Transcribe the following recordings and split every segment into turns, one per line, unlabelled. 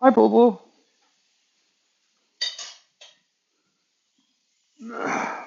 Hi, Bobo.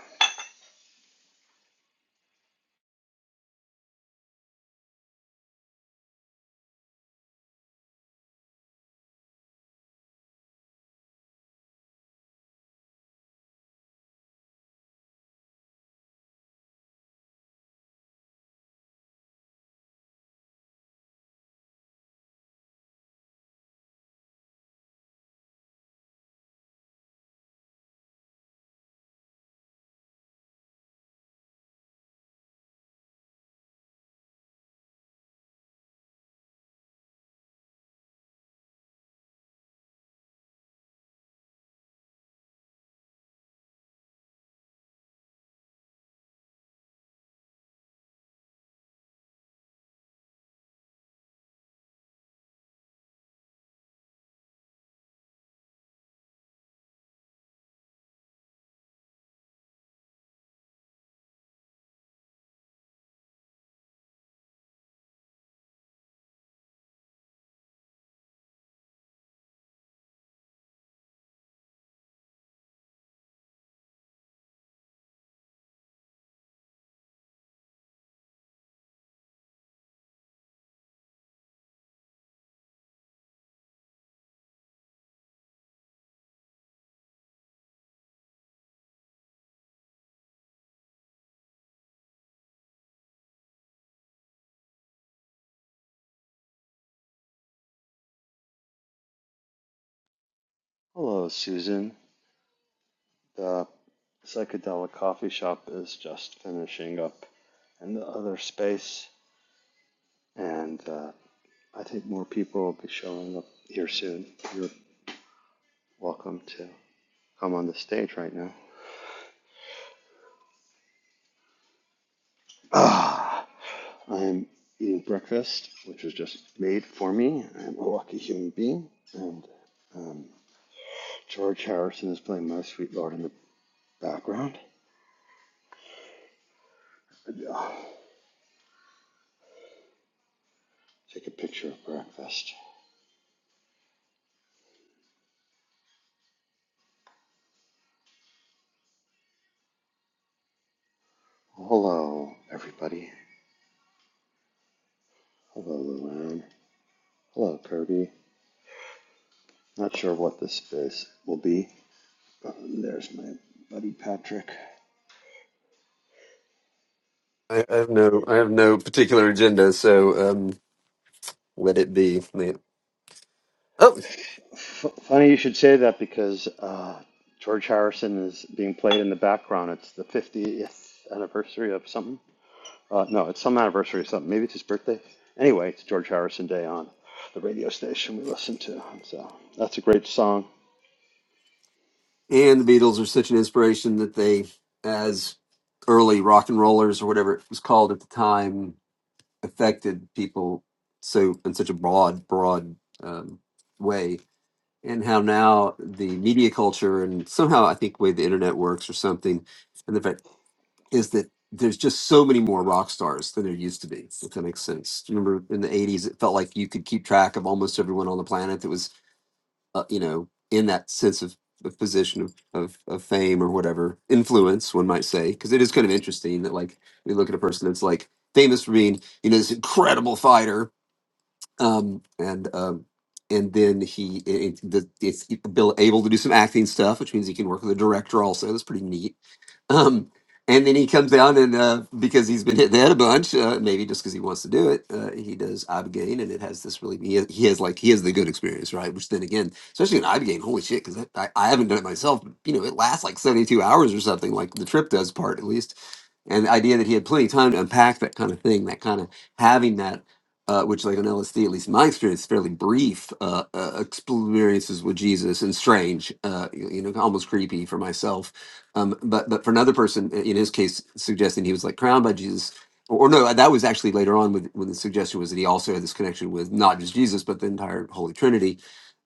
Hello, Susan. The psychedelic coffee shop is just finishing up in the other space, and uh, I think more people will be showing up here soon. You're welcome to come on the stage right now. Ah, I'm eating breakfast, which was just made for me. I'm a lucky human being, and um, George Harrison is playing My Sweet Lord in the background. Ah, take a picture of breakfast. Hello, everybody. Hello, Luan. Hello, Kirby. Not sure what this space will be. There's my buddy Patrick.
I, I have no, I have no particular agenda, so um, let it be. Yeah. Oh,
F- funny you should say that because uh, George Harrison is being played in the background. It's the 50th anniversary of something. Uh, no, it's some anniversary of something. Maybe it's his birthday. Anyway, it's George Harrison Day on the radio station we listen to. So that's a great song.
and the Beatles are such an inspiration that they, as early rock and rollers or whatever it was called at the time, affected people so in such a broad, broad um, way. And how now the media culture and somehow I think the way the internet works or something, and the fact. is that there's just so many more rock stars than there used to be, if that makes sense. Do you remember in the 80s, it felt like you could keep track of almost everyone on the planet that was, uh, you know, in that sense of, of position of, of, of fame or whatever, influence, one might say. Because it is kind of interesting that, like, we look at a person that's like famous for being, you know, this incredible fighter. Um, and, um, and then he it, it- the, it's able able to do some acting stuff, which means he can work with a director also. That's pretty neat um, and then he comes down and uh, because he's been hit the head a bunch, uh, maybe just because he wants to do it, uh, he does ibogaine, and it has this really he has, he has like he has the good experience, right? Which then again, especially in ibogaine, holy shit, because I, I haven't done it myself. But, you know, it lasts like seventy two hours or something, like the trip does part at least. And the idea that he had plenty of time to unpack that kind of thing, that kind of having that, uh, which like on LSD, at least in my experience, fairly brief uh, uh, experiences with Jesus and strange, uh, you you know, almost creepy for myself um, but but for another person, in his case, suggesting he was like crowned by Jesus, or, or no, uh, that was actually later on with, when the suggestion was that he also had this connection with not just Jesus but the entire Holy Trinity.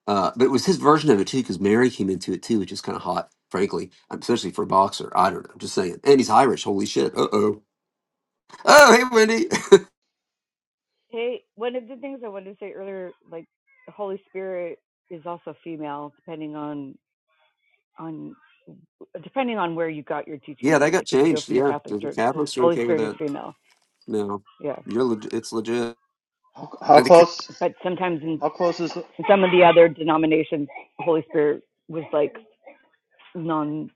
Uh, but it was his version of it too, because Mary came into it too, which is kind of hot, frankly, um, especially for a boxer. I don't know, I'm just saying. And he's Irish. Holy shit. Uh oh. Oh hey Wendy.
Hey, one of the things I wanted to say earlier, like the Holy Spirit is also female, depending on on depending on where you got your teaching
yeah, that
from.
got
Like if you go
changed.
from the
Yeah, the
Catholic
the
Church,
Catholics are
Holy
okay with
Spirit is
that
female.
now.
Yeah,
You're leg- it's legit.
How, how
I think
close?
but sometimes in,
How close is?
in some of the other denominations, Holy Spirit was like non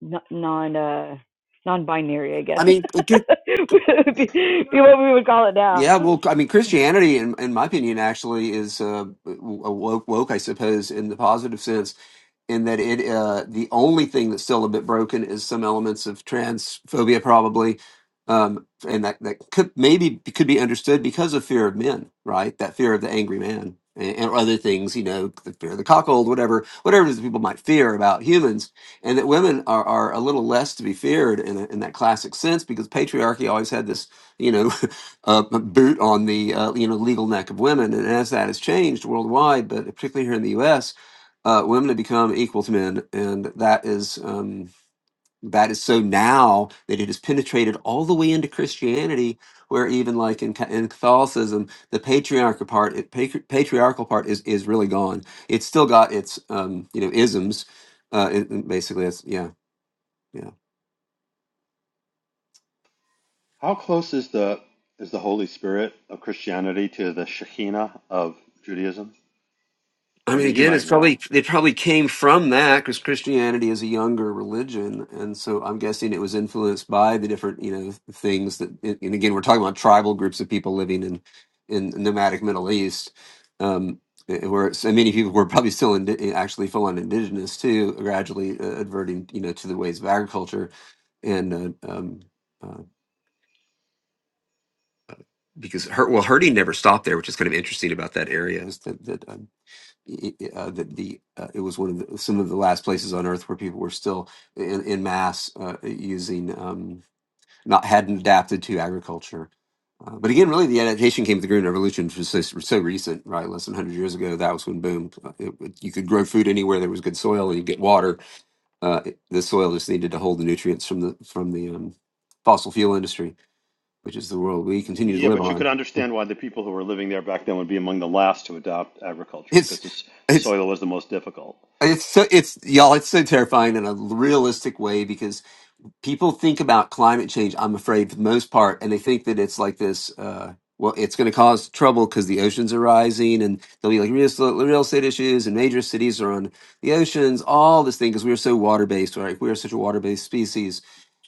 non non uh non-binary, I guess,
I mean it could.
would be, be what we would call it now.
Yeah, well, I mean, Christianity, in, in my opinion, actually is uh, w- woke, woke, I suppose, in the positive sense in that it uh, the only thing that's still a bit broken is some elements of transphobia probably um, and that that could maybe could be understood because of fear of men right that fear of the angry man and, and other things you know the fear of the cuckold whatever whatever it is people might fear about humans and that women are, are a little less to be feared in, a, in that classic sense because patriarchy always had this you know uh, boot on the uh, you know legal neck of women and as that has changed worldwide but particularly here in the us uh, women have become equal to men, and that is um, that is so now that it has penetrated all the way into Christianity, where even like in, Ca- in Catholicism, the patriarchal part, it, patri- patriarchal part is is really gone. It's still got its um, you know isms. Uh, it, it basically, it's yeah, yeah.
How close is the is the Holy Spirit of Christianity to the Shekinah of Judaism?
I mean,
Wendy, you
again,
might
it's
know.
probably they probably came from that because Christianity is a younger religion, and so I'm guessing it was influenced by the different you know things that. And and again, we're talking about tribal groups of people living in in nomadic Middle East, um, eh, eh, where so many people were probably still in, actually full on indigenous too, gradually uh, adverting you know to the ways of agriculture, and uh, um, uh, because her, well, herding never stopped there, which is kind of interesting about that area is that that. um, i- i- uh, that the uh, it was one of the, some of the last places on Earth where people were still in, in mass uh, using um, not hadn't adapted to agriculture. Uh, but again, really, the adaptation came with the Green Revolution, which was so, so recent, right? Less than 100 years ago, that was when boom, uh, it, it- you could grow food anywhere there was good soil and you get water. Uh, it- the soil just needed to hold the nutrients from the from the um, fossil fuel industry, which is the world we continue to
Yeah,
live
but you could
on.
understand why the people who were living there back then would be among the last to adopt agriculture because
It's
the the
it's
soil was the most difficult.
it's so it's y'all. It's so terrifying in a realistic way because people think about climate change, I'm afraid, for the most part, and they think that it's like this. Uh, well, it's going to cause trouble because the oceans are rising, and there'll be like real, estate- real estate issues, and major cities are on the oceans. All this thing because we are so water based, right? We are such a water based species,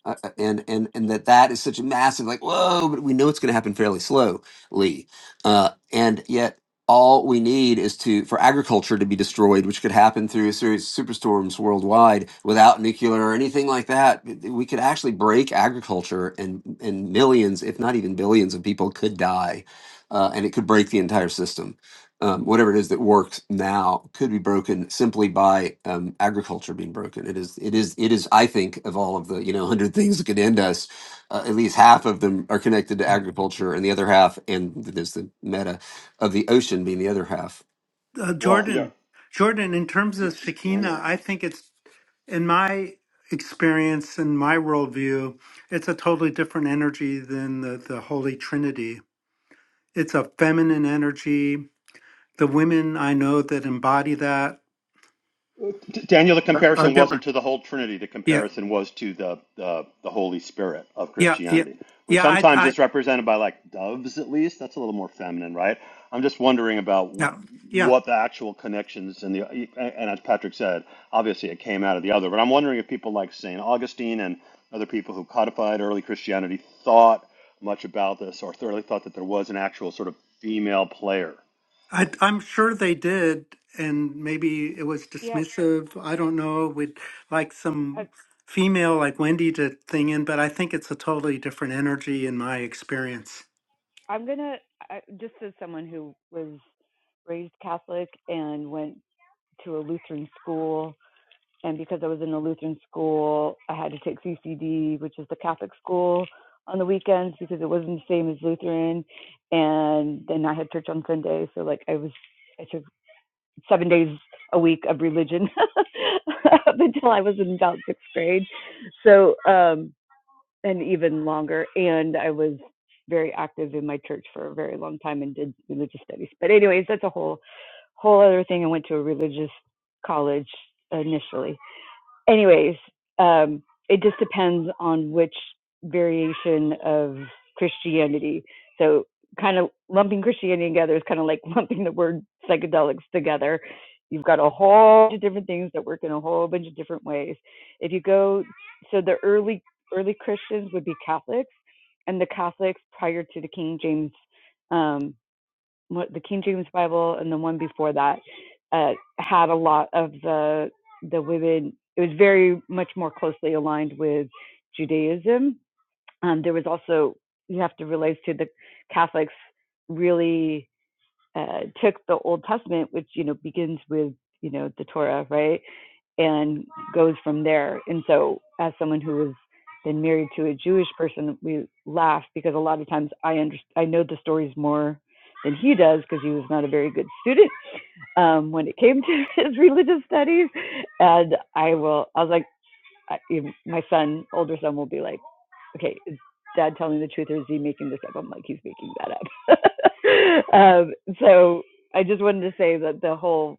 uh, uh, and and and that that is such a massive like whoa, but we know it's going to happen fairly slowly, uh, and yet all we need is to for agriculture to be destroyed, which could happen through a series of superstorms worldwide without nuclear or anything like that. We could actually break agriculture, and and millions, if not even billions, of people could die, uh, and it could break the entire system. Um, whatever it is that works now could be broken simply by um, agriculture being broken. It is, it is, it is. I think of all of the you know hundred things that could end us, uh, at least half of them are connected to
Uh,
agriculture, and the other half, and there's the meta of the ocean being the other half.
Well, yeah,
Jordan, Jordan, in terms
D-
of Shekinah,
Daniel.
I think it's, in my experience and my worldview, it's a totally different energy than the, the Holy Trinity. It's a feminine energy. The women I know that embody that
D- Daniel, the
are
comparison wasn't
different.
to the whole Trinity. The
Yeah,
comparison was to the, the the Holy Spirit of
yeah, yeah,
Christianity, which
yeah. I,
sometimes
I,
is represented by like doves. At least that's a little more feminine, right? I'm just wondering about w-
yeah, yeah.
what the actual connections and the and as Patrick said, obviously it came out of the other. But I'm wondering if people like Saint Augustine and other people who codified early Christianity thought much about this, or thoroughly thought that there was an actual sort of female player
I, I'm sure they did, and maybe it was
Yeah,
dismissive. I don't know. We'd like
I've,
some female like Wendy to thing in, but I think it's a totally different energy in my experience.
I'm gonna I, just as someone who was raised Catholic and went to a Lutheran school, and because I was in a Lutheran school, I had to take CCD, which is the Catholic school, on the weekends because it wasn't the same as Lutheran, and then I had church on Sunday, so like I was I took seven days a week of religion up until I was in about sixth grade. So um and even longer. And I was very active in my church for a very long time and did religious studies. But anyways, that's a whole whole other thing. I went to a religious college initially anyways, um, it just depends on which variation of Christianity. So, kind of lumping Christianity together is kind of like lumping the word psychedelics together. You've got a whole bunch of different things that work in a whole bunch of different ways. If you go, so the early early Christians would be Catholics, and the Catholics prior to the King James um, the King James Bible and the one before that uh, had a lot of the the women. It was very much more closely aligned with Judaism. Um, there was also you have to realize too the Catholics really uh, took the Old Testament, which you know begins with you know the Torah, right, and goes from there. And so, as someone who was then married to a Jewish person, we laugh because a lot of times I under- I know the stories more than he does because he was not a very good student um, when it came to his religious studies. And I will, I was like, I, my son, older son, will be like, "Okay, is Dad telling the truth or is he making this up?" I'm like, "He's making that up." um, so I just wanted to say that the whole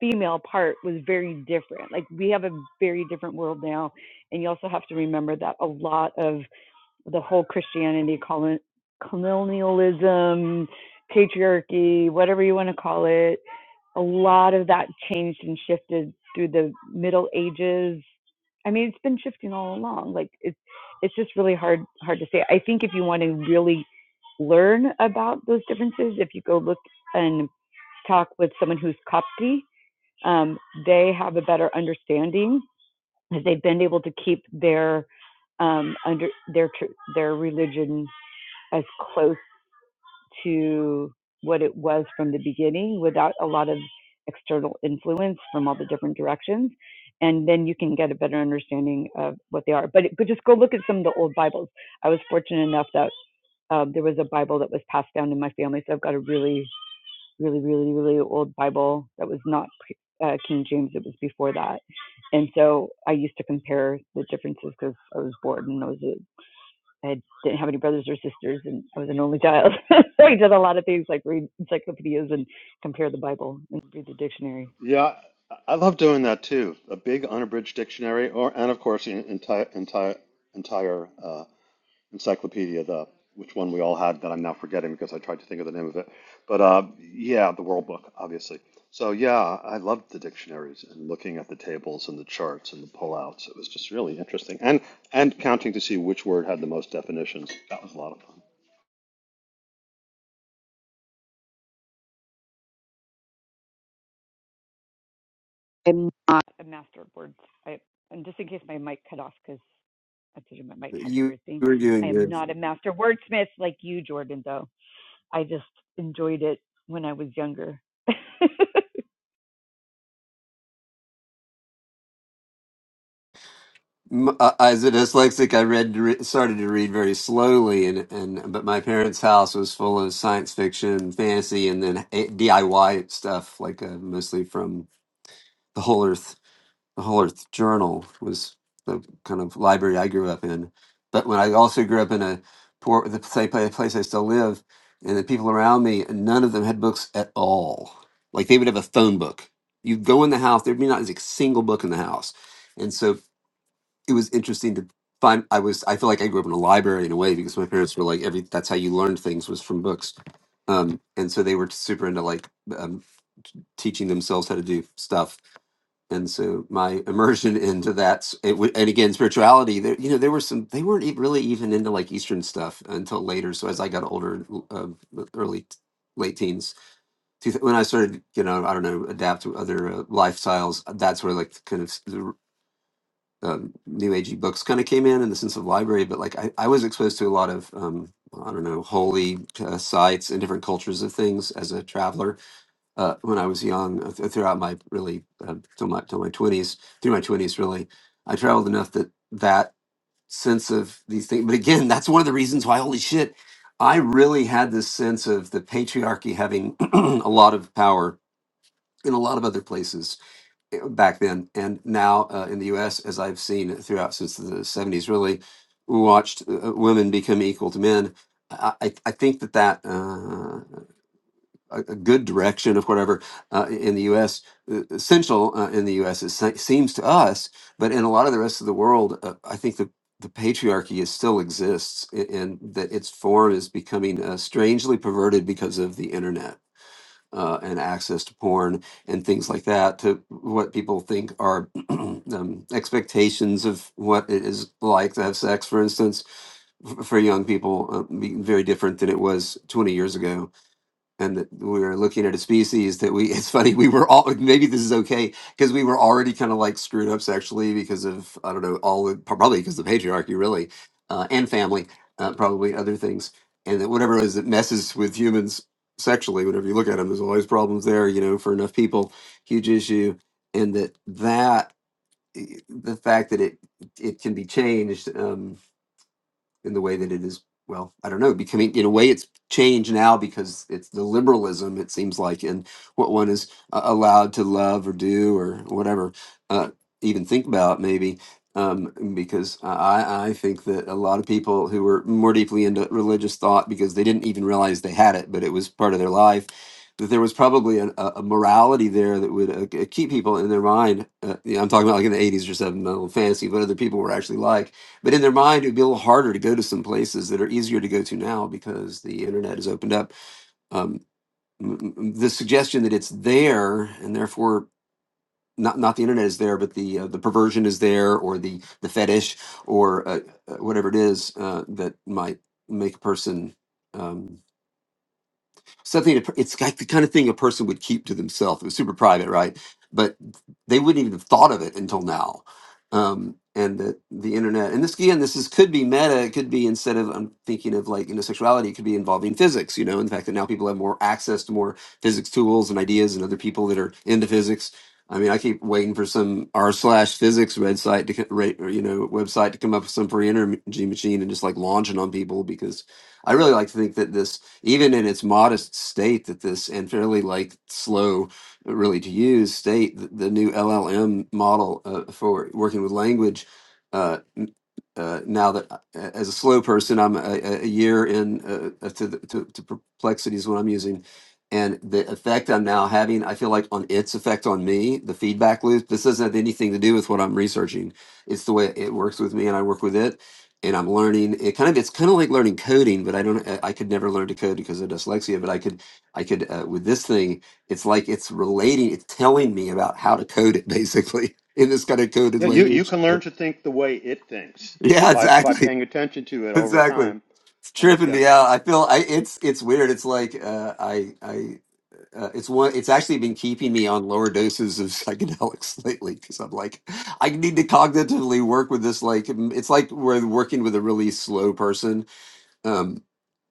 female part was very different. Like we have a very different world now, and you also have to remember that a lot of the whole Christianity, colonialism, patriarchy, whatever you want to call it. A lot of that changed and shifted through the Middle Ages. I mean, it's been shifting all along. Like it's it's just really hard hard to say. I think if you want to really learn about those differences, if you go look and talk with someone who's Copti, um, they have a better understanding is they've been able to keep their um, under their their religion as close to what it was from the beginning without a lot of external influence from all the different directions and then you can get a better understanding of what they are but but just go look at some of the old bibles i was fortunate enough that um, there was a bible that was passed down in my family so i've got a really really, really, really old Bible that was not uh, King James. It was before that, and so I used to compare the differences because I was bored and I was a I didn't have any brothers or sisters, and I was an only child. so I did a lot of things like read encyclopedias and compare the Bible and read the dictionary.
Yeah, I I love doing that too. A big unabridged dictionary, or and of course, an entire entire entire uh, encyclopedia. The which one we all had that I'm now forgetting because I tried to think of the name of it. But uh, yeah, the World Book, obviously. So yeah, I loved the dictionaries and looking at the tables and the charts and the pullouts. It was just really interesting, and and counting to see which word had the most definitions. That was a lot of fun.
I'm a master of words. I, and just in case my mic cut off, because I told you my mic has a
You
weird thing.
were
I
doing
am
good.
not a master wordsmith like you, Jordan, though. I just enjoyed it when I was younger.
M- uh, As a dyslexic, I read re- started to read very slowly, and and but my parents' house was full of science fiction, fantasy, and then a- DIY stuff, like uh, mostly from the Whole Earth the Whole Earth Journal was the kind of library I grew up in. But when I also grew up in a poor, the same pla- place I still live, and the people around me, none of them had books at all. Like they would have a phone book. You'd go in the house, there'd be not a single book in the house. And so it was interesting to find. I was, I feel like I grew up in a library in a way because my parents were like, every that's how you learned things was from books. Um, and so they were super into like um, teaching themselves how to do stuff and so my immersion into that it, wa- and again spirituality there you know there were some they weren't e- really even into like eastern stuff until later so as i got older l- uh, the early t- late teens two thou- when i started you know i don't know adapt to other uh, lifestyles that's where like kind of s- the r- um, new agey books kind of came in in the sense of library but like i, I was exposed to a lot of um, i don't know holy uh, sites and different cultures of things as a traveler uh, when I was young, uh, th- throughout my really uh, till my till my twenties, through my twenties, really, I traveled enough that that sense of these things. But again, that's one of the reasons why. Holy shit, I really had this sense of the patriarchy having a lot of power in a lot of other places eh, back then, and now uh, in the U.S., as I've seen throughout since the seventies, really watched uh, women become equal to men. I, I I think that that. uh, a, a good direction of whatever uh, in the U.S. uh, essential uh, in the U.S. It se- seems to us, but in a lot of the rest of the world, uh, I think the the patriarchy is still exists, a- and that its form is becoming uh, strangely perverted because of the internet uh, and access to porn and things like that. To what people think are um, expectations of what it is like to have sex, for instance, f- for young people, uh, being very different than it was 20 years ago and that we were looking at a species that we it's funny we were all maybe this is okay because we were already kind of like screwed up sexually because of i don't know all the- probably because of the patriarchy really uh, and family uh, probably other things and that whatever it is that messes with humans sexually whenever you look at them there's always problems there you know for enough people huge issue and that that eh, the fact that it it can be changed um, in the way that it is well i don't know becoming in a way it's changed now because it's the liberalism it seems like and what one is uh, allowed to love or do or whatever uh, even think about maybe um, because I, I think that a lot of people who were more deeply into religious thought because they didn't even realize they had it but it was part of their life that there was probably an, a, a morality there that would uh, keep people in their mind uh, yeah, i'm talking about like in the 80s or 70s fantasy what other people were actually like but in their mind, it would be a little harder to go to some places that are easier to go to now because the internet has opened up. Um, m- m- the suggestion that it's there and therefore not not the internet is there, but the uh, the perversion is there, or the the fetish, or uh, uh, whatever it is uh, that might make a person. Um, something a per- it's like the kind of thing a person would keep to themselves it was super private right but they wouldn't even have thought of it until now um and the the internet and this again this is could be meta it could be instead of i'm thinking of like you know sexuality it could be involving physics you know and the fact that now people have more access to more physics tools and ideas and other people that are into physics i mean i keep waiting for some r slash physics website to co- ra- or, you know website to come up with some free energy machine and just like launching on people because i really like to think that this even in its modest state that this and fairly like slow really to use state, the, the new LLM model uh, for working with language. uh, uh, now that I- a- as a slow person, I'm a, a year in uh, uh, to, the- to to perplexity is what I'm using, and the effect I'm now having, I feel like on its effect on me, the feedback loop. This doesn't have anything to do with what I'm researching. It's the way it works with me, and I work with it, and I'm learning. It kind of it's kind of like learning coding, but I don't. I I could never learn to code because of dyslexia, but I could. I could uh, with this thing. It's like it's relating. It's telling me about how to code it basically in this kind of coded
Yeah, you you
language.
can learn to think the way it thinks b-
Yeah,
by by
exactly
paying attention to it over
exactly.
time,
It's
and it
tripping me
gets.
out. I feel I it's it's weird. It's like uh I I uh, it's one it's actually been keeping me on lower doses of psychedelics lately because I'm like I need to cognitively work with this like m- it's like we're working with a really slow person. um,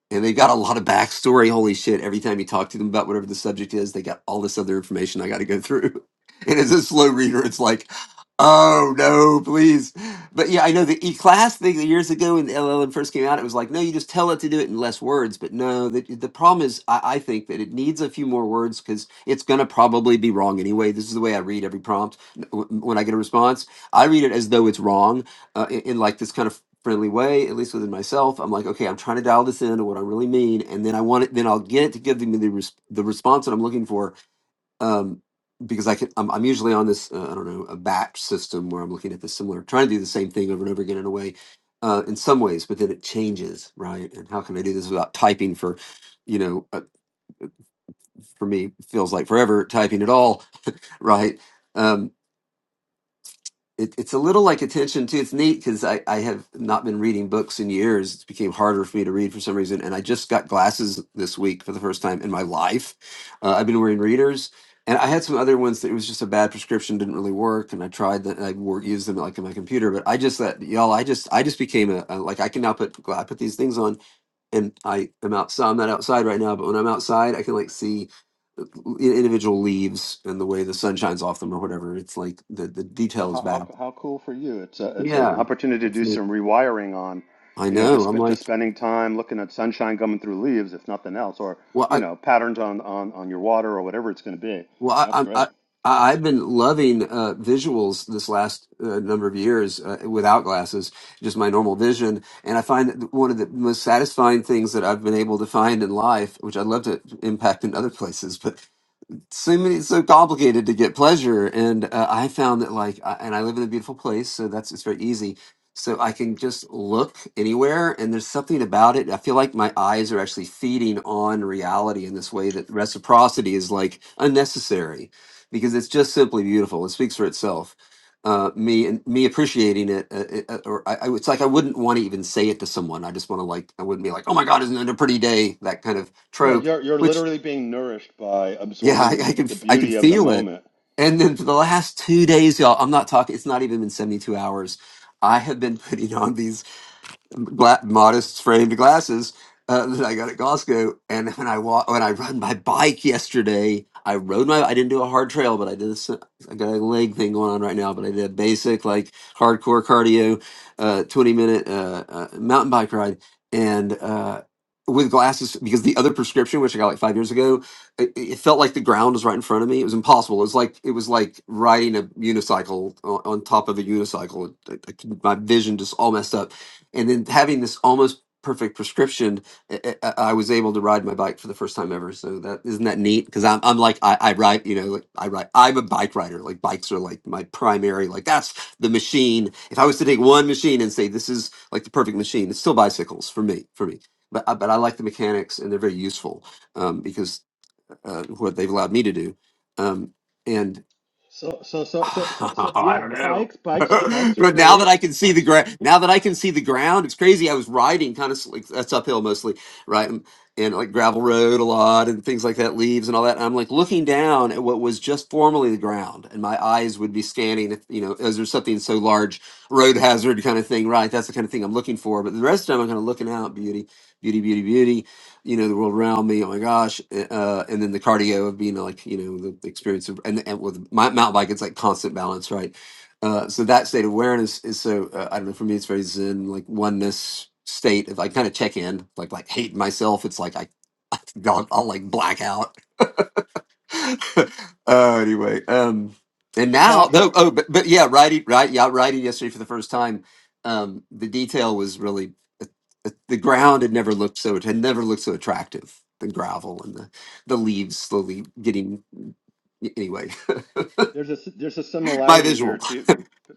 and they got a lot of backstory. Holy shit! Every time you talk to them about whatever the subject is, they got all this other information I got to go through. And as a slow reader, it's like, oh no, please. But yeah, I know the E class thing that years ago when the LLM first came out, it was like, no, you just tell it to do it in less words. But no, the, the problem is, I, I think that it needs a few more words because it's going to probably be wrong anyway. This is the way I read every prompt N- w- when I get a response. I read it as though it's wrong uh, in, in like this kind of friendly way, at least within myself. I'm like, okay, I'm trying to dial this in to what I really mean, and then I want it. Then I'll get it to give me the res- the response that I'm looking for. Um, because I can, I'm, I'm usually on this, uh, I don't know, a batch system where I'm looking at the similar, trying to do the same thing over and over again in a way, uh, in some ways, but then it changes, right? And how can I do this without typing for, you know, uh, for me it feels like forever typing it all, right? Um, it, it's a little like attention too. It's neat because I, I have not been reading books in years. It became harder for me to read for some reason. And I just got glasses this week for the first time in my life. Uh, I've been wearing readers. And I had some other ones that it was just a bad prescription, didn't really work. And I tried that. I wor used them like in my computer, but I just that y'all. I just I just became a, a like I can now put I put these things on, and I am outside. I'm not outside right now, but when I'm outside, I can like see uh, individual leaves and the way the sun shines off them or whatever. It's like the the
Well,
detail is
how,
back
how how cool for you? It's a it's an
yeah,
opportunity to
It's
do
me.
some rewiring on,
I
you know, just
know. I'm
spe-
like,
just spending time looking at sunshine coming through leaves, if nothing else, or
well,
you
I,
know, patterns on on on your water or whatever it's going to be.
well, I,
That's
I'm- I,
great.
I, I've been loving uh, visuals this last uh, number of years uh, without glasses, just my normal vision, and I find that one of the most satisfying things that I've been able to find in life, which I'd love to impact in other places, but so many so complicated to get pleasure and uh, i found that like I, and i live in a beautiful place so that's it's very easy so i can just look anywhere and there's something about it i feel like my eyes are actually feeding on reality in this way that reciprocity is like unnecessary because it's just simply beautiful it speaks for itself uh, me and me appreciating it, uh, it uh, or I, I, it's like I wouldn't want to even say it to someone. I just want to like, I wouldn't be like, "Oh my God, isn't it a pretty day?" That kind of
Yeah,
trope
you're you're
which.
literally being nourished by
Yeah,
absorbing the
I, I
be-
can
the
I can
beauty of the
feel it.
moment.
And then for the last two days, y'all, I'm not talking. It's not even been 72 hours. I have been putting on these gla- modest framed glasses uh, that I got at Costco. And when I walk, when I run my bike yesterday, I rode my. I didn't do a hard trail, but I did. A, s- I got a leg thing going on right now, but I did a basic like hardcore cardio, uh, twenty minute uh, uh, mountain bike ride, and. Uh, with glasses because the other prescription which i got like five years ago it, it felt like the ground was right in front of me it was impossible it was like it was like riding a unicycle on, on top of a unicycle It- it- my vision just all messed up and then having this almost perfect prescription, I, I I was able to ride my bike for the first time ever. So that isn't that neat? Because I'm I'm like I, I ride, you know, like I ride. I'm a bike rider. Like bikes are like my primary. Like that's the machine. If I was to take one machine and say this is like the perfect machine, it's still bicycles for me. For me. But, I- but I like the mechanics and they're very useful um, because uh, what they've allowed me to do. Um, and
So so so so so, so
I
yeah,
don't know.
bikes bikes are- bikes are
But now that
great.
I can see the ground, now that I can see the ground, it's crazy. I was riding kind of like that's uphill mostly, right? And, and like gravel road a lot and things like that, leaves and all that. And I'm like looking down at what was just formerly the ground, and my eyes would be scanning, if, you know, is there something so large, road hazard kind of thing, right? That's the kind of thing I'm looking for. But the rest of the time, I'm kind of looking out, beauty, beauty, beauty, beauty, you know, the world around me. Oh my gosh. eh, Uh, and then the cardio of being like, you know, the experience of, and, and with my mountain bike, it's like constant balance, right? Uh, so that state of awareness is so uh, I don't know. For me, it's very Zen, like oneness state. If I kind of check in, like like hate myself, it's like I, I'll, I'll like black out. uh, anyway, um, and
So
now though,
Patrick.
oh, but but yeah, righty, right, yeah, righty. Yesterday for the first time, um, the detail was really uh, uh, the ground had never looked so it had never looked so attractive. The gravel and the the leaves slowly getting anyway.
There's a there's a
my
similarity here
visual,
to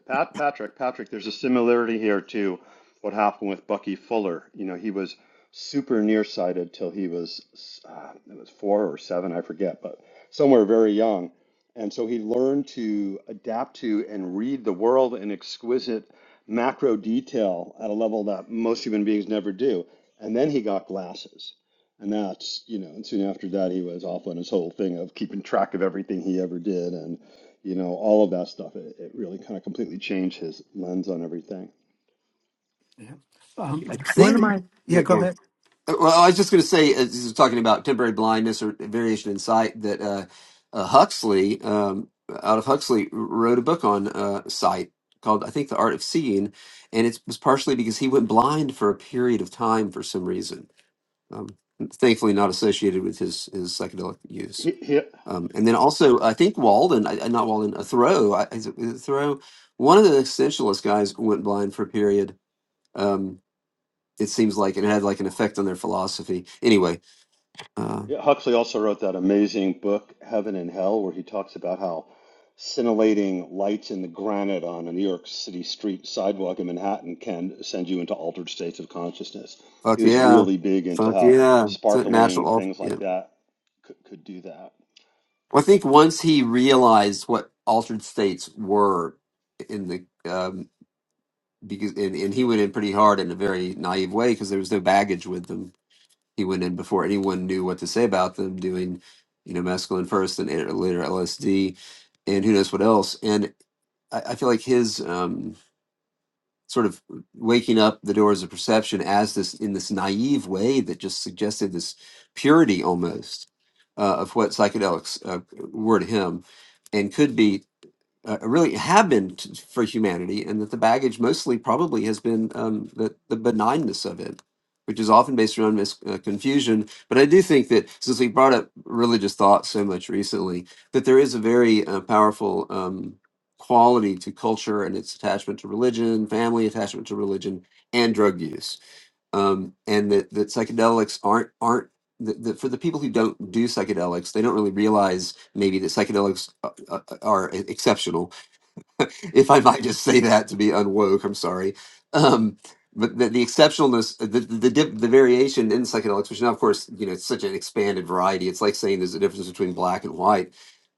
Pat Patrick Patrick. There's a similarity here to what happened with Bucky Fuller. You know, he was super nearsighted till he was uh, it was four or seven, I forget, but somewhere very young, and so he learned to adapt to and read the world in exquisite macro detail at a level that most human beings never do. And then he got glasses. And that's, you know, and soon after that, he was off on his whole thing of keeping track of everything he ever did and you know, all of that stuff. It, it really kind of completely changed his lens on everything.
Yeah. Um,
I
one of
think.
my yeah,
Yeah,
go
go on.
ahead.
Uh, Well, I was just going to say, uh, this is talking about temporary blindness or variation in sight, that uh, uh, Huxley, um, out of Huxley, wrote a book on uh, sight called, I think, The Art of Seeing. And it was partially because he went blind for a period of time for some reason, um, thankfully not associated with his, his psychedelic use.
He, he,
Um, and then also, I think Walden, I, I- not Walden, uh, Thoreau, I, is it is it Thoreau? One of the existentialist guys went blind for a period. Um, it seems like, and it had like an effect on their philosophy. Anyway, uh,
yeah, Huxley also wrote that amazing book, Heaven and Hell, where he talks about how scintillating lights in the granite on a New York City street sidewalk in Manhattan can send you into altered states of consciousness. He
fuck
was
yeah.
really big into
Fuck
how
yeah. It's a
sparkling
natural. Alt-
things
yeah.
like that could, could do that.
Well, I think once he realized what altered states were in the, um, because, and, and he went in pretty hard in a very naive way because there was no baggage with them. He went in before anyone knew what to say about them doing, you know, mescaline first and later LSD and who knows what else. And I, I feel like his, um, sort of waking up the doors of perception as this in this naive way that just suggested this purity almost uh, of what psychedelics uh, were to him and could be uh, really have been t- for humanity, and that the baggage mostly probably has been um, the, the benignness of it, which is often based around mis- uh, confusion. But I do think that since we brought up religious thought so much recently, that there is a very uh, powerful um, quality to culture and its attachment to religion, family attachment to religion, and drug use, um, and that, that psychedelics aren't aren't. That, that for the people who don't do psychedelics, they don't really realize maybe that psychedelics uh, uh, are e, exceptional if I might just say that to be unwoke, I'm sorry. Um, but the, the exceptionalness, uh, the the, dip, the variation in psychedelics, which now, of course, you know, it's such an expanded variety. It's like saying there's a difference between black and white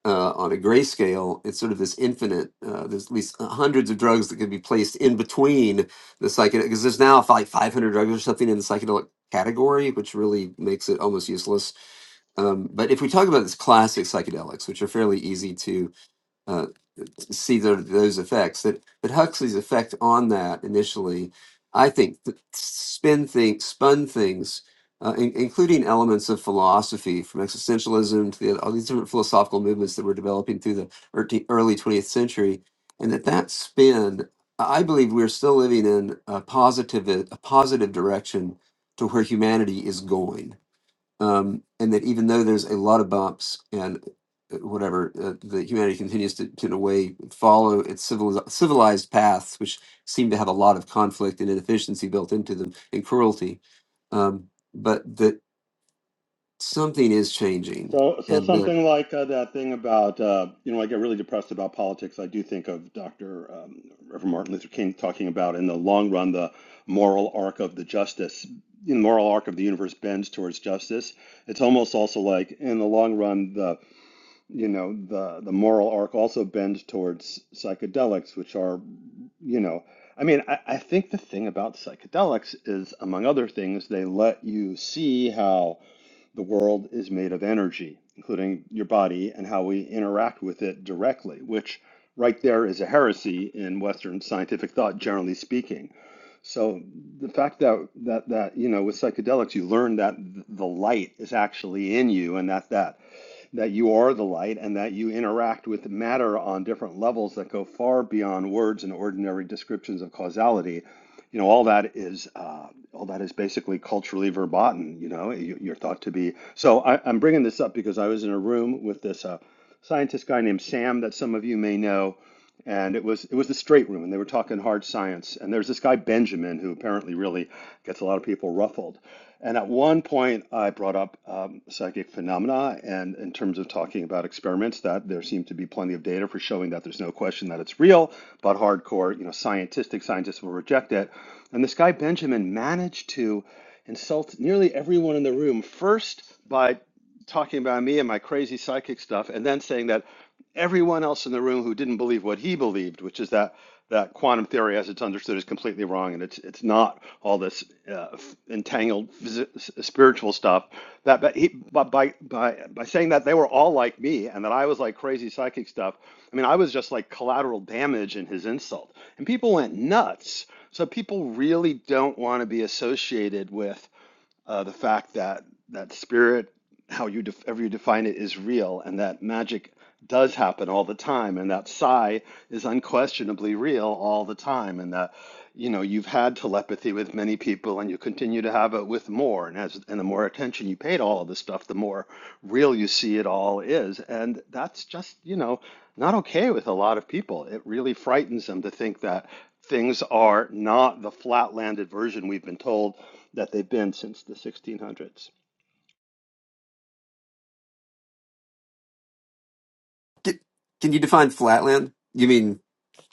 uh, on a grayscale. It's sort of this infinite. Uh, there's at least uh, hundreds of drugs that can be placed in between the psychedelic, because there's now like 500 drugs or something in the psychedelic category, which really makes it almost useless. Um, but if we talk about this classic psychedelics, which are fairly easy to uh, see tho- those effects that that Huxley's effect on that initially, I think, th- spin things, spun things, uh, in, including elements of philosophy from existentialism to the, all these different philosophical movements that were developing through the earty- early 20th century, and that that spin, I believe, we're still living in a positive a positive direction to where humanity is going um, and that even though there's a lot of bumps and uh, whatever, uh, the humanity continues to, to, in a way, follow its civil, civilized paths, which seem to have a lot of conflict and inefficiency built into them and cruelty. Um, but that something is changing,
So, so
and that
something like uh, that thing about, uh, you know, I get really depressed about politics. I do think of Dr. Um, Reverend Martin Luther King talking about, in the long run, the moral arc of the justice, the moral arc of the universe bends towards justice. It's almost also like, in the long run, the, you know, the the moral arc also bends towards psychedelics, which are, you know, I mean, I, I think the thing about psychedelics is, among other things, they let you see how the world is made of energy, including your body and how we interact with it directly, which right there is a heresy in Western scientific thought, generally speaking. So the fact that that that you know with psychedelics you learn that the light is actually in you, and that that that you are the light and that you interact with matter on different levels that go far beyond words and ordinary descriptions of causality. You know, all that is uh, all that is basically culturally verboten. You know, you- are thought to be. So I, I'm bringing this up because I was in a room with this uh, scientist guy named Sam that some of you may know, and it was it was the straight room, and they were talking hard science. And there's this guy Benjamin who apparently really gets a lot of people ruffled. And at one point, I brought up um, psychic phenomena, and in terms of talking about experiments, that there seemed to be plenty of data for showing that there's no question that it's real, but hardcore, you know, scientific scientists will reject it. And this guy Benjamin managed to insult nearly everyone in the room first by talking about me and my crazy psychic stuff, and then saying that everyone else in the room who didn't believe what he believed, which is that that quantum theory as it's understood is completely wrong and it's it's not all this uh, entangled spiritual stuff that but he but by by by saying that they were all like me and that I was like crazy psychic stuff I mean I was just like collateral damage in his insult and people went nuts so people really don't want to be associated with uh, the fact that that spirit, how you def ever you define it, is real, and that magic does happen all the time, and that psi is unquestionably real all the time, and that you know you've had telepathy with many people, and you continue to have it with more, and as and the more attention you pay to all of this stuff, the more real you see it all is, and that's just you know not okay with a lot of people. It really frightens them to think that. Things are not the flat landed version we've been told that they've been since the 1600s.
can, can you define flatland? You mean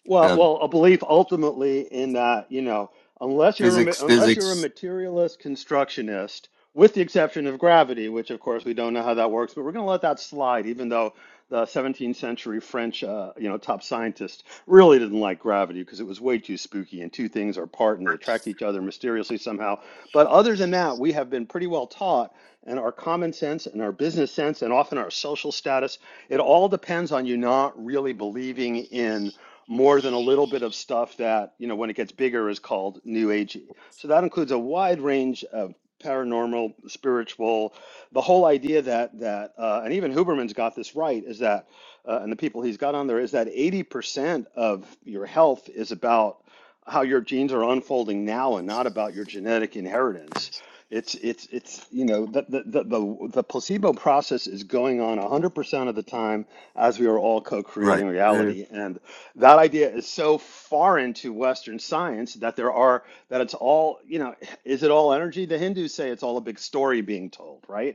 Well,
uh,
well, a belief ultimately in that, you know, unless you're a, ma-
physics?
unless you're a
Physics,
materialist constructionist, with the exception of gravity, which of course we don't know how that works, but we're going to let that slide, even though the 17th century French, uh, you know, top scientist really didn't like gravity because it was way too spooky and two things are apart and they attract each other mysteriously somehow. But other than that, we have been pretty well taught, and our common sense and our business sense and often our social status, it all depends on you not really believing in more than a little bit of stuff that, you know, when it gets bigger is called new agey. So that includes a wide range of paranormal, spiritual, the whole idea that that uh, and even Huberman's got this right is that uh, and the people he's got on there is that 80% of your health is about how your genes are unfolding now and not about your genetic inheritance. It's it's it's you know the the the the, the placebo process is going on 100% of the time as we are all
right?
co-creating reality, and that idea is so foreign to Western science that there are that it's all you know is it all energy? The Hindus say it's all a big story being told, right?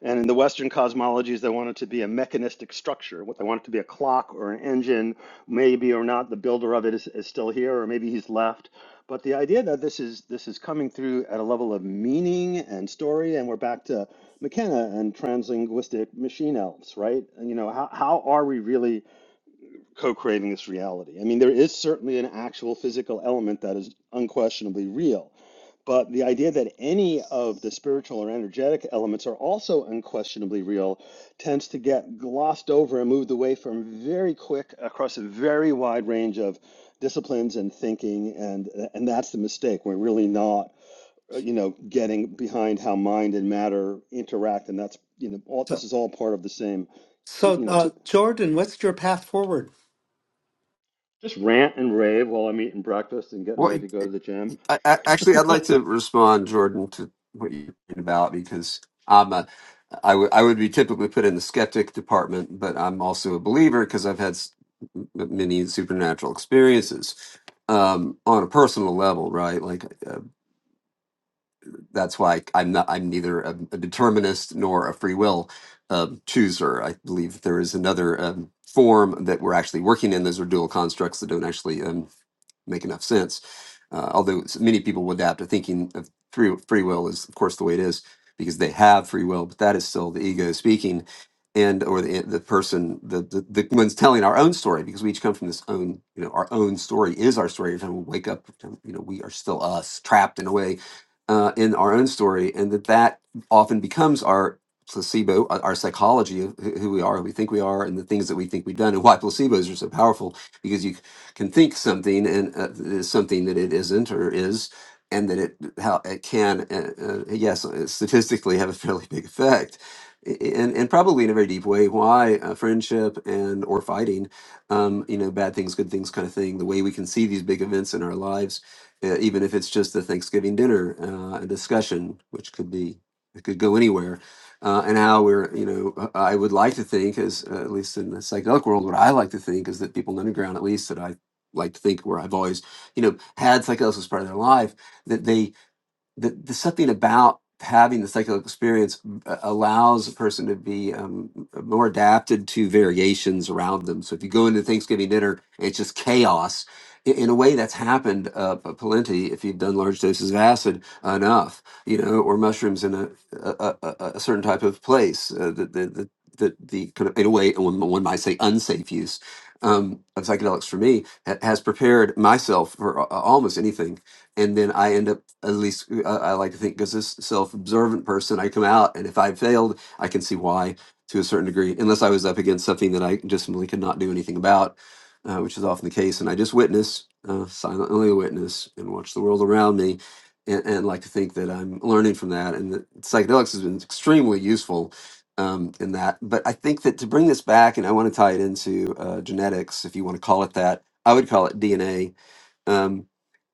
And in the Western cosmologies, they want it to be a mechanistic structure. What they want it to be a clock or an engine, maybe or not. The builder of it is, is still here, or maybe he's left. But the idea that this is this is coming through at a level of meaning and story, and we're back to McKenna and translinguistic machine elves, right? And, you know, how, how are we really co-creating this reality? I mean, there is certainly an actual physical element that is unquestionably real but the idea that any of the spiritual or energetic elements are also unquestionably real tends to get glossed over and moved away from very quick across a very wide range of disciplines and thinking and and that's the mistake. We're really not uh, you know getting behind how mind and matter interact and that's you know all
So,
this is all part of the same to,
so
you know
uh,
to
Jordan, what's your path forward?
just rant and rave while I'm eating breakfast and getting
Well,
ready to
it-
go to
it-
the gym.
I, I, actually, I'd like to respond, Jordan, to what you're talking about because I'm a, I, w- I would be typically put in the skeptic department, but I'm also a believer because I've had s- m- many supernatural experiences um, on a personal level, right? Like uh, that's why I'm not I'm neither a, a determinist nor a free will um, chooser. I believe there is another um, form that we're actually working in. Those are dual constructs that don't actually. um, make enough sense. Uh, although s- many people will adapt to thinking of free, free will is, of course, the way it is because they have free will, but that is still the ego speaking and or the, the person the, the the one's telling our own story because we each come from this own you know our own story is our story every time we wake up you know we are still us trapped in a way uh, in our own story and that that often becomes our placebo our our psychology of who who we are who we think we are and the things that we think we've done and why placebos are so powerful because you can think something and uh, is something that it isn't or is, and that it how it can uh, uh, yes uh, statistically have a fairly big effect, I- and and probably in a very deep way. Why uh, friendship and or fighting, um, you know, bad things, good things, kind of thing. The way we can see these big events in our lives, uh, even if it's just a Thanksgiving dinner, uh, a discussion, which could be it could go anywhere uh, and how we're, you know, uh, I would like to think, as uh, at least in the psychedelic world, what I like to think is that people in the underground, at least that I like to think where I've always, you know, had psychosis part of their life that they the, there's something about having the psychedelic experience uh, allows a person to be um, more adapted to variations around them. So if you go into Thanksgiving dinner, and it's just chaos. I- In a way, that's happened uh, p- plenty if you've done large doses of acid enough, you know, or mushrooms in a a, a, a a certain type of place. Uh, the, the the the the kind of in a way one, one might say unsafe use um, of psychedelics for me ha- has prepared myself for a- a- almost anything and then I end up at least uh, I like to think, as a s- self-observant person, I come out and if I failed, I can see why to a certain degree, unless I was up against something that I just really could not do anything about, uh, which is often the case. And I just witness, uh, silently witness, and watch the world around me, and, and like to think that I'm learning from that. And that psychedelics has been extremely useful um, in that. But I think that to bring this back, and I want to tie it into uh, genetics, if you want to call it that, I would call it DNA um,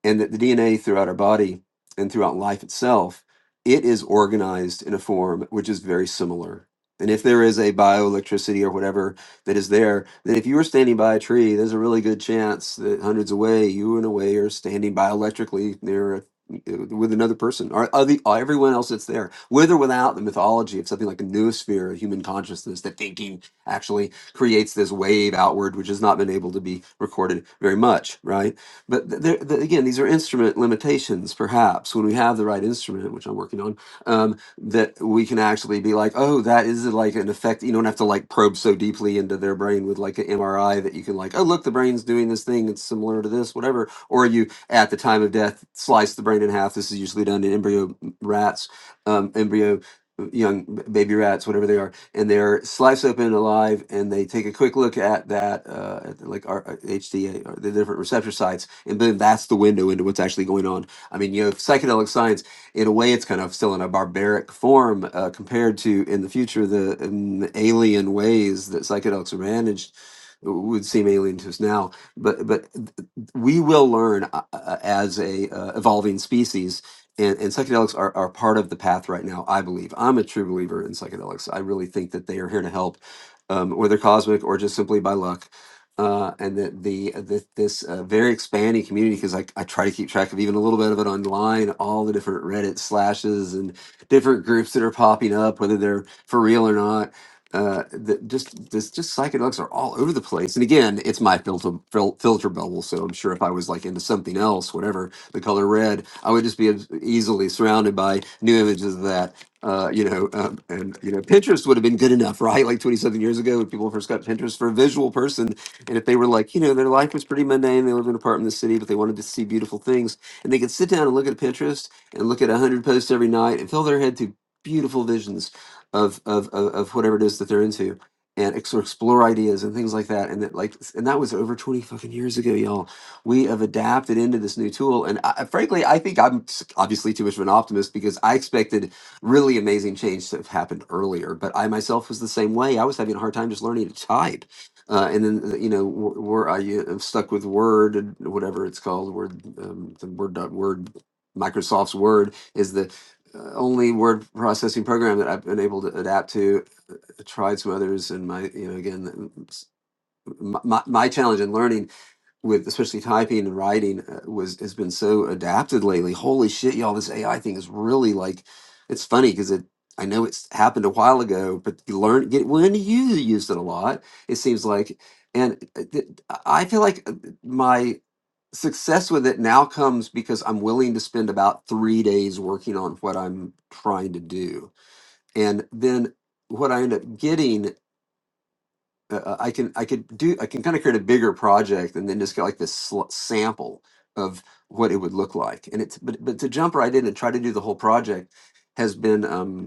and that the DNA throughout our body and throughout life itself, it is organized in a form which is very similar. And if there is a bioelectricity or whatever that is there, then if you were standing by a tree, there's a really good chance that hundreds away, you in a way are standing bioelectrically near a with another person or other, everyone else that's there, with or without the mythology of something like a noosphere of human consciousness, that thinking actually creates this wave outward, which has not been able to be recorded very much, right? But th- there, th again, these are instrument limitations. Perhaps when we have the right instrument, which I'm working on, um, that we can actually be like, oh, that is like an effect. You don't have to like probe so deeply into their brain with like an MRI that you can like, oh, look, the brain's doing this thing. It's similar to this, whatever. Or you at the time of death slice the brain in half. This is usually done in embryo rats, um, embryo uh, young baby rats, whatever they are and they're sliced open alive, and they take a quick look at that, uh, at the- like our HDA or the different receptor sites, and then that's the window into what's actually going on. I mean, you know, psychedelic science, in a way, it's kind of still in a barbaric form uh, compared to in the future the um, alien ways that psychedelics are managed would seem alien to us now but but we will learn uh, uh, as a uh, evolving species and, and psychedelics are, are part of the path right now i believe i'm a true believer in psychedelics i really think that they are here to help um, whether cosmic or just simply by luck uh, and that the, the this uh, very expanding community because I, I try to keep track of even a little bit of it online all the different reddit slashes and different groups that are popping up whether they're for real or not uh, that just this just psychedelics are all over the place and again it's my filter fil- filter bubble so i'm sure if i was like into something else whatever the color red, I would just be easily surrounded by new images of that. Uh, you know, um, and you know, Pinterest would have been good enough, right? Like 27 years ago, when people first got Pinterest for a visual person, and if they were like, you know, their life was pretty mundane, they lived in an apartment in the city, but they wanted to see beautiful things, and they could sit down and look at Pinterest and look at 100 posts every night and fill their head to beautiful visions of of of, of whatever it is that they're into and ex- or explore ideas and things like that. And that like and that was over twenty fucking years ago, y'all we have adapted into this new tool. And I, frankly, I think I'm obviously too much of an optimist because I expected really amazing change to have happened earlier. But I myself was the same way. I was having a hard time just learning to type. Uh, and then uh, you know, where I am stuck with Word and whatever it's called, Word, um, the Word dot Word, Microsoft's Word is the uh, only word processing program that I've been able to adapt to. I tried some others, and my you know again, my, my my challenge in learning with especially typing and writing uh, was has been so adapted lately. Holy shit, y'all! This AI thing is really like it's funny because it. I know it's happened a while ago, but you learn get when you used it a lot. It seems like, and uh, th- I feel like uh, my success with it now comes because I'm willing to spend about three days working on what I'm trying to do, and then what I end up getting uh, uh, I can I could do I can kind of create a bigger project and then just get like this sl- sample of what it would look like. And it's but but to jump right in and try to do the whole project has been um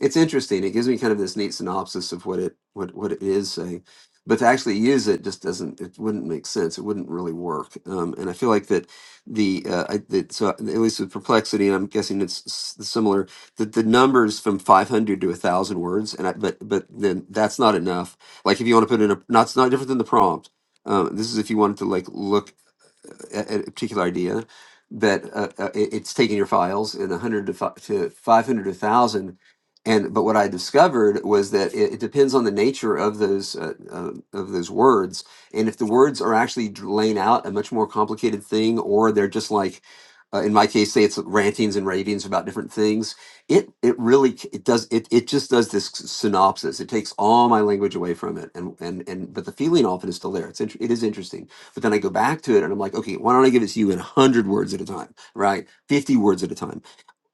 it's interesting. It gives me kind of this neat synopsis of what it what what it is saying, but to actually use it just doesn't. It wouldn't make sense. It wouldn't really work. Um, and I feel like that the uh, I, that, so at least with perplexity, and I'm guessing it's s- similar. That the numbers from 500 to a thousand words, and I, but but then that's not enough. Like if you want to put in a, not it's not different than the prompt. Um, this is if you wanted to like look a, a particular idea that uh, uh, it- it's taking your files in 100 to, fi- to 500 to 1000 and but what i discovered was that it, it depends on the nature of those uh, uh, of those words and if the words are actually d- laying out a much more complicated thing or they're just like uh, in my case say it's rantings and ravings about different things it it really c- it does it, it just does this s- synopsis it takes all my language away from it and and and but the feeling often is still there it's inter- it is interesting but then I go back to it and I'm like, okay, why don't I give it to you in 100 words at a time, right? 50 words at a time.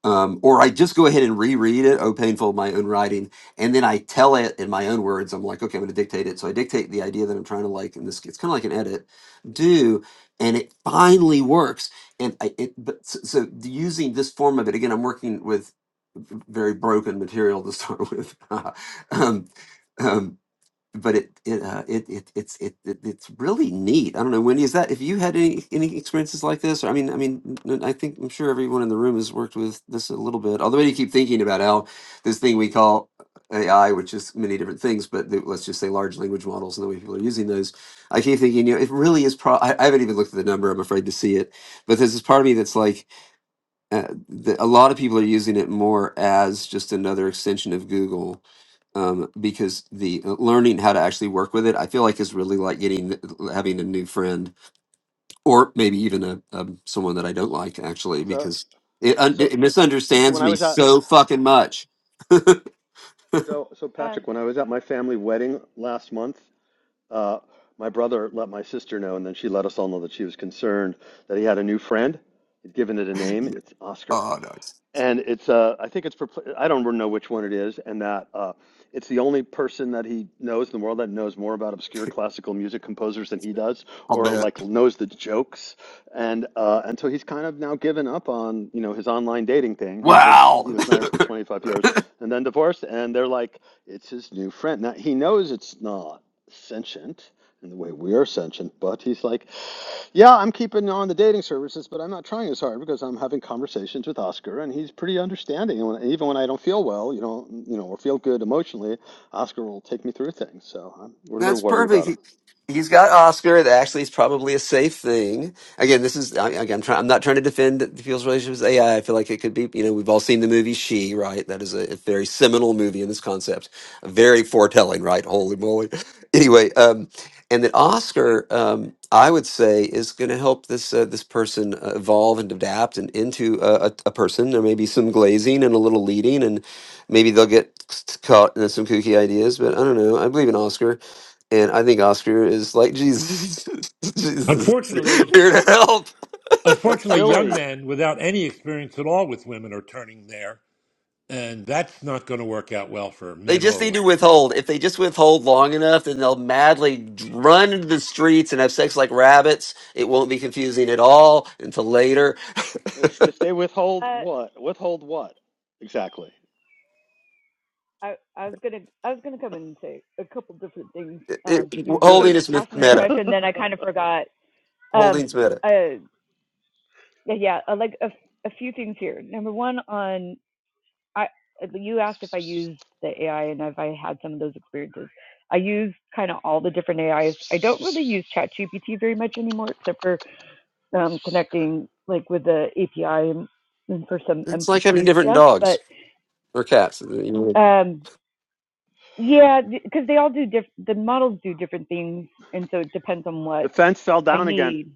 Um, or I just go ahead and reread it, oh, painful, my own writing. And then I tell it in my own words. I'm like, okay, I'm going to dictate it. So I dictate the idea that I'm trying to like, and this, it's kind of like an edit, do, and it finally works. And I, it, but s- so using this form of it, again, I'm working with very broken material to start with. um, um, but it it uh, it, it it's it, it it's really neat. I don't know, Wendy, is that if you had any any experiences like this? Or, I mean, I mean, n- I think I'm sure everyone in the room has worked with this a little bit. Although you keep thinking about how this thing we call AI, which is many different things, but the, let's just say large language models and the way people are using those. I keep thinking, you know, it really is. Pro- I, I haven't even looked at the number. I'm afraid to see it, but there's this part of me that's like uh, the, a lot of people are using it more as just another extension of Google um, because the uh, learning how to actually work with it, I feel like is really like getting uh, having a new friend or maybe even a um, someone that I don't like actually
so
because it, un-
so
it
so when
misunderstands
I
me
was at.
so fucking much.
So, so
um,
Patrick, when I was at my family wedding last month, uh, my brother let my sister know, and then she let us all know that she was concerned that he had a new friend. He'd given it a name.
Yeah.
It's Oscar
Oh no,
and it's uh I think it's for I don't know which one it is, and that uh it's the only person that he knows in the world that knows more about obscure classical music composers than he does,
I'll
or
bet.
like knows the jokes, and uh and so he's kind of now given up on you know his online dating thing. He was he
Wow.
was married for 25 years and then divorced, and they're like it's his new friend. Now he knows it's not sentient in the way we are sentient, but he's like yeah, I'm keeping on the dating services, but I'm not trying as hard because I'm having conversations with Oscar, and he's pretty understanding. And when, even when I don't feel well, you know, you know, or feel good emotionally, Oscar will take me through things. So I'm, we're a little
That's
worried
perfect.
about him.
He, he's got Oscar. That actually is probably a safe thing. Again, this is I- again. I'm, try, I'm not trying to defend the people's relationship with AI. I I feel like it could be. You know, we've all seen the movie She. Right, that is a, a very seminal movie in this concept. Very foretelling. Right, holy moly. Anyway, um, and that Oscar, um, I would say, is going to help this uh, this person uh, evolve and adapt and into a, a, a person. There may be some glazing and a little leading, and maybe they'll get caught in some kooky ideas. But I don't know. I believe in Oscar. And I think Oscar is like Jesus. Jesus,
Unfortunately,
here to help.
It's
unfortunately, young
Billy.
men without any experience at all with women are turning there, and that's not going to work out well for
They
men
just
or
need to
women at all.
withhold. If they just withhold long enough, then they'll madly run into the streets and have sex like rabbits. It won't be confusing at all until later.
If if they withhold
Uh,
what? Withhold what? Exactly.
I, I was gonna I was gonna come in and say a couple different things.
It,
Um,
it,
you
holding
Good.
is myth-
asked me a
meta.
question, then I kind of forgot. Um,
Holding's meta.
uh, yeah, yeah, uh, like a, a few things here. Number one, on I you asked if I use the AI and if I had some of those experiences. I use kind of all the different AIs. I don't really use ChatGPT very much anymore, except for um, connecting like with the API and, and for some
It's like having
MCT
different
stuff.
dogs
But
or cats. You know.
um, Yeah, because they all do different. The models do different things, and so it depends on
The
what
fence fell
I
down again.
need.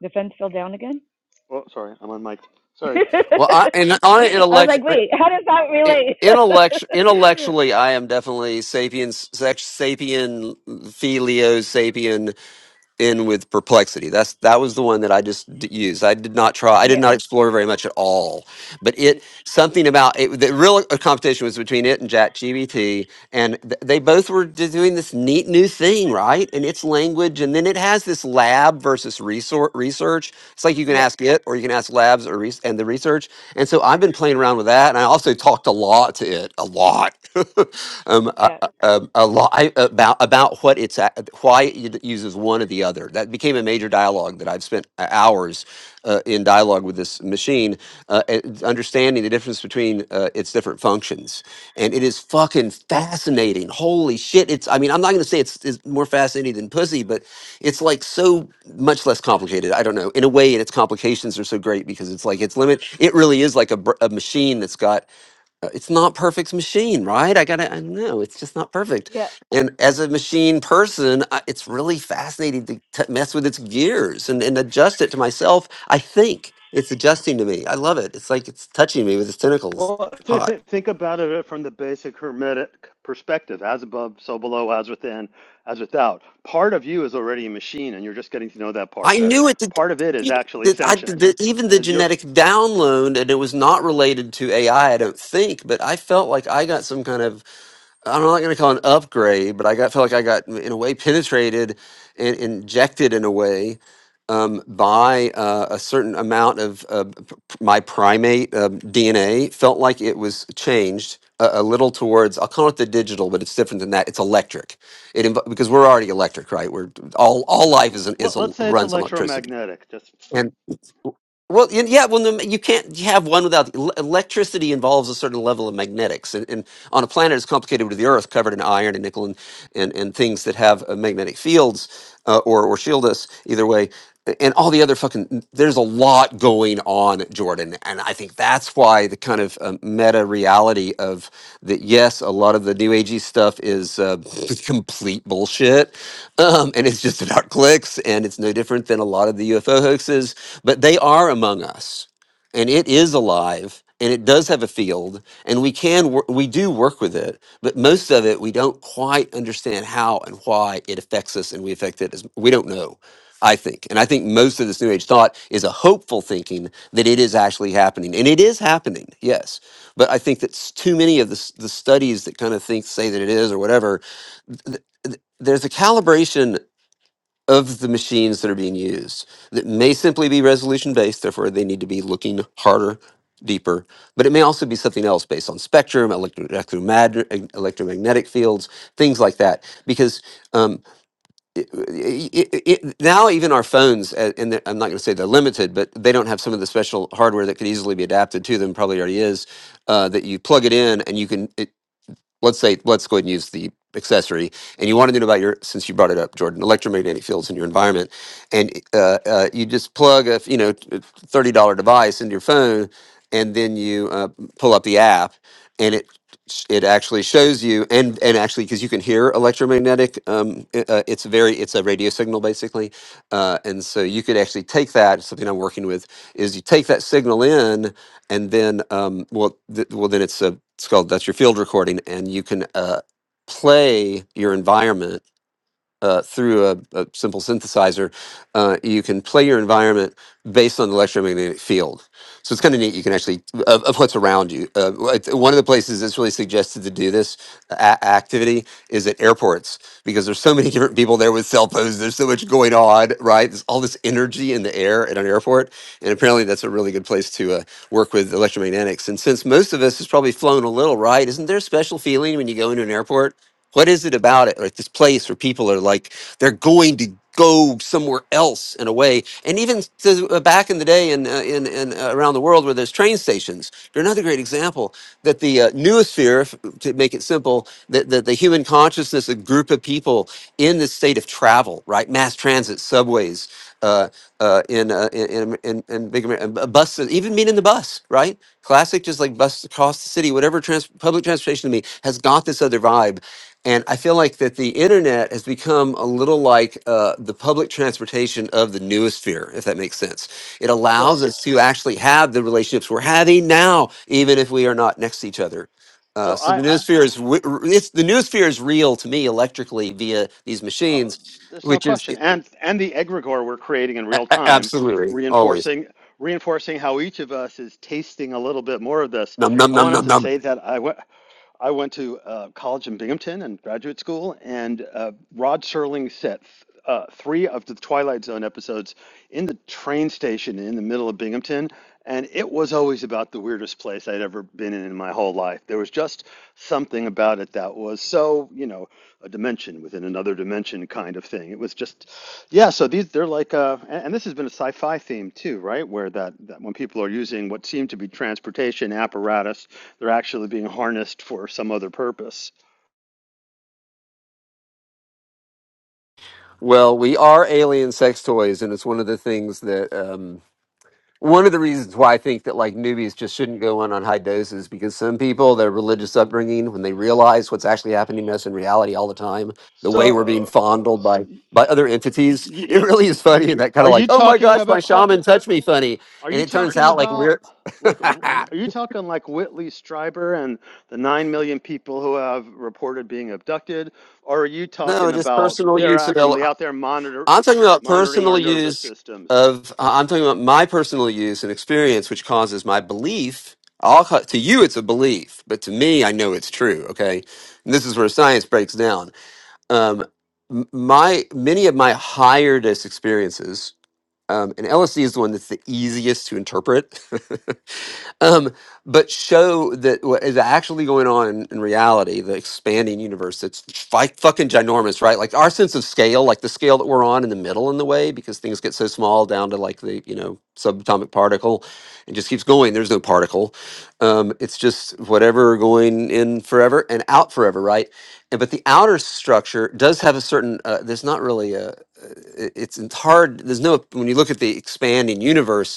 The fence fell down again.
Oh, sorry, I'm on mic. Sorry.
I
Well, I, and on an
was
intellectual,
like, wait, how does that relate?
intellect, intellectually, I am definitely sapiens, sex, sapien, filio, sapien in with perplexity that's that was the one that i just d- used i did not try i did
yeah,
not explore very much at all but it something about it the real competition was between it and ChatGPT, and th- they both were just doing this neat new thing right and it's language and then it has this lab versus resource research it's like you can
yeah,
ask it or you can ask labs or res- and the research and so i've been playing around with that and i also talked a lot to it a lot um, a,
yeah,
a, um, a lot I, about about what it's a- why it uses one or the other. That became a major dialogue that I've spent uh, hours uh, in dialogue with this machine, uh, and understanding the difference between uh, its different functions, and it is fucking fascinating. Holy shit! It's I mean I'm not going to say it's, it's more fascinating than pussy, but it's like so much less complicated. I don't know in a way, and its complications are so great because it's like its limit. It really is like a, br- a machine that's got uh, it's not perfect machine, right? I gotta, I know it's just not perfect.
yeah.
And as a machine person, I, it's really fascinating to, to mess with its gears and, and adjust it to myself. I think it's adjusting to me. I love it. It's like it's touching me with its tentacles.
Well, th-
Hot.
th- think about it uh, from the basic Hermetic perspective as above, so below, as within, as without. Part of you is already a machine, and you're just getting to know that part
I
better.
knew it. Did, did-
Part of it is
did-
actually
I, did
sentient.
the, even
And
the
if you're,
genetic download, and it was not related to AI, I I don't think, but I felt like I got some kind of I'm not going to call it an upgrade, but I got felt like I got in a way penetrated and injected in a way um, by uh, a certain amount of uh, p- p- my primate uh, DNA. Felt like it was changed a, a little towards I'll call it the digital, but it's different than that. It's electric. It inv- because we're already electric, right? We're all all life
l-
is an-
l-
is a,
let's say it's
runs on electricity,
electromagnetic. Just
and well, y- yeah. Well, no, you can't have one without the- el- electricity. Involves a certain level of magnetics, and, and on a planet as complicated with the Earth, covered in iron and nickel and and, and things that have uh, magnetic fields uh, or or shield us. Either way, and all the other fucking there's a lot going on jordan and i think that's why the kind of um, meta reality of that yes a lot of the new agey stuff is uh, complete bullshit um, and it's just about clicks and it's no different than a lot of the ufo hoaxes but they are among us and it is alive and it does have a field and we can wor- we do work with it but most of it we don't quite understand how and why it affects us and we affect it as we don't know I think. And I think most of this New Age thought is a hopeful thinking that it is actually happening. And it is happening, yes. But I think that s- too many of the, s- the studies that kind of think, say that it is or whatever, th- th- there's a calibration of the machines that are being used that may simply be resolution based. Therefore, they need to be looking harder, deeper. But it may also be something else based on spectrum, electro- electromagn- electromagnetic fields, things like that. Because um, it, it, it, it- now even our phones uh, and the- i'm not going to say they're limited but they don't have some of the special hardware that could easily be adapted to them probably already is uh, that you plug it in and you can let's say let's go ahead and use the accessory and you want to know about your since you brought it up jordan electromagnetic fields in your environment and uh, uh, you just plug a you know $30 device into your phone and then you uh, pull up the app and it it actually shows you and and actually because you can hear electromagnetic um, i- uh, it's very it's a radio signal basically uh, and so you could actually take that something i'm working with is you take that signal in and then um, well, th- well, then it's a it's called that's your field recording, and you can uh, play your environment uh, through a, a simple synthesizer, uh, you can play your environment based on the electromagnetic field. So it's kind of neat. You can actually of, of what's around you. Uh, like, one of the places that's really suggested to do this a- activity is at airports because there's so many different people there with cell phones. There's so much going on, right? There's all this energy in the air at an airport, and apparently that's a really good place to uh, work with electromagnetics. And since most of us has probably flown a little, right? Isn't there a special feeling when you go into an airport? What is it about it, like this place where people are like they're going to go somewhere else in a way? And even to, uh, back in the day, in uh, in, in uh, around the world where there's train stations, they're another great example that the uh, newosphere, if- to make it simple, that, that the human consciousness, a group of people in the state of travel, right, mass transit, subways, uh, uh, in, uh, in in in in big Amer- uh, buses, even mean in the bus, right? Classic, just like bus across the city, whatever trans- public transportation to me has got this other vibe and I feel like that the internet has become a little like uh, the public transportation of the newosphere, if that makes sense. It
so,
allows us to actually have the relationships we're having now, even if we are not next to each other. Uh,
so
so the
I, I
newosphere is w- r- it's the newosphere is real to me electrically via these
oh,
machines,
there's no
which is
question. And and the egregore we're creating in
a-
real
a-
time,
absolutely always
reinforcing reinforcing how each of us is tasting a little bit more of this.
num num
I
num
wanted
num
to
num.
say that I went. I went to uh, college in Binghamton and graduate school, and uh, Rod Serling set uh, three of the Twilight Zone episodes in the train station in the middle of Binghamton, and it was always about the weirdest place I'd ever been in in my whole life. There was just something about it that was so, you know, a dimension within another dimension kind of thing. It was just yeah, so these they're like uh and, and this has been a sci-fi theme too, right? Where that, that when people are using what seem to be transportation apparatus, they're actually being harnessed for some other purpose.
Well, we are alien sex toys, and it's one of the things that. Um, one of the reasons why I think that like newbies just shouldn't go in on high doses because some people, their religious upbringing, when they realize what's actually happening to us in reality all the time, the way we're being
So uh,
fondled by by other entities,
y
it
y
really is funny and that kind
are
of like,
you
oh my
talking
gosh, my
about hold,
shaman touched me funny.
are
And
you
it turns
talking
out like
about
we're
like w- w- are you talking like Whitley Strieber and the 9 million people who have reported being abducted or are you
no,
talking
just
about
personal
they're
use of L-
actually out there monitor
I'm talking about
monitoring
personal
our nervous
use
systems?
of. uh, I'm talking about my personal use and experience, which causes my belief. I'll, ca- to you, it's a belief, but to me, I know it's true. Okay, and this is where science breaks down. Um, m- my many of my higher experiences, um, and LSD is the one that's the easiest to interpret. um, but show that what is actually going on in, in reality, the expanding universe that's fi- fucking ginormous, right? Like our sense of scale, like the scale that we're on in the middle in the way, because things get so small down to like the, you know, subatomic particle and just keeps going. There's no particle. Um, it's just whatever going in forever and out forever, right? And, but the outer structure does have a certain, uh, there's not really a, uh, it- it's, it's hard. There's no, when you look at the expanding universe,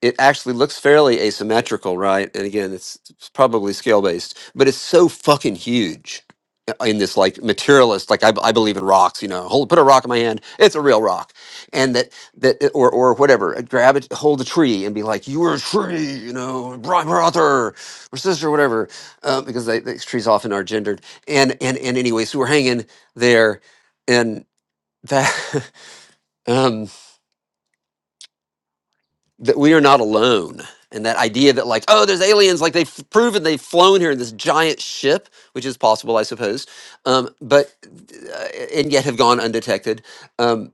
it actually looks fairly asymmetrical, right? And again, it's, it's probably scale based, but it's so fucking huge uh, in this like materialist, like I, I believe in rocks, you know, hold, put a rock in my hand, it's a real rock. And that, that, uh, or, or whatever, uh, grab it, hold a tree and be like, you were a tree, you know, Brian Arthur or sister, whatever, uh, because they, these trees often are gendered. And, and, and anyway, so we're hanging there and that, um that we are not alone and that idea that like oh there's aliens like they've proven they've flown here in this giant ship which is possible i suppose um, but uh, and yet have gone undetected um,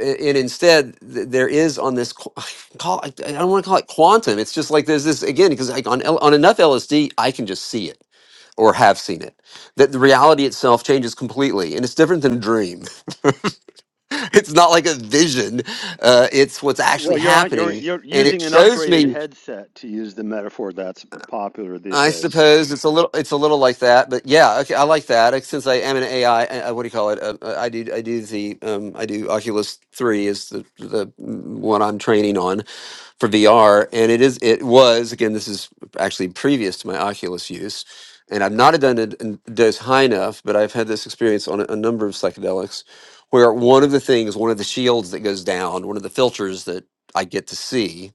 a- and instead th- there is on this qu- call i I don't want to call it quantum it's just like there's this again because like on, L- on enough lsd i can just see it or have seen it that the reality itself changes completely and it's different than a dream it's not like a vision. Uh, it's what's actually
Well, you're on, you're
happening,
you're
and it
using an
shows
upgraded
me.
headset to use the metaphor that's popular these
I
days.
suppose it's a little, it's a little like that, but yeah, okay, I like that. Uh, Since I am an AI, uh, uh, what do you call it? Uh, uh, I do, I do the, um, I do Oculus Three is the the one I'm training on, for VR, and it is it was again. This is actually previous to my Oculus use, and I've not done it in dose high enough, but I've had this experience on a, a number of psychedelics, where one of the things, one of the shields that goes down, one of the filters that I get to see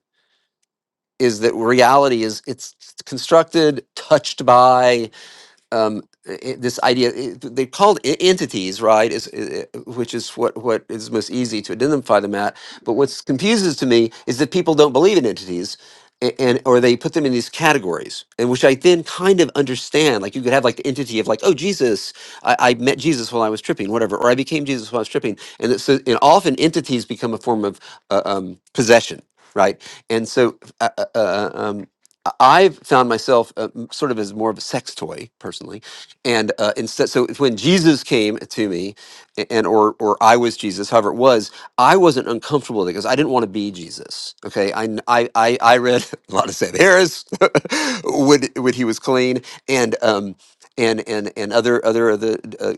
is that reality is it's constructed, touched by um, i- this idea i- they called e- entities, right? Is i- i- which is what what is most easy to identify them at. But what's confuses to me is that people don't believe in entities, a- and or they put them in these categories, and which I then kind of understand. Like you could have like the entity of like, oh Jesus, I, I met Jesus while I was tripping, whatever, or I became Jesus while I was tripping, and it's, so and often entities become a form of uh, um, possession, right? And so uh, uh, uh, um, I- I've found myself uh, m- sort of as more of a sex toy personally, and uh, instead, so when Jesus came to me, a- and or or I was Jesus, however it was, I wasn't uncomfortable with it because I didn't want to be Jesus. Okay, I I I, I read a lot of Sam Harris when when he was clean and um and and and other other other. Uh,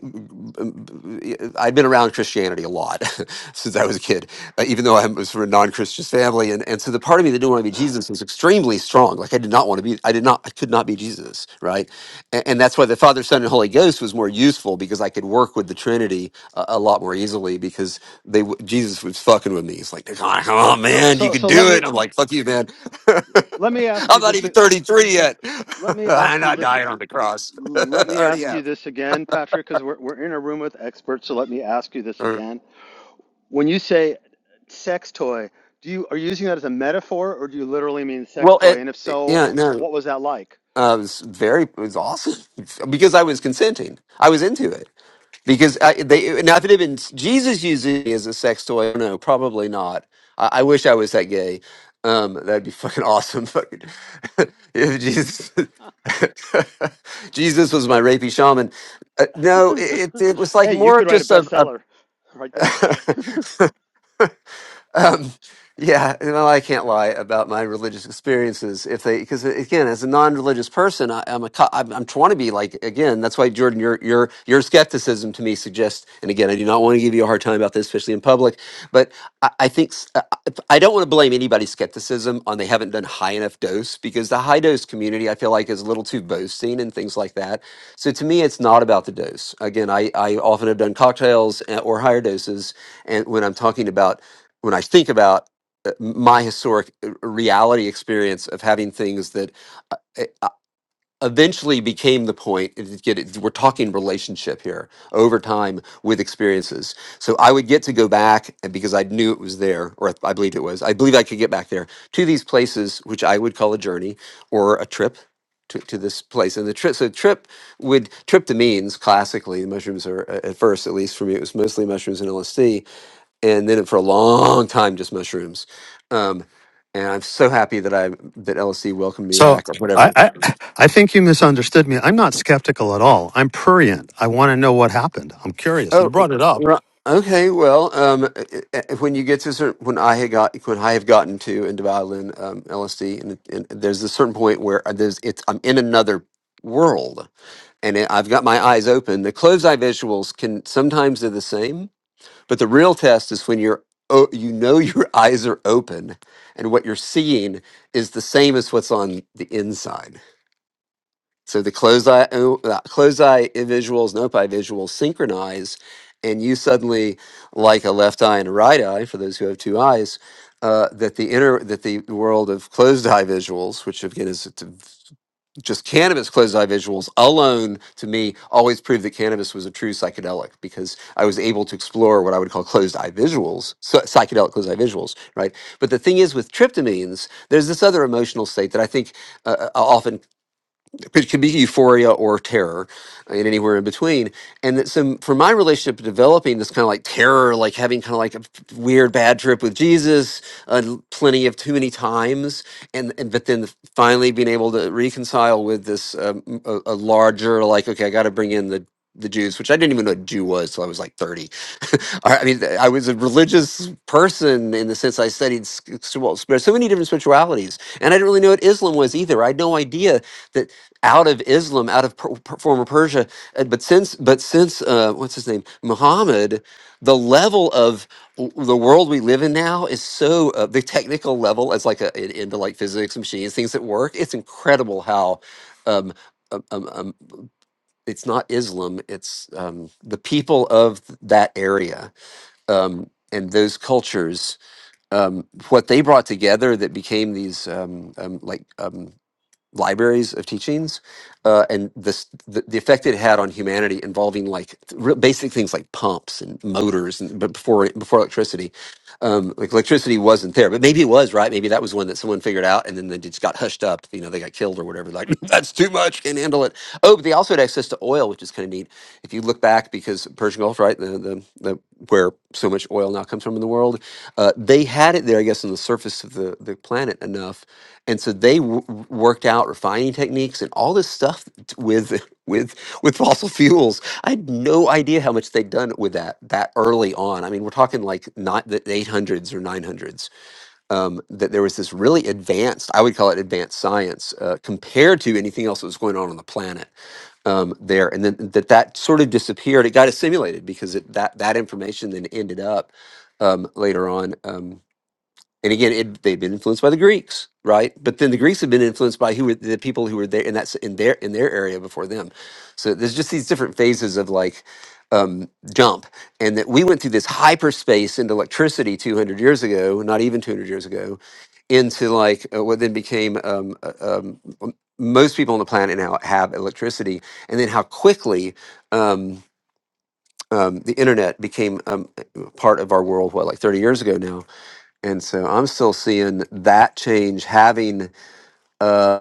I'd been around Christianity a lot since I was a kid, uh, even though I was from a non-Christian family, and and so the part of me that didn't want to be Jesus was extremely strong. Like I did not want to be. I did not. I could not be Jesus. Right, and, and that's why the Father, Son, and Holy Ghost was more useful because I could work with the Trinity a, a lot more easily because they w- Jesus was fucking with me. He's like, "Come on, come on,
So
man, you
so
can
so let
do it."
me
I'm like, "Fuck you, man.
let me ask
I'm
you
not
this
even 33 yet.
let me
I'm
ask you
not
this
dying on the cross. I
let me
already
ask you
have."
this again, Patrick, because we're we're in a room with experts. So let me ask you this
Or-
again. When you say sex toy, do you are you using that as a metaphor or do you literally mean sex
Well,
toy?
it,
And if so,
yeah, no,
what was that like?
uh, it was very, it was awesome because I was consenting. I was into it. Because I, they now, if it had been Jesus using me as a sex toy, no, probably not. I, I wish I was that gay. Um, that'd be fucking awesome. Fucking if Jesus, Jesus was my rapey shaman. Uh, no, it it was like
hey, you
more
could
of
write a
just a,
bestseller right there.
a um, yeah, you know, I can't lie about my religious experiences. If they, because again, as a non-religious person, I, I'm a, co- I'm, I'm trying to be like again. That's why Jordan, your your your skepticism to me suggests, and again, I do not want to give you a hard time about this, especially in public, but I, I think s- uh, I I don't want to blame anybody's skepticism on they haven't done high enough dose because the high dose community I feel like is a little too boasting and things like that. So to me, it's not about the dose. Again, I I often have done cocktails uh, or higher doses, and when I'm talking about when I think about uh, my historic uh, reality experience of having things that uh, uh, eventually became the point is it, we're talking relationship here over time with experiences so i would get to go back and because i knew it was there or i believed it was i believe i could get back there to these places which i would call a journey or a trip to, to this place and the trip so trip would trip to means classically the mushrooms are uh, at first at least for me it was mostly mushrooms and lsd and then for a long time just mushrooms. Um, and I'm so happy that I that LSC welcomed me
So
back or
I,
whatever.
I I think you misunderstood me. I'm not skeptical at all. I'm prurient. I want to know what happened. I'm curious. You
Oh,
brought it up.
ri- okay. Well, um, uh, uh, uh, when you get to a certain when I had got when I have gotten to into violin um, LSD, and, and there's a certain point where uh, there's it's I'm in another world, and it, I've got my eyes open. The closed eye visuals can sometimes they're the same But the real test is when you're oh, you know your eyes are open and what you're seeing is the same as what's on the inside. So the closed eye o- uh, closed eye visuals and open eye visuals synchronize and you suddenly like a left eye and a right eye for those who have two eyes uh, that the inner that the world of closed eye visuals which again is just cannabis closed eye visuals alone to me always proved that cannabis was a true psychedelic because I was able to explore what I would call closed eye visuals, so- psychedelic closed eye visuals, right? But the thing is with tryptamines, there's this other emotional state that I think uh, uh, often which can be euphoria or terror uh, and anywhere in between and that so for my relationship developing this kind of like terror like having kind of like a weird bad trip with jesus uh, plenty of too many times and, and but then finally being able to reconcile with this um, m- a, a larger like okay i got to bring in the the Jews, which I didn't even know what Jew was till I was like 30. I I mean, I was a religious person in the sense I studied s- s- well, so many different spiritualities, and I didn't really know what Islam was either. I had no idea that out of Islam, out of per, per- former Persia. Uh, But since, but since, uh, what's his name, Muhammad, the level of w- the world we live in now is so uh, the technical level as like a, in- into like physics, machines, things that work. It's incredible how. Um, um, um, um, it's not Islam. It's um, the people of that area um, and those cultures. Um, what they brought together that became these um, um, like um, libraries of teachings uh, and this the, the effect it had on humanity involving like real basic things like pumps and motors and but before before electricity um, like electricity wasn't there but maybe it was right maybe that was one that someone figured out and then they just got hushed up you know they got killed or whatever like that's too much can't handle it oh but they also had access to oil which is kind of neat if you look back because Persian Gulf right the, the, the where so much oil now comes from in the world uh, they had it there, I guess, on the surface of the, the planet enough, and so they w- w- worked out refining techniques and all this stuff t- with with with fossil fuels. I had no idea how much they'd done with that that early on. I mean, we're talking like not the eight hundreds or nine hundreds. Um, that there was this really advanced, I would call it advanced science, uh, compared to anything else that was going on on the planet um, there, and then that that sort of disappeared. It got assimilated because it, that that information then ended up um, later on. Um, and again, it, they've been influenced by the Greeks, right? But then the Greeks have been influenced by who were the people who were there in that in their in their area before them. So there's just these different phases of like um, jump, and that we went through this hyperspace into electricity 200 years ago, not even 200 years ago, into like uh, what then became um, uh, um, m- most people on the planet now have electricity, and then how quickly um, um, the internet became um, part of our world. What like 30 years ago now and so I'm still seeing that change having uh,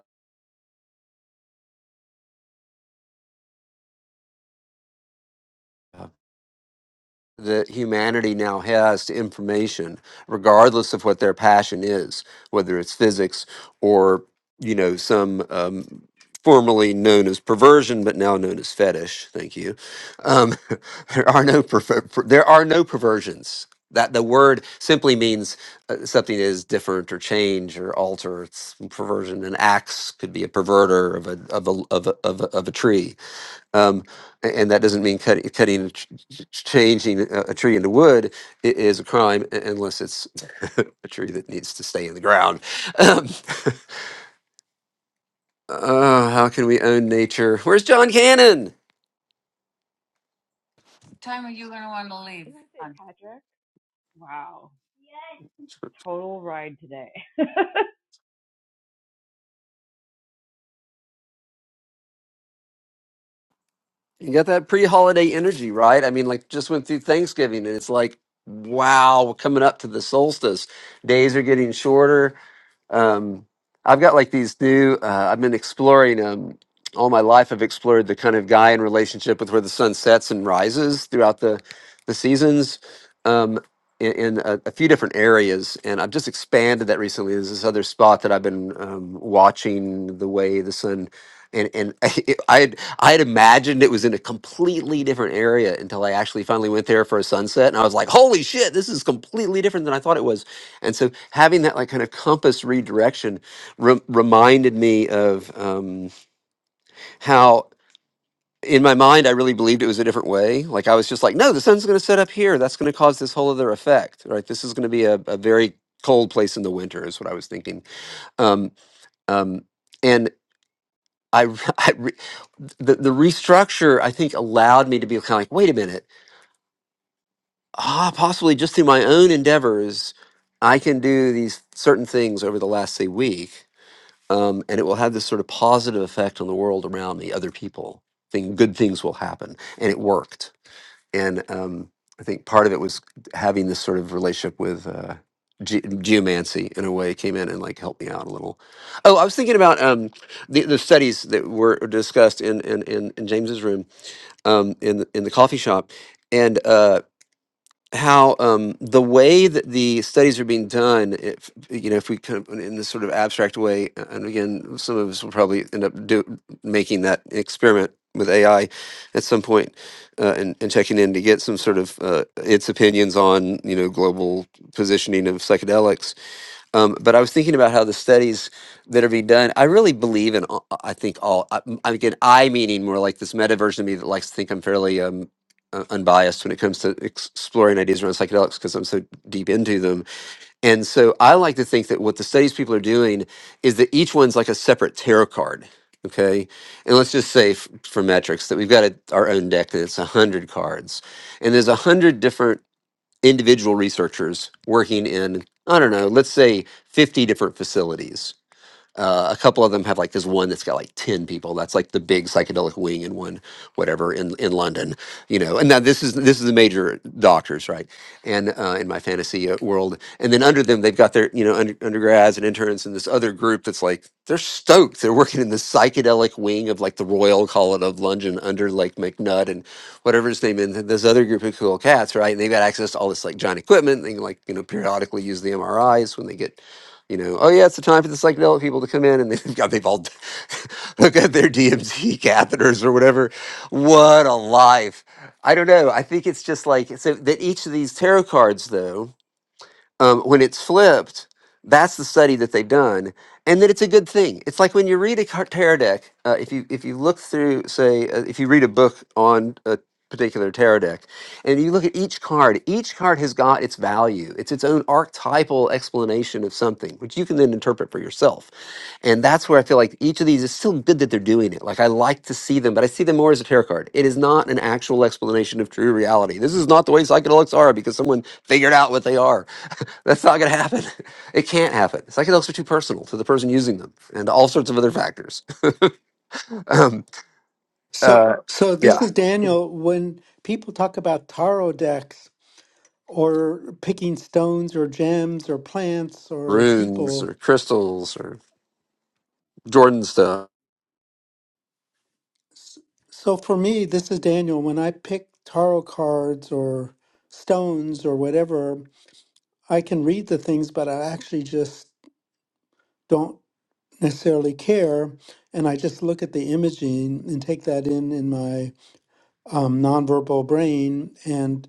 that humanity now has to information, regardless of what their passion is, whether it's physics or you know some um, formerly known as perversion, but now known as fetish. Thank you. Um, there are no perver- per- there are no perversions. That the word simply means uh, something is different or change or alter. It's perversion. An axe could be a perverter of a of a of a, of a, of a tree um, a- and that doesn't mean cutting, cutting, a tr- ch- changing a a tree into wood i- is a crime u- unless it's a tree that needs to stay in the ground. Um, uh, how can we own nature? Where's John Cannon?
time are you going to want to
Did
leave?
I say Patrick? Wow, total ride today.
You got that pre-holiday energy, right? I mean, like just went through Thanksgiving, and it's like, wow, we're coming up to the solstice. Days are getting shorter. Um, I've got like these new. Uh, I've been exploring um, all my life. I've explored the kind of guy in relationship with where the sun sets and rises throughout the the seasons. Um, in, in a, a few different areas, and I've just expanded that recently. There's this other spot that I've been um, watching the way the sun, and and it, I had I had imagined it was in a completely different area until I actually finally went there for a sunset, and I was like, "Holy shit, this is completely different than I thought it was." And so having that like kind of compass redirection re- reminded me of um, how in my mind I really believed it was a different way. Like I was just like, no, the sun's going to set up here. That's going to cause this whole other effect, right? This is going to be a, a very cold place in the winter is what I was thinking. Um, um, and I, r- I re- the, the restructure I think allowed me to be kind of like, wait a minute, ah, possibly just through my own endeavors, I can do these certain things over the last say week um, and it will have this sort of positive effect on the world around me, other people. Thing, good things will happen, and it worked. And um, I think part of it was having this sort of relationship with uh, ge- geomancy in a way came in and like helped me out a little. Oh, I was thinking about um, the, the studies that were discussed in in, in, in James's room um, in the- in the coffee shop, and. Uh, how um, the way that the studies are being done, if you know, if we kind of in this sort of abstract way, uh, and again, some of us will probably end up do, making that experiment with AI at some point, uh, and, and checking in to get some sort of uh, its opinions on you know global positioning of psychedelics um, but I was thinking about how the studies that are being done. I really believe in. all- I think all. I, I- again, I meaning more like this meta version of me that likes to think I'm fairly um, uh, unbiased when it comes to ex- exploring ideas around psychedelics because I'm so deep into them. And so I like to think that what the studies people are doing is that each one's like a separate tarot card. Okay. And let's just say f- for metrics that we've got a, our own deck that's 100 cards. And there's 100 different individual researchers working in, I don't know, let's say 50 different facilities uh, a couple of them have like this one that's got like 10 people. That's like the big psychedelic wing in one, whatever, in, in London, you know. And now this is this is the major doctors, right? And uh, in my fantasy uh, world. And then under them, they've got their, you know, under, undergrads and interns and this other group that's like, they're stoked. They're working in the psychedelic wing of like the Royal College of London under like McNutt and whatever his name is, And this other group of cool cats, right? And they've got access to all this like giant equipment. They can like, you know, periodically use the MRIs when they get you know, oh yeah, it's the time for the psychedelic people to come in, and they've got they've all they've got their DMT catheters or whatever. What a life! I don't know. I think it's just like so that each of these tarot cards, though um, when it's flipped, that's the study that they've done, and that it's a good thing. It's like when you read a car- tarot deck. Uh, if you if you look through, say, uh, if you read a book on a particular tarot deck, and you look at each card, each card has got its value. It's its own archetypal explanation of something, which you can then interpret for yourself. And that's where I feel like each of these is still good that they're doing it. Like I like to see them, but I see them more as a tarot card. It is not an actual explanation of true reality. This is not the way psychedelics are because someone figured out what they are that's not going to happen. It can't happen. Psychedelics are too personal to the person using them and all sorts of other factors. Um, uh,
So, so
yeah.
this is Daniel. When people talk about tarot decks. or picking stones or gems or plants or
Runes
people.
or crystals or Jordan stuff
S- So for me, this is Daniel. When I pick tarot cards or stones or whatever, I can read the things, but I actually just don't necessarily care. And I just look at the imaging and take that in in my um, nonverbal brain. and.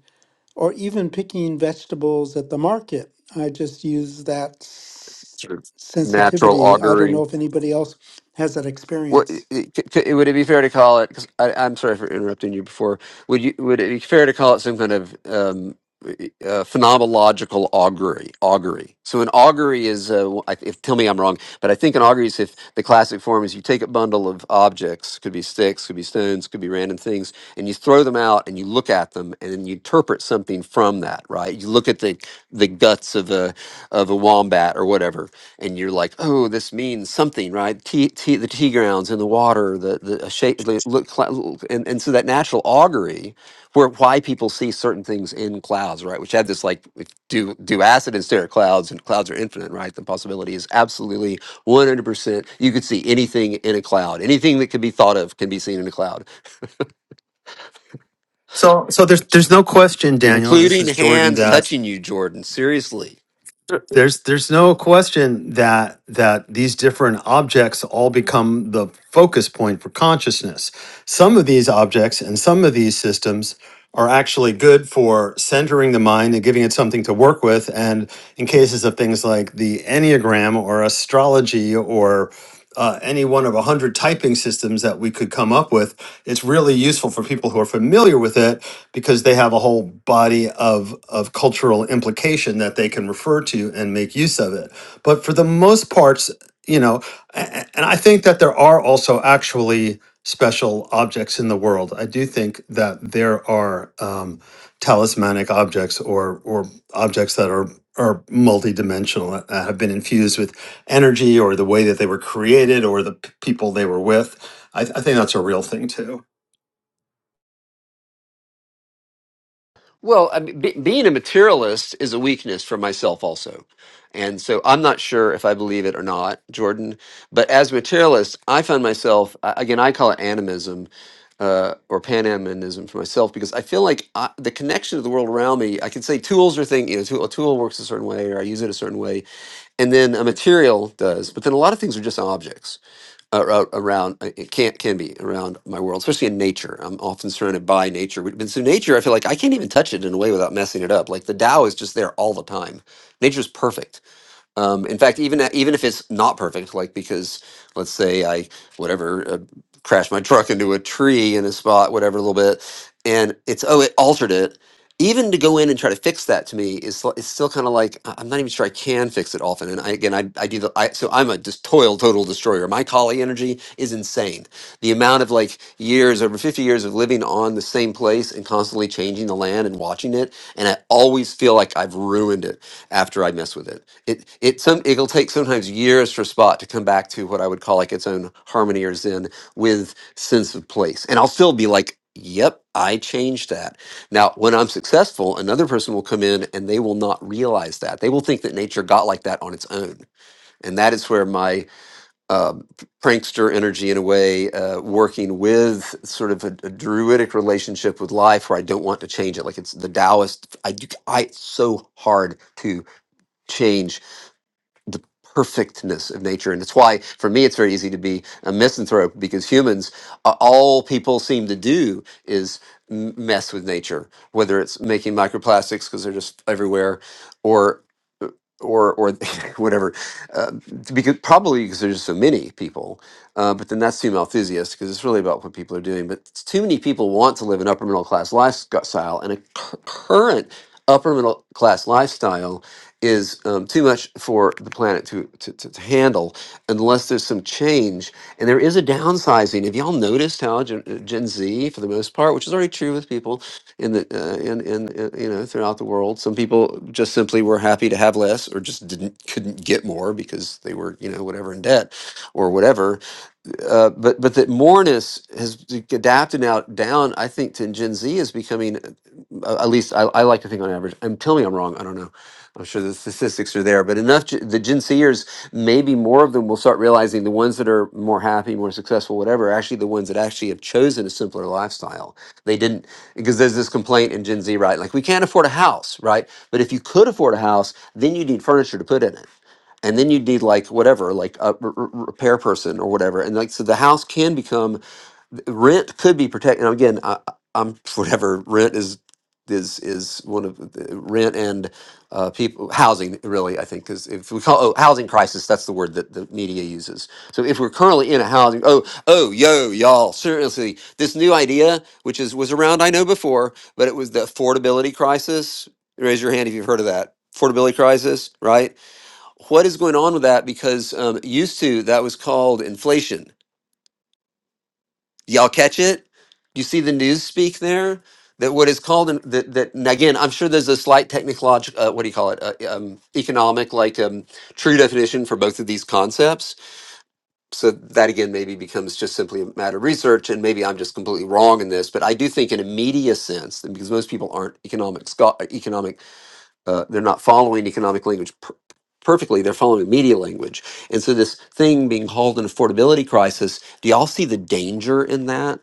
or even picking vegetables at the market. I just use that s-
or natural
sensitivity. I don't
augury.
know if anybody else has that
What it,
experience.
it, c- c- would it be fair to call it? Because I'm sorry for interrupting you before. Would you would it be fair to call it some kind of um, uh, phenomenological augury? Augury. So an augury is, uh, w- I- if tell me I'm wrong, but I think an augury is if the classic form is you take a bundle of objects, could be sticks, could be stones, could be random things, and you throw them out and you look at them and then you interpret something from that. Right? You look at the the guts of a of a wombat or whatever and you're like, oh, this means something, right? Tea, tea, the tea grounds in the water, the the a shape, the look, cla- and and so that natural augury, where why people see certain things in clouds, right? Which had this like, if do do acid and stare at clouds, and clouds are infinite, right? The possibility is absolutely one hundred percent. You could see anything in a cloud, anything that could be thought of can be seen in a cloud,
So so there's there's no question, Daniel, and this
including
is Jordan,
hands
that
touching you, Jordan. Seriously
There's there's no question that that these different objects all become the focus point for consciousness. Some of these objects and some of these systems are actually good for centering the mind and giving it something to work with. And in cases of things like the Enneagram or astrology or uh, any one of a hundred typing systems that we could come up with, it's really useful for people who are familiar with it because they have a whole body of of cultural implication that they can refer to and make use of it. But for the most parts, you know, a- a- and I think that there are also actually special objects in the world. I do think that there are um, talismanic objects or or objects that are are multidimensional that that have been infused with energy or the way that they were created or the p- people they were with. I, th- I think that's a real thing too.
Well, I mean, be, being a materialist is a weakness for myself also. And so I'm not sure if I believe it or not, Jordan. But as a materialist, I find myself, I- again, I call it animism uh, or pananimism for myself because I feel like I, the connection to the world around me, I can say tools are things, you know, tool, a tool works a certain way or I use it a certain way. And then a material does. But then a lot of things are just objects ar- ar- around uh, it can can be around my world, especially in nature. I'm often surrounded by nature, and so nature, I feel like I can't even touch it in a way without messing it up. Like the Tao is just there all the time. Nature's perfect um, in fact, even uh, even if it's not perfect, like because let's say I whatever uh, crashed my truck into a tree in a spot, whatever, a little bit, and it's oh it altered it. Even to go in and try to fix that to me is sl- it's still kind of like I- I'm not even sure I can fix it often. And I, again, I, I do the I, so I'm a just toil total destroyer. My collie energy is insane. The amount of like years over 50 years of living on the same place and constantly changing the land and watching it, and I always feel like I've ruined it after I mess with it it it some it'll take sometimes years for spot to come back to what I would call like its own harmony or zen with sense of place. And I'll still be like, yep, I changed that. Now, when I'm successful, another person will come in and they will not realize that. They will think that nature got like that on its own. And that is where my um, prankster energy, in a way, uh, working with sort of a, a druidic relationship with life, where I don't want to change it. Like it's the Taoist, I do, I it's so hard to change the perfectness of nature. And it's why, for me, it's very easy to be a misanthrope because humans, uh, all people seem to do is m- mess with nature, whether it's making microplastics because they're just everywhere or or, or whatever, uh, because probably because there's so many people. Uh, but then that's too malthusiast because it's really about what people are doing. But it's too many people want to live an upper middle class lifestyle, and a cur- current upper middle class lifestyle is um, too much for the planet to, to, to, to handle unless there's some change. And there is a downsizing. Have y'all noticed how Gen, uh, Gen Z, for the most part, which is already true with people in the uh, in, in in, you know throughout the world, some people just simply were happy to have less or just didn't couldn't get more because they were you know whatever in debt or whatever uh, but but that moreness has adapted now down. I think to Gen Z is becoming, uh, at least I, I like to think on average. And tell me I'm wrong. I don't know. I'm sure the statistics are there, but enough. Gen- The Gen Zers, maybe more of them will start realizing the ones that are more happy, more successful, whatever, are actually the ones that actually have chosen a simpler lifestyle. They didn't because there's this complaint in Gen Z, right? Like we can't afford a house, right? But if you could afford a house, then you need furniture to put in it and then you'd need like whatever like a r- r- repair person or whatever and like so the house can become rent could be protected now again I, I- i'm whatever rent is is is one of the rent and uh, people housing really i think because if we call oh housing crisis that's the word that the media uses so if we're currently in a housing oh oh yo y'all seriously this new idea which is was around i know before but it was the affordability crisis raise your hand if you've heard of that affordability crisis right what is going on with that? Because um, used to that was called inflation. Y'all catch it? You see the news speak there that what is called in, that that and again I'm sure there's a slight technological uh, what do you call it uh, um, economic like um, true definition for both of these concepts. So that again maybe becomes just simply a matter of research, and maybe I'm just completely wrong in this, but I do think in a media sense, and because most people aren't economic scho- economic uh, they're not following economic language per- perfectly. They're following media language, and so this thing being called an affordability crisis. Do y'all see the danger in that?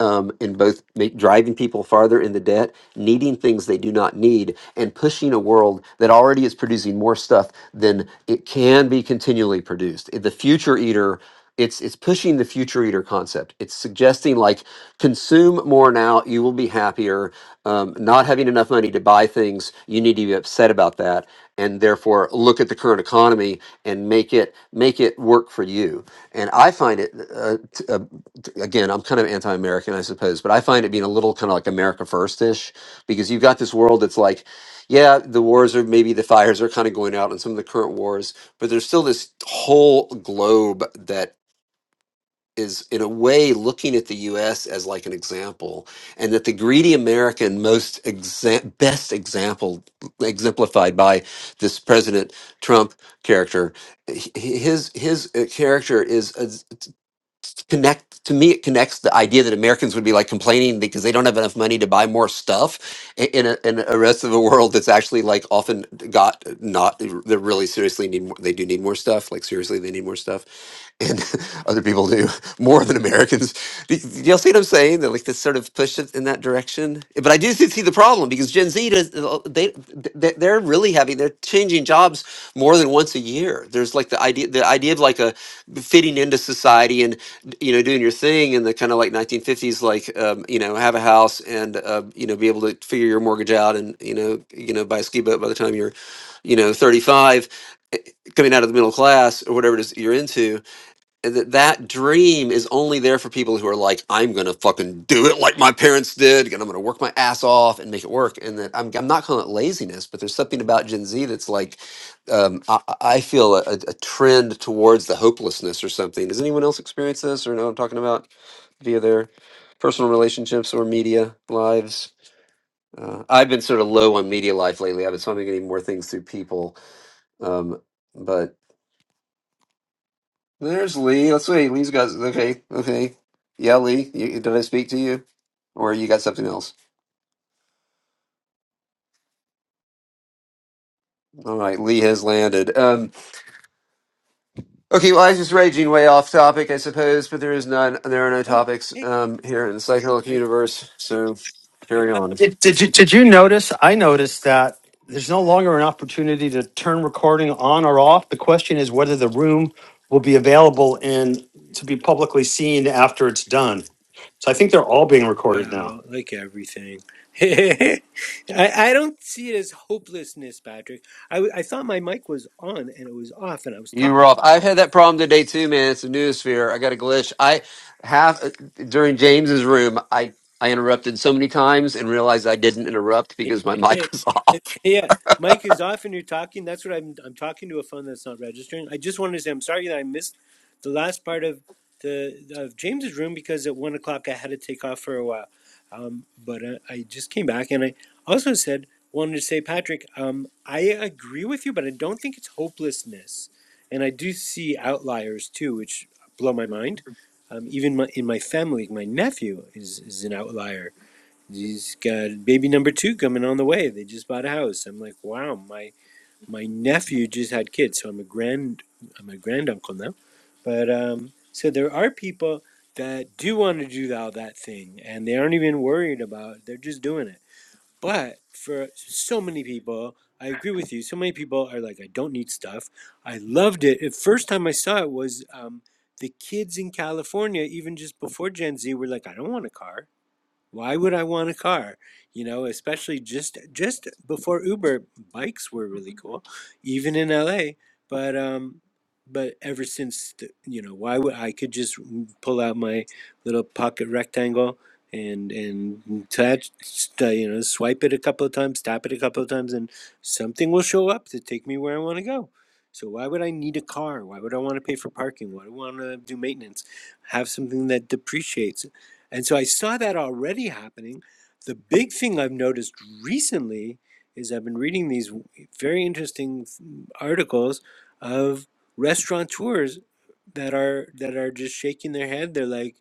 Um, in both ma- driving people farther in the debt, needing things they do not need, and pushing a world that already is producing more stuff than it can be continually produced. The future eater, it's it's pushing the future eater concept. It's suggesting like consume more now, you will be happier. Um, not having enough money to buy things, you need to be upset about that, and therefore look at the current economy and make it make it work for you. And I find it uh, t- uh, t- again, I'm kind of anti-American, I suppose, but I find it being a little kind of like America first ish because you've got this world that's like yeah, the wars are maybe the fires are kind of going out in some of the current wars, but there's still this whole globe that is, in a way, looking at the U.S. as like an example, and that the greedy American most exa- best example exemplified by this President Trump character. H- His his uh, character is connect to me it connects the idea that americans would be like complaining because they don't have enough money to buy more stuff i- in a, in a rest of the world that's actually like often got not they really seriously need more they do need more stuff like seriously they need more stuff and other people do more than americans Do you do you see what i'm saying that like this sort of push it in that direction and, but I do see the problem because Gen Z does they they- they're really having they're changing jobs more than once a year. There's like the idea the idea of like a fitting into society and you know doing your thing in the kind of like 1950s like um, you know have a house and uh, you know be able to figure your mortgage out and you know you know buy a ski boat by the time you're you know 35 coming out of the middle class or whatever it is that you're into that that dream is only there for people who are like, I'm gonna fucking do it like my parents did, and I'm gonna work my ass off and make it work. And that I'm, I'm not calling it laziness, but there's something about Gen Z that's like, um, I, I I feel a, a trend towards the hopelessness or something. Does anyone else experience this or know what I'm talking about via their personal relationships or media lives? Uh, I've been sort of low on media life lately. I've been so I'm getting more things through people, um, but. There's Lee. Let's see. Lee's got okay, okay. Yeah, Lee. You, did I speak to you, or you got something else? All right, Lee has landed. Um, okay, well, I was just raging way off topic, I suppose, but there is none. There are no
Oh,
topics
hey,
um, here in the psychedelic
I,
universe.
I,
So
I
carry
thought the
on.
mic
Did,
was.
did you did you notice? I
Uh,
noticed that there's no longer an opportunity to turn recording on or off. The question is whether the room will be available and to be publicly seen after it's done. So I think they're all being recorded
wow,
now.
like everything. I, I don't see it as hopelessness, Patrick. I, w- I thought my mic was on and it was off, and I was talking.
You were off. I've had that problem today too, man. It's a newosphere. I got a glitch. I have uh, during James's room. I I interrupted so many times and realized I didn't interrupt because my mic was off.
yeah, Mike is off and you're talking. That's what I'm. I'm talking to a phone that's not registering. I just wanted to say I'm sorry that I missed the last part of the of James's room because at one o'clock I had to take off for a while. Um, but uh, I just came back and I also said wanted to say Patrick, um, I agree with you, but I don't think it's hopelessness, and I do see outliers too, which blow my mind. Um, even my, in my family, my nephew is is an outlier He's got baby number two coming on the way. They just bought a house. I'm like, wow, my my nephew just had kids, so I'm a grand I'm a granduncle now. But um, so there are people that do want to do all that thing, and they aren't even worried about. it. They're just doing it. But for so many people, I agree with you. So many people are like, I don't need stuff. I loved it. The first time I saw it was um, the kids in California, even just before Gen Z, were like, I don't want a car. Why would I want a car? You know, especially just just before Uber, bikes were really cool, even in LA. But um, but ever since the, you know, why would I could just pull out my little pocket rectangle and and touch, st- you know, swipe it a couple of times, tap it a couple of times, and something will show up to take me where I want to go. So why would I need a car? Why would I want to pay for parking? Why do I want to do maintenance? Have something that depreciates and so I saw that already happening. The big thing I've noticed recently is I've been reading these very interesting articles of restaurateurs that are that are just shaking their head. They're like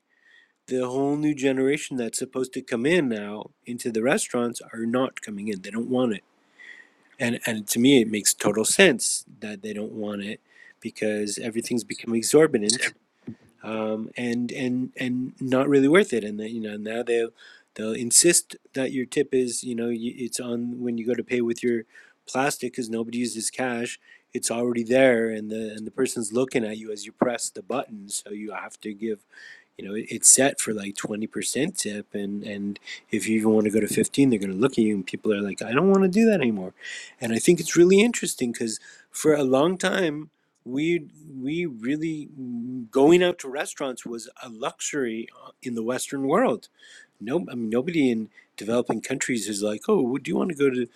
the whole new generation that's supposed to come in now into the restaurants are not coming in. They don't want it. And and to me it makes total sense that they don't want it because everything's become exorbitant um, and and and not really worth it. And that you know now they'll they'll insist that your tip is you know it's on when you go to pay with your plastic because nobody uses cash. It's already there, and the and the person's looking at you as you press the button, so you have to give you know, it's set for like 20% tip. And, and if you even want to go to 15, they're going to look at you and people are like, I don't want to do that anymore. And I think it's really interesting because for a long time, we we really going out to restaurants was a luxury uh, in the Western world. No, I mean nobody in developing countries is like, oh, do you want to go to,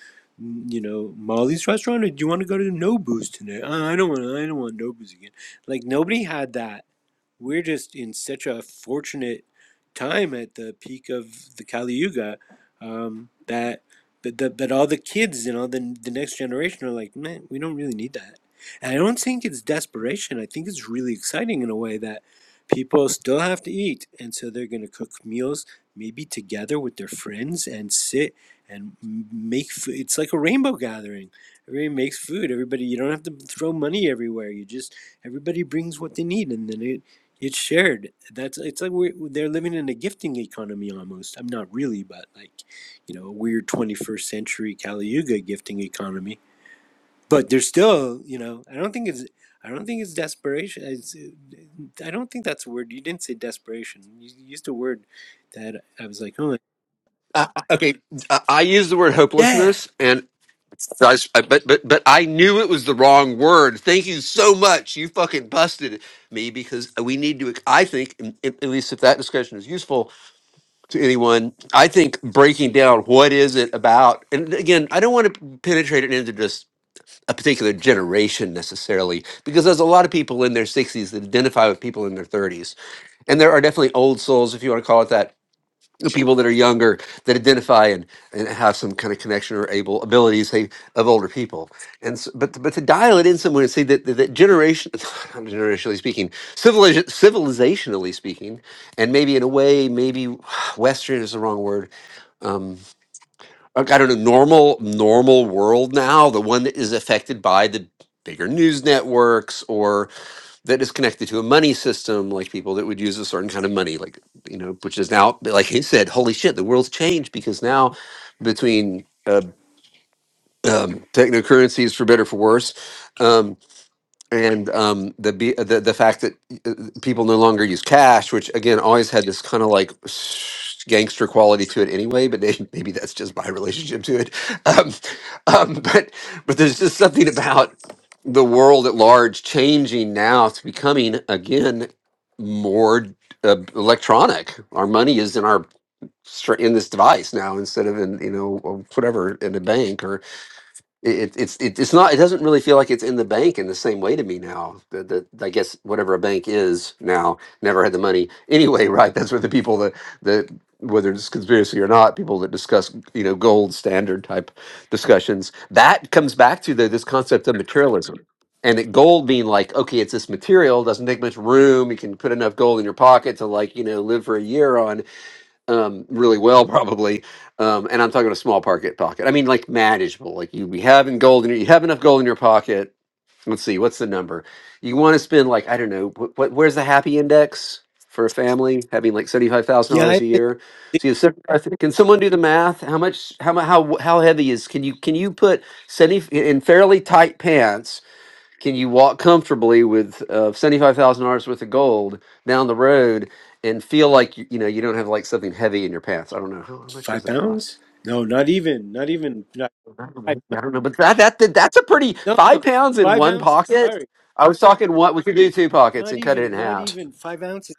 you know, Molly's restaurant, or do you want to go to Nobu's tonight? Uh I don't want, I don't want Nobu's again. Like nobody had that we're just in such a fortunate time at the peak of the Kali Yuga um, that but the, but all the kids you know the, the next generation are like man we don't really need that and i don't think it's desperation i think it's really exciting in a way that people still have to eat and so they're going to cook meals maybe together with their friends and sit and m- make food it's like a rainbow gathering everybody makes food everybody you don't have to throw money everywhere you just everybody brings what they need and then it. It's shared. That's it's like we're, they're living in a gifting economy almost. I'm not really, but like, you know, a weird 21st century Kali Yuga gifting economy. But there's still, you know, I don't think it's I don't think it's desperation. It's, uh, I don't think that's a word. You didn't say desperation. You used a word that I was like, oh
Uh, okay, I I use the word
yeah,
hopelessness, and So I, s- I- but but but I knew it was the wrong word. Thank you so much. You fucking busted me because we need to. I think, and- and at least if that discussion is useful to anyone, I think breaking down what is it about. And again, I don't want to penetrate it into just a particular generation necessarily, because there's a lot of people in their 60s that identify with people in their 30s, and there are definitely old souls, if you want to call it that, the people that are younger that identify and, and have some kind of connection or able abilities say, of older people and s but but to dial it in somewhere and say that that, that generation not generationally speaking civilization civilizationally speaking and maybe in a way maybe western is the wrong word um like, i don't know normal normal world now the one that is affected by the bigger news networks or that is connected to a money system, like people that would use a certain kind of money, like you know, which is now, like he said, holy shit, the world's changed because now between uh, um, technocurrencies, for better or for worse, um, and um, the, be- the the fact that uh, people no longer use cash, which again always had this kind of like s- gangster quality to it anyway, but may- maybe that's just my relationship to it. Um, um, but but there's just something about the world at large changing now. It's becoming again more uh, electronic. Our money is in our str- in this device now instead of in you know whatever in a bank it, it, it's it, it's not. It doesn't really feel like it's in the bank in the same way to me now. That, that I guess whatever a bank is now never had the money anyway. Right? That's where the people that that whether it's conspiracy or not, people that discuss you know gold standard type discussions that comes back to the, this concept of materialism. And it, gold being like, okay, it's this material, doesn't take much room. You can put enough gold in your pocket to like, you know, live for a year on um, really well, probably. Um, and I'm talking about a small pocket pocket. I mean, like manageable. Like you be having gold in your, you have enough gold in your pocket. Let's see, what's the number? You want to spend like I don't know. What, what where's the happy index for a family having like seventy five thousand
yeah.
dollars
I,
a
I
year?
think
So you have 75 can someone do the math? How much? How mu- how how heavy is? Can you can you put seventy in fairly tight pants? can you walk comfortably with uh, $75,000 worth of gold down the road and feel like you, you know you don't have like something heavy in your pants? I don't know how, how much does
five
that cost.
pounds? No, not even, not even, not
I don't
five.
know, I don't know, but that that that- that's a pretty
No,
five
no,
pounds in
five
one
ounces.
pocket.
Sorry,
I was
sorry.
talking one. We could do two pockets
Not
and cut it in
even, not
half.
even five ounces.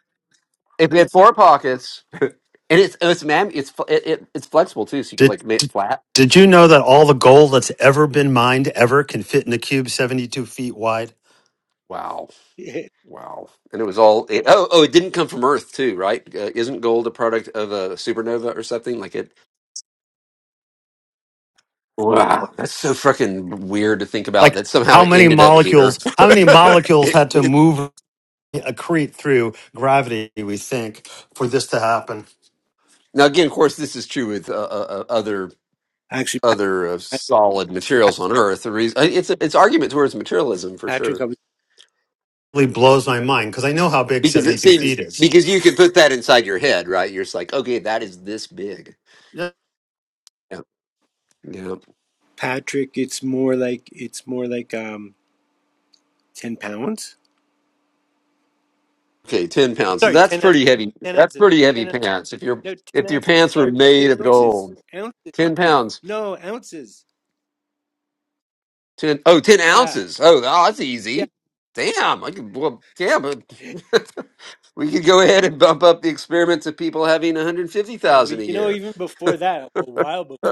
If we had four pockets, and it's it's man, it's fl- it, it it's flexible too, so you could
Did
like make it
did,
flat.
did you know that all the gold that's ever been mined ever can fit in a cube 72 feet wide?
Wow, wow, and it was all. It, oh, oh, it didn't come from Earth too, right? Uh, isn't gold a product of a supernova or something like it? Wow, that's so freaking weird to think about
Like
that somehow
how
it
many
ended up here.
molecules? How many molecules
It-
had to
it-
move accrete through gravity? We think for this to happen.
now, again, of course, this is true with uh, uh, uh, other
Actually.
other uh,
Pa-
solid
Pa-
materials on Earth. The reason uh, it's it's argument towards materialism for
Patrick, I
sure
was,
really blows my mind because I know how big
because it
72
seems
feet is.
because you can put that inside your head, right? You're just like, okay, that is this big.
Yeah.
Yeah, yeah.
Patrick, it's more like it's more like um ten pounds.
Okay, ten pounds. So
Sorry,
that's
ten ounces,
pretty heavy.
ten
That's
ounces,
pretty heavy
ten ounces.
pants. If your
No, ten
if your
ounces.
pants were
Sorry,
made of
ounces,
gold,
ounces.
ten pounds.
No, ounces.
Ten oh 10
Yeah,
ounces. Oh, oh, that's
yeah,
easy. Damn. I could, well, damn. uh, we could go ahead and bump up the experiment to people having
yeah.
150,000
But
a
you know,
year.
even before that, a while before,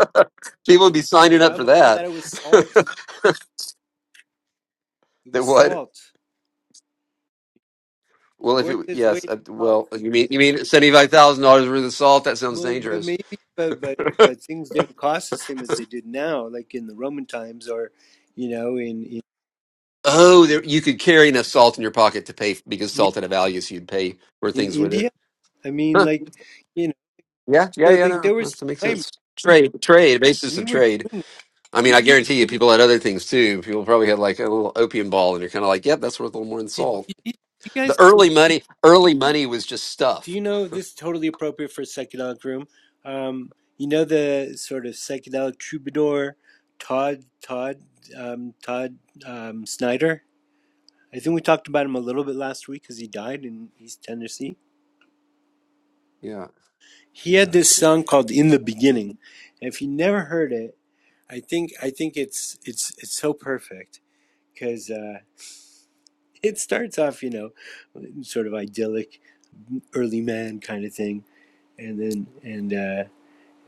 people would be
a
signing up
while
for
before
that.
that, it was salt. It
that
was
what?
salt.
Well, if
Worth
it
its weight
yes,
in
uh,
salt.
well, you mean you mean seventy-five thousand dollars worth of salt? That sounds
Well, but
dangerous.
maybe, but but but things didn't cost the same as they did now, like in the Roman times, or you know, in
Oh, there, you could carry enough salt in your pocket to pay because
in
salt had a value, so you'd pay for
in
things with
India
it.
I mean,
Huh.
like, you know,
Yeah, yeah,
so
yeah.
like
No,
there was
that makes
time
sense. Trade, trade, basis
we
of
were. Did,
trade. I mean, I guarantee you, people had other things too. People probably had like a little opium ball, and you're kind of like, "Yep, that's worth a little more than
did
salt."
you you
The
guys?
early money, early money was just
Do
stuff.
you know this is totally appropriate for a psychedelic room? Um, you know the sort of psychedelic troubadour, Todd Todd um, Todd um, Snyder. I think we talked about him a little bit last week because he died in East Tennessee.
Yeah,
He
yeah,
had this
it's an
song called "In the Beginning." And if you never heard it, I think I think it's it's it's so perfect because uh, it starts off, you know. sort of idyllic early man kind of thing and then and uh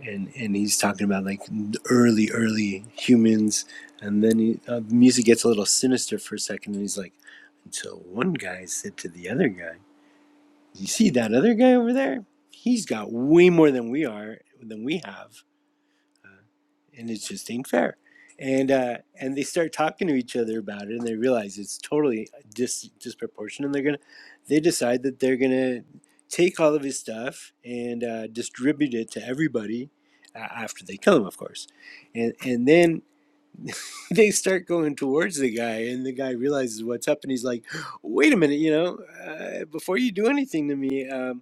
and and he's talking about like early early humans and then he, uh, the music gets a little sinister for a second and he's like so one guy said to the other guy you see that other guy over there he's got way more than we are than we have and it just ain't fair. And uh, and they start talking to each other about it, and they realize it's totally dis- disproportionate. And they're gonna, they decide that they're gonna take all of his stuff and uh, distribute it to everybody uh, after they kill him, of course. And and then they start going towards the guy, and the guy realizes what's up, and he's like, "Wait a minute, you know, uh, before you do anything to me." um,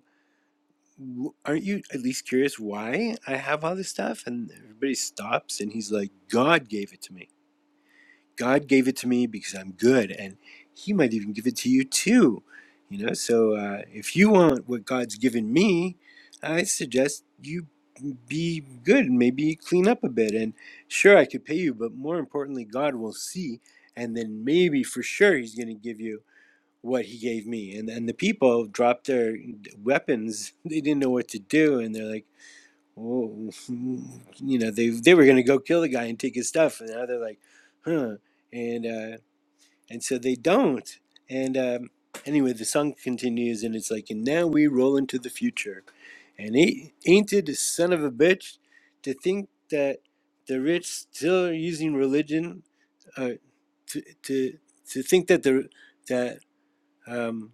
w- aren't you at least curious why I have all this stuff? And everybody stops and he's like, God gave it to me. God gave it to me because I'm good. And he might even give it to you too. You know, so uh, if you want what God's given me, I suggest you be good and maybe clean up a bit. And sure, I could pay you, but more importantly, God will see. And then maybe for sure, he's going to give you what he gave me. And and the people dropped their weapons. They didn't know what to do, and they're like, "Oh, you know, they they were gonna go kill the guy and take his stuff, and now they're like, huh?" And uh, and so they don't. And um, anyway, the song continues, and it's like, "And now we roll into the future, and ain't ain't it a son of a bitch to think that." The rich still are using religion uh, to, to to think that the that um,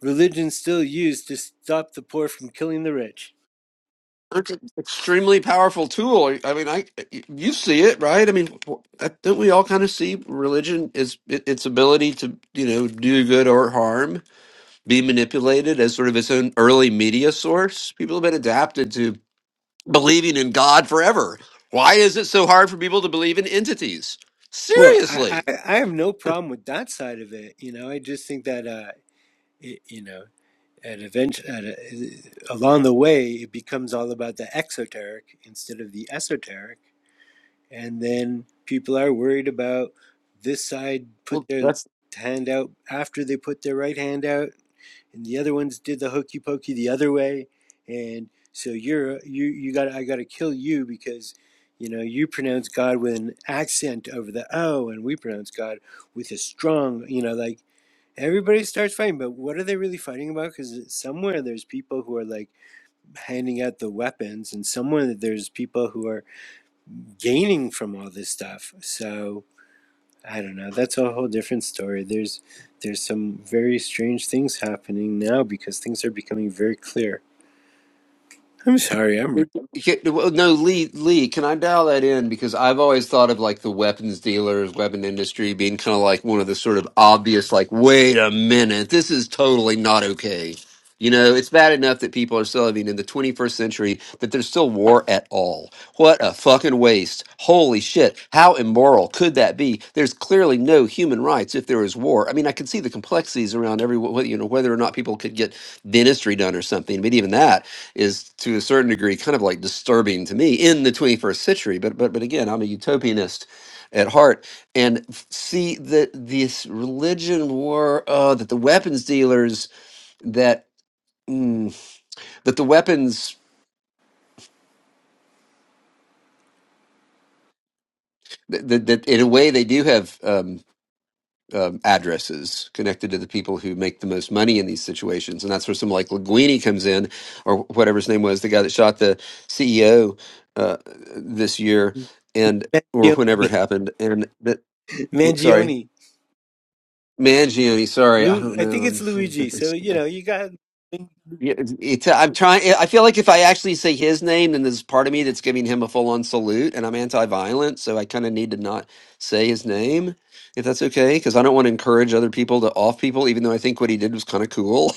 Religion still used to stop the poor from killing the rich.
extremely powerful tool. I mean, I you see it, right? I mean, wh- don't we all kind of see religion is it, its ability to you know do good or harm, be manipulated as sort of its own early media source? People have been adapted to believing in God forever. Why is it so hard for people to believe in entities?
Well, I,
Seriously.
I, I have no problem with that side of it. You know, I just think that, uh, it, you know, at event, at a, along the way, it becomes all about the exoteric instead of the esoteric. And then people are worried about this side put
Well,
their left hand out after they put their right hand out and the other ones did the hokey pokey the other way and so you're you you got i got to kill you because you know you pronounce god with an accent over the o and we pronounce god with a strong you know like everybody starts fighting but what are they really fighting about because somewhere there's people who are like handing out the weapons and somewhere there's people who are gaining from all this stuff so I don't know. That's a whole different story. There's there's some very strange things happening now because things are becoming very clear. I'm sorry, I'm
Yeah, well, no, Lee, Lee, can I dial that in? Because I've always thought of like the weapons dealers, weapon industry being kind of like one of the sort of obvious, like, wait a minute, this is totally not okay. You know, it's bad enough that people are still living in the 21st century that there's still war at all. What a fucking waste. Holy shit. How immoral could that be? There's clearly no human rights if there is war. I mean, I can see the complexities around every, you know, whether or not people could get dentistry done or something, but even that is to a certain degree kind of like disturbing to me in the 21st century but but but again I'm a utopianist at heart and f- see that this religion war uh, that the weapons dealers that mm, that the weapons that, that, that in a way they do have um, um, addresses connected to the people who make the most money in these situations. And that's where someone like Linguini comes in, or whatever his name was, the guy that shot the CEO uh, this year,
right.
and or
Mangio-
whenever it happened. And that, sorry,
Mangione.
Mangione. Sorry, I
Lu
don't
I
know.
think it's Luigi.
I'm
So, you know, you got
Yeah, It's, it's- uh, I'm trying. I feel like if I actually say his name, then there's part of me that's giving him a full on salute, and I'm anti violent, so I kind of need to not say his name, if that's okay, because I don't want to encourage other people to off people, even though I think what he did was kind of cool.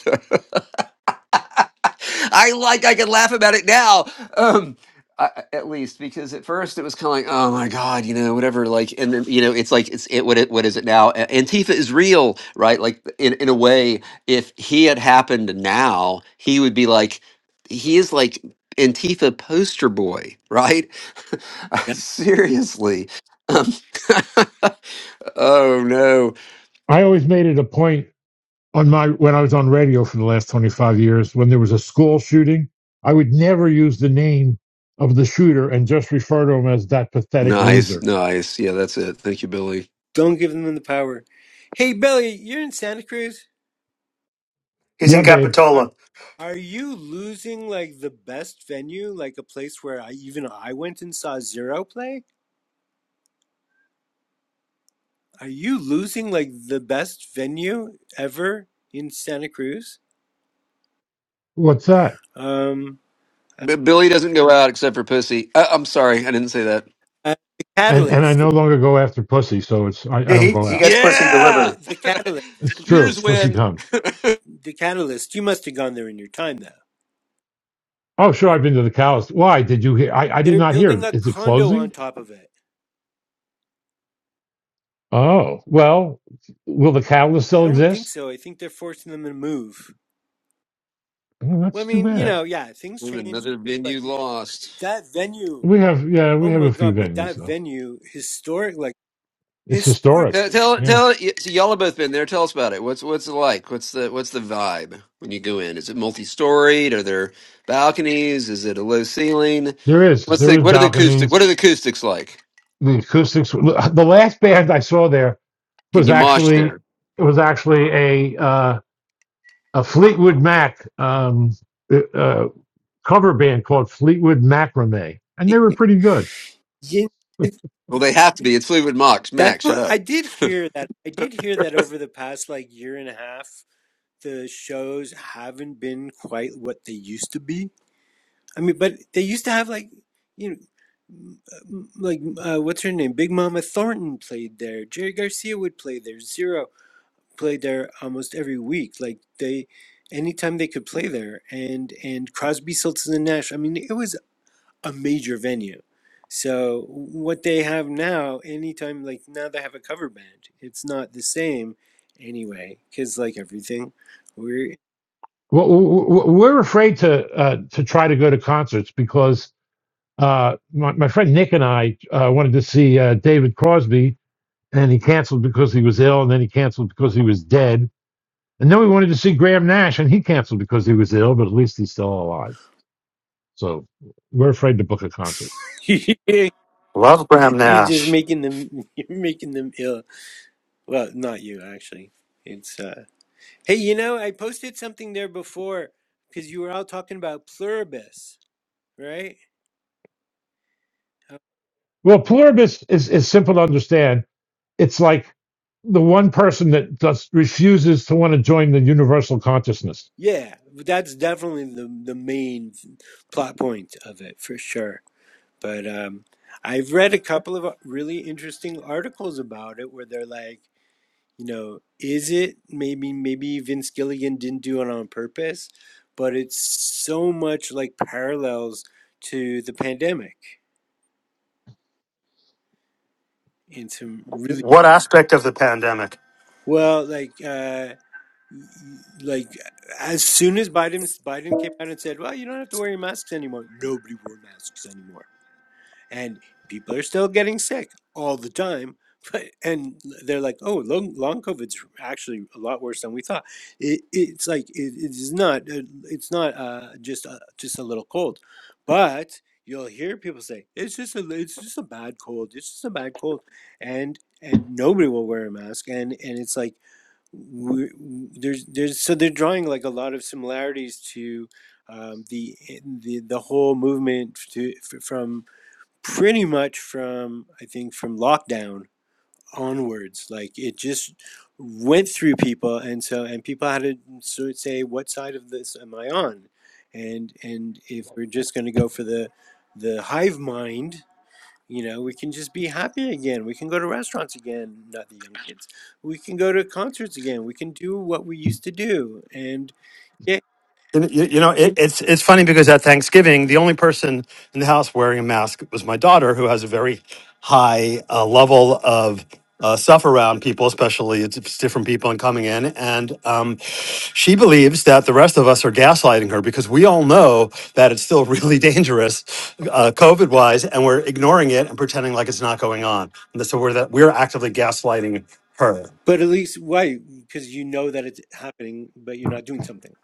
I like I can laugh about it now. Um I, at least because at first it was kind of like oh my god you know whatever like and then you know it's like it's it what it what is it now A- antifa is real right like in in a way if he had happened now he would be like he is like antifa poster boy right
yeah,
seriously um, oh no
I always made it a point on my five year of
nice nice yeah that's it thank you billy
don't give them the power. Hey Belly, you're in Santa Cruz.
He's in
Are
Capitola.
are you losing like the best venue, like a place where I even I went and saw Zero play? Are you losing like the best venue ever in Santa Cruz? Um.
B- Billy doesn't go out except for pussy. Uh, I'm sorry, I didn't say that.
Uh, the catalyst,
Yeah, he, he gets pussy
the,
Yeah,
the,
delivered.
the catalyst,
computers win.
the catalyst. You must have gone there in your time, though. Y- They're building a condo on top of it. I don't think so. I think they're forcing them to move. Well, I mean, you know, yeah, things change,
Another
but
venue
it-
lost.
that venue. Oh my god! But that venue, historic, like historic.
Tell, tell, tell. y- So y'all have both been there. Tell us about it. What's what's it like? What's the what's the vibe when you go in? Is it multi-storied? Are there balconies? Is it a low ceiling? What's the what are the acoustic? What are the acoustics like? Can you mosh there?
yeah, it-
Well, they have to be. It's Fleetwood Max.
that's
Max, shut
what I
up.
did hear. That I did hear that over the past like year and a half, the shows haven't been quite what they used to be I mean, but they used to have like you know, m- like uh, what's her name? Big Mama Thornton played there. Jerry Garcia would play there. Zero played there almost every week. Like they, anytime they could play there, and and Crosby, Stills and Nash. I mean, it was a major venue. So what they have now, anytime like now they have a cover band, it's not the same anyway. Cause like everything, we're you're
Love Graham
just
Nash.
making them you're making them ill Well, not you actually. It's uh Hey, you know, I posted something there before because you were all talking about pluribus, right? Uh, Yeah, that's definitely the the main plot point of it for sure. But um I've read a couple of uh, really interesting articles about it where they're like, you know, is it maybe maybe Vince Gilligan didn't do it on purpose, but it's so much like parallels to the pandemic in some really
What aspect of the pandemic?
Well, like, uh, like as soon as Biden Biden came out and said, "Well, you don't have to wear your masks anymore," nobody wore masks anymore, and people are still getting sick all the time. But and they're like, "Oh, long long COVID's actually a lot worse than we thought." It, it's like it, it is not. uh, It's not uh, just a, just a little cold, but you'll hear people say, "It's just a it's just a bad cold. It's just a bad cold," and and nobody will wear a mask, and and it's like we there's there's so they're drawing like a lot of similarities to um, the the the whole movement to f- from pretty much from I think from lockdown onwards like it just went through people and so and people had to sort of say what side of this am I on and and if we're just going to go for the the hive mind you know, we can just be happy again. We can go to restaurants again, not the young kids. We can go to concerts again. We can do what we used to do. And yeah,
You you- you know, it, it's it's funny because at Thanksgiving, the only person in the house wearing a mask was my daughter, who has a very high uh, level of uh, stuff around people, especially it's, it's different people and coming in, and um, she believes that the rest of us are gaslighting her because we all know that it's still really dangerous, uh, COVID wise, and we're ignoring it and pretending like it's not going on. And so we're that we're actively gaslighting her.
but at least why? Because you know that it's happening, but you're not doing something.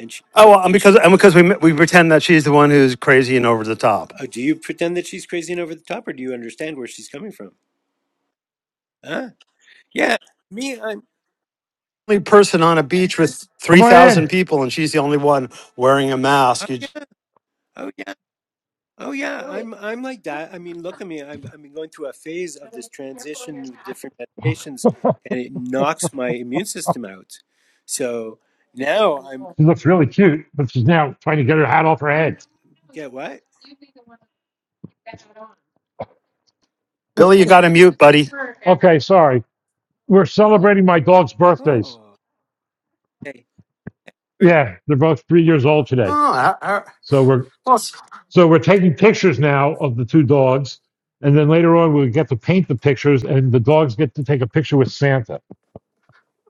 And she,
Oh, well, and because and because we we pretend that she's the one who's crazy and over the top.
uh, do you pretend that she's crazy and over the top, or do you understand where she's coming from? Huh? Yeah, me, I'm.
only person on a beach with 3,000 people and she's the only one wearing a
Oh
mask. You,
yeah, oh yeah. Oh yeah, I'm I'm like that. I mean, look at me. I've I've been going through a phase of this transition with different medications, and it knocks my immune system out. So now I'm get what?
Billy, you got to mute, buddy.
Oh, okay, great.
Oh, I, I, well, s-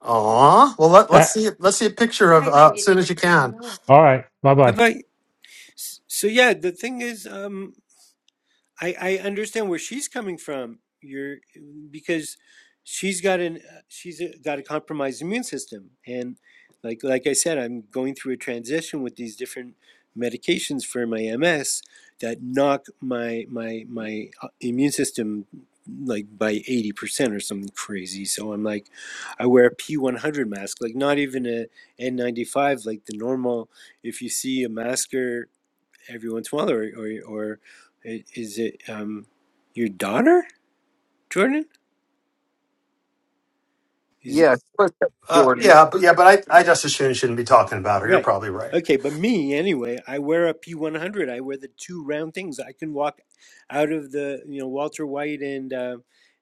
aw. well let, let's see let's see a picture of uh, as soon as you can.
Bye bye. So yeah, the thing is, um, I, I understand where she's coming from. You're because she's got an uh, she's uh, got a compromised immune system, and like like I said, I'm going through a transition with these different medications for my MS that knock my my my uh, immune system like by 80% or something crazy so i'm like i wear a p100 mask like not even a n95 like the normal if you see a masker every once in a while, or or, or is it um, your daughter, Jordan? Is it,
Yes, of course,
Uh,
Jordan.
yeah, but yeah, but I, I just assume you shouldn't be talking about her. You're
right?
probably right.
Okay, but me anyway. I wear a P one hundred. I wear the two round things. I can walk out of the you know Walter White and uh,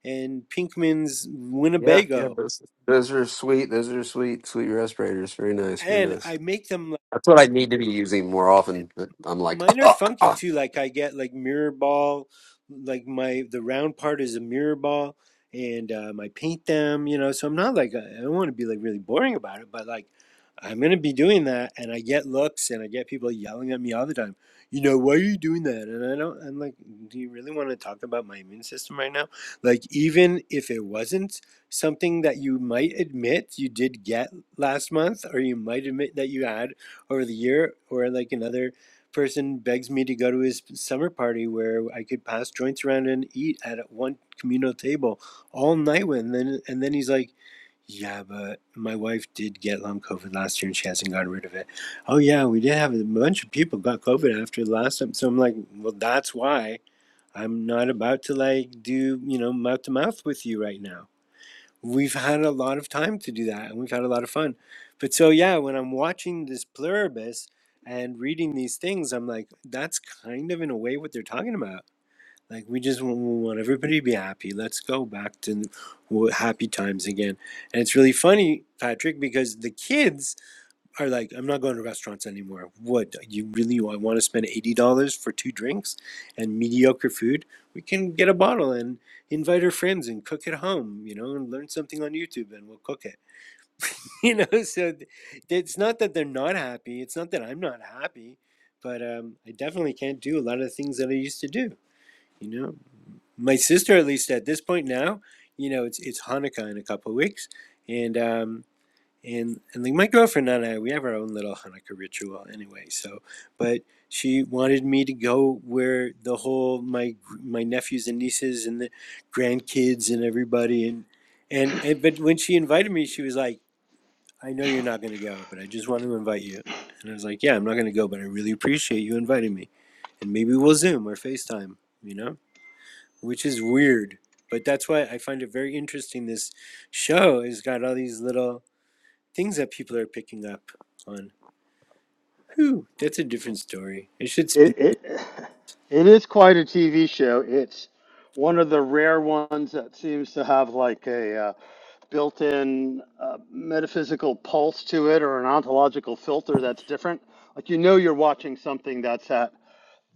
and Pinkman's
Yeah, yeah,
Winnebago,
those, those are sweet. Those are sweet, sweet respirators. Very nice, very
and
nice.
I make them. like,
That's what I need to be using more often. But I'm like,
mine are funky
you
too. Like I get like mirror ball, like my the round part is a mirror ball, and um, I paint them. You know, so I'm not like I I don't want to be like really boring about it, but like I'm gonna be doing that, and I get looks, and I get people yelling at me all the time. You know, why are you doing that? And I don't. I'm like, do you really want to talk about my immune system right now? Like, even if it wasn't something that you might admit you did get last month, or you might admit that you had over the year, or like another person begs me to go to his summer party where I could pass joints around and eat at one communal table all night with, and then and then he's like, "Yeah, but my wife did get long COVID last year and she hasn't gotten rid of it." Oh yeah, we did have a bunch of people got COVID after the last time, so I'm like, "Well, that's why." I'm not about to like do, you know, mouth to mouth with you right now we've had a lot of time to do that and we've had a lot of fun. But so, yeah, when I'm watching this pluribus and reading these things, I'm like, that's kind of in a way what they're talking about. Like, we just want, we want everybody to be happy. Let's go back to w- happy times again. And it's really funny, Patrick, because the kids are like, I'm not going to restaurants anymore. What you really I want to spend eighty dollars for two drinks and mediocre food? We can get a bottle and invite our friends and cook at home, you know, and learn something on YouTube and we'll cook it. You know, so th- it's not that they're not happy. It's not that I'm not happy, but um, I definitely can't do a lot of the things that I used to do. You know, my sister, at least at this point now, you know, it's it's Hanukkah in a couple of weeks, and um, and and like my girlfriend and I, we have our own little Hanukkah ritual anyway. So, but she wanted me to go where the whole my my nephews and nieces and the grandkids and everybody and and, and but when she invited me, she was like, "I know you're not going to go, but I just want to invite you." And I was like, "Yeah, I'm not going to go, but I really appreciate you inviting me, and maybe we'll Zoom or FaceTime, you know." Which is weird, but that's why I find it very interesting. This show has got all these little things that people are picking up on. Whew, that's a different story. It should spin
It, it it is quite a TV show. It's one of the rare ones that seems to have like a uh, built-in uh, metaphysical pulse to it or an ontological filter that's different. Like you know you're watching something that's at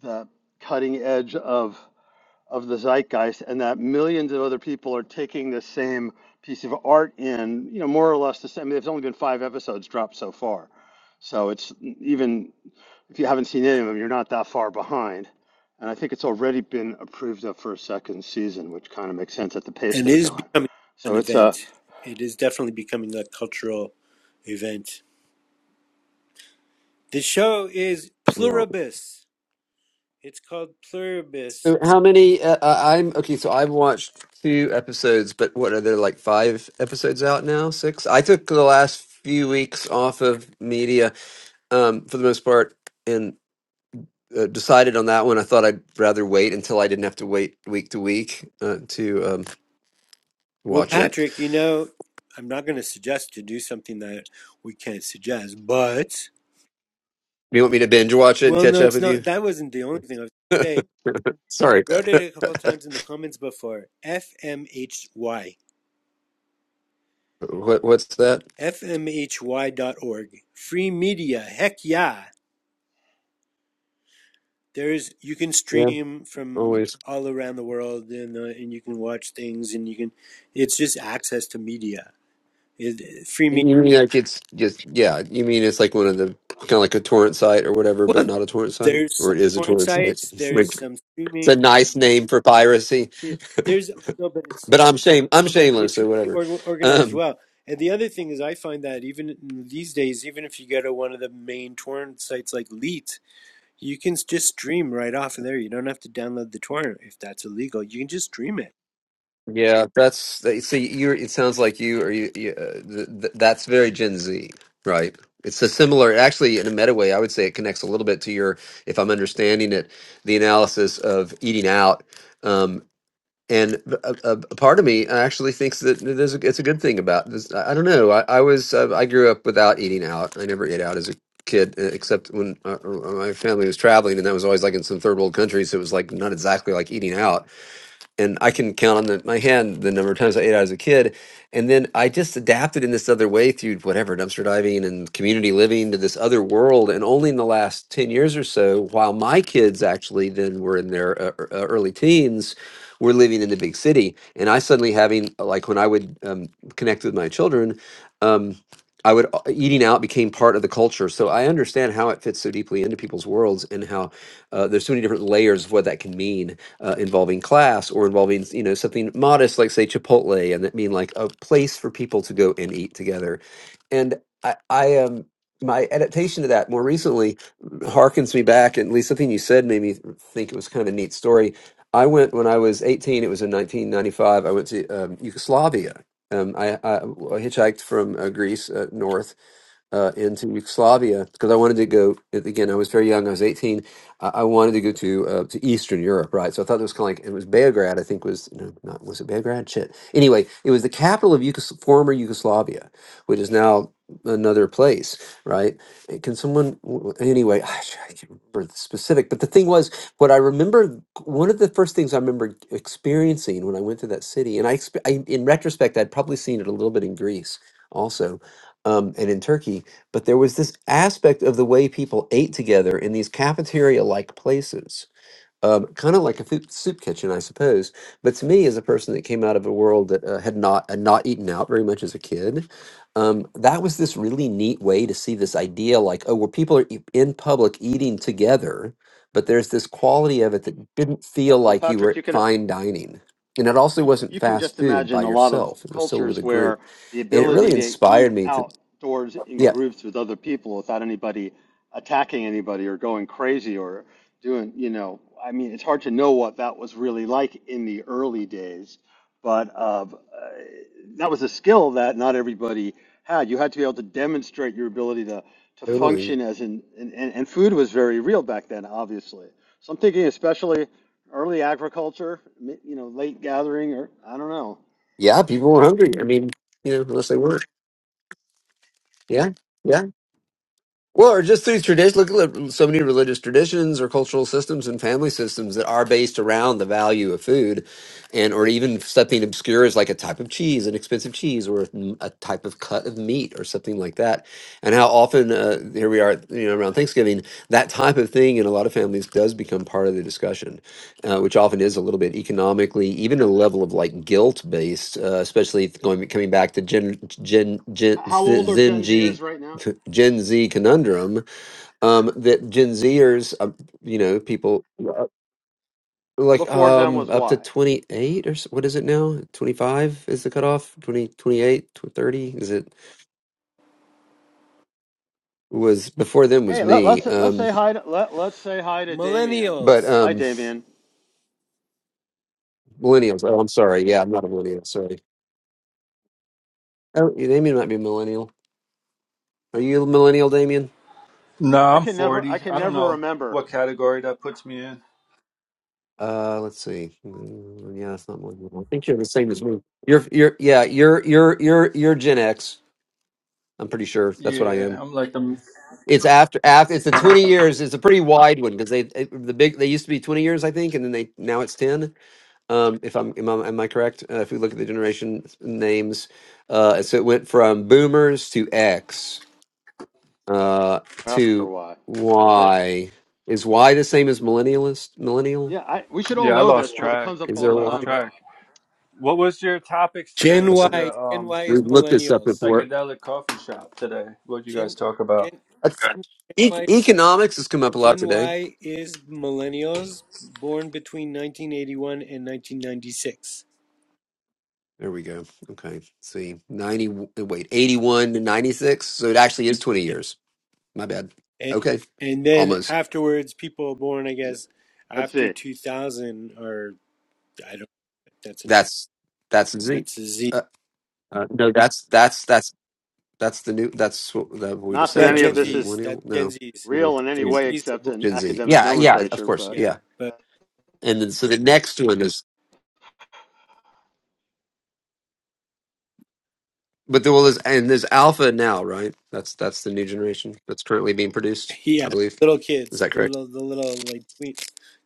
the cutting edge of of the zeitgeist and that millions of other people are taking the same piece of art in, you know, more or less the same. I mean, there's only been five episodes dropped so far. So it's even if you haven't seen any of them, you're not that far behind. And I think it's already been approved of for a second season, which kind of makes sense at the pace
and it
they're
is
going.
becoming an
So it's a
event. It is definitely becoming a cultural event. The show is
know.
Pluribus. It's called Pluribus.
So how many? Uh, uh, I'm okay. So I've watched two episodes, but what are there like five episodes out now? Six? I took the last few weeks off of media, um, for the most part, and. Uh, decided on that one. I thought I'd rather wait until I didn't have to wait week to week uh, to um,
Well,
watch it.
Patrick,
Do
you know, I'm not going to suggest to do something that we can't suggest, but
you want me to binge watch it and
well,
catch
no,
up
it's
with you?
not. That wasn't the only thing I was going to say. I
Sorry.
wrote it a couple of times in the comments before. FMHY.
what what's that?
fmhy.org. Free media. Heck yeah. There's you can
Yeah,
stream from
always.
all around the world and uh, and you can watch things and you can it's just access to media. It, free media.
You mean like it's just yeah? You mean it's like one of the kind of like a torrent site or whatever, but
Well,
not a torrent site,
there's
or
some
it is a
porn
torrent site.
sites,
It's
there's
like-
some
it's
streaming.
a nice name for piracy,
There's no but it's
but I'm shame I'm shameless,
it's
so
really
whatever.
or, organized
Um,
well. And the other thing is I find that even these days even if you go to one of the main torrent sites like Leet You can just stream right off of there. You don't have to download the torrent if that's illegal. You can just stream it.
yeah, that's they- see you. It sounds like you are you. you uh, th- th- that's very Gen Z, right? It's a similar, actually, in a meta way. I would say it connects a little bit to your, if I'm understanding it, the analysis of eating out um, and a, a, a part of me actually thinks that there's a, it's a good thing about this. I, I don't know. I, I was uh, I grew up without eating out. I never ate out as a kid, uh, except when uh, uh, my family was traveling, and that was always like in some third world countries. So it was like not exactly like eating out and I can count on the, my hand the number of times I ate out as a kid. And then I just adapted in this other way through whatever dumpster diving and community living to this other world. And only in the last 10 years or so, while my kids actually then were in their uh, uh, early teens, were living in the big city. And I suddenly having, uh, like when I would um, connect with my children, um, I would uh, eating out became part of the culture. So I understand how it fits so deeply into people's worlds and how uh, there's so many different layers of what that can mean uh, involving class or involving you know something modest like say Chipotle and that mean like a place for people to go and eat together. And I, I um my adaptation to that more recently harkens me back and at least something you said made me think it was kind of a neat story. I went when I was 18. It was in 1995. I went to um, Yugoslavia. Um, I, I hitchhiked from uh, Greece uh, north uh, into Yugoslavia because I wanted to go. Again, I was very young. I was eighteen. I, I wanted to go to uh, to Eastern Europe, right? So I thought it was kind of like it was Beograd. I think was no, not was it Beograd? Shit. Anyway, it was the capital of Yugos- former Yugoslavia, which is now another place, right? Uh, Can someone w- w- anyway? I can't remember the specific, but the thing was, what I remember, one of the first things I remember experiencing when I went to that city, and I, expe- I in retrospect, I'd probably seen it a little bit in Greece also, um, and in Turkey but there was this aspect of the way people ate together in these cafeteria like places um, kind of like a food, soup kitchen i suppose but to me as a person that came out of a world that uh, had not had not eaten out very much as a kid um, that was this really neat way to see this idea like oh where people are e- in public eating together but there's this quality of it that didn't feel
well, well,
like you were
Patrick, you
at
can.
fine dining and it also
you
wasn't
you can
fast
just
food by
imagine a lot of
yourself it was still with
cultures
a group
where the
and it really
ability to
inspired
eat
me to
outdoors in
yeah
groups with other people without anybody attacking anybody or going crazy or doing, you know, I mean, it's hard to know what that was really like in the early days, but uh, uh, that was a skill that not everybody had. You had to be able to demonstrate your ability to to
totally
function as an and, and, and food was very real back then, obviously. So I'm thinking especially Early agriculture, you know, late gathering, or I don't know.
Yeah, people were hungry. I mean, you know, unless they weren't. Yeah, yeah. Well, or just through tradition. Look at so many religious traditions or cultural systems and family systems that are based around the value of food, and or even something obscure as like a type of cheese, an expensive cheese, or a a type of cut of meat, or something like that. And how often uh, here we are, you know, around Thanksgiving, that type of thing in a lot of families does become part of the discussion, uh, which often is a little bit economically, even a level of like guilt based, uh, especially if going coming back to Gen Gen Gen
How old are
Zen
Gen
G
Zers right now?
Gen Z conundrum um, that Gen Zers, uh, you know, people uh,
And
like
before them
um,
was
up to
why.
28 or s- what is it now? 25 is the cutoff? 20, twenty-eight, tw- 30? Is it was before them was
Hey, let,
me.
let's let's
Um,
say hi to let let's say hi to Damien.
but
Millennials.
Hi,
um,
Damien.
millennials. Oh, I'm sorry. Yeah, I'm not a millennial. Sorry. Oh, Damien might be a millennial. Are you a millennial, Damien?
No,
I
I'm
can never I
40.
can
I don't
never
know
remember
what category that puts me in.
Uh, let's see. Mm, Yeah, it's not millennial. I think you're the same as me. You're, you're, yeah, you're, you're, you're, you're Gen X. I'm pretty sure that's what I
Yeah,
am.
I'm like I'm
It's after after it's the twenty years. It's a pretty wide one because they it- the big they used to be twenty years, I think, and then they now it's ten. Um, if I'm am I, am I correct? Uh, if we look at the generation names, uh, so it went from boomers to X uh,
after
to
why, aren't they?
Y. Is Y the same as millennialist? Millennial?
Yeah, I, we should all
Yeah, I
know this
lost
because it
track.
comes up
Is
all
there
I
the
a
lost
time.
Y?
But
track. What was your topics today
Gen
for
Y.
the
Gen
um
Y is
We've looked this up
millennials.
before.
psychedelic coffee shop today? What you guys
Gen
talk about?
Gen
That's-
Gen
e-
Y.
economics has come up a lot
Gen
today.
Y is millennials born between 1981 and 1996.
There we go. Okay. See, 90, w- uh, wait, 81
Yeah.
to 96. So it actually is 20
yeah.
years. My bad.
And,
Okay.
and then
Almost.
afterwards, people born, I guess,
let's
after
see.
2000 are I don't. know, That's a,
That's, that's Z.
that's a Z.
Uh, uh, no, that's, that's, that's, that's the new, that's what, that we
Not
just
that
said,
Yeah,
any
right?
of
Gen
Wasn't
this
it
is
Zs. That's
millennial?
Gen
No,
Zs.
no.
real in any
Gen
Gen
Z.
way
Zs are
except
born.
in
Gen Z.
academic
Yeah. Yeah. Of
nomenclature.
course.
But
Yeah,
Yeah.
but
And then, so the next one is, but there was, and there's alpha now, right? That's, that's the new generation that's currently being produced,
yeah,
I believe.
little
Is
kids,
that
the
correct?
little, the little like we,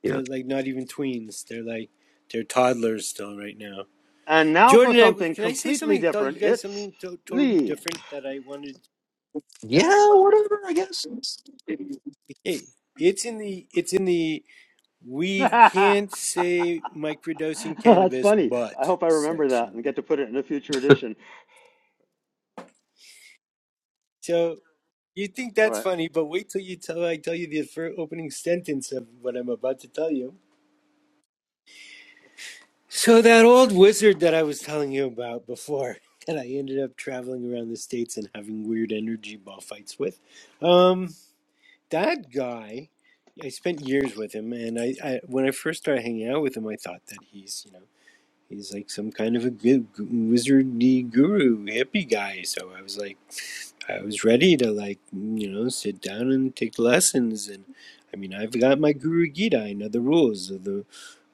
Yeah.
they're like not even tweens. They're like they're toddlers still right now.
and now for
Jordan, I
something
can I say
completely
something? Tell you
different.
guys
It's
something to, totally
Lee.
different that I wanted.
Yeah. Whatever, I guess.
Hey, it's in the it's in the we can't say microdosing
That's
cannabis,
funny.
but
I hope I remember that
section.
and get to put it in a future edition.
So you think
All
that's
right.
funny, but wait till you tell I tell you the first opening sentence of what I'm about to tell you So that old wizard that I was telling you about before, that I ended up traveling around the states and having weird energy ball fights with, um, that guy, I spent years with him, and I, I when I first started hanging out with him, I thought that he's you know he's like some kind of a good wizardy guru hippie guy. So I was like. I was ready to like you know sit down and take lessons and I mean I've got my Guru Gita I know the rules of the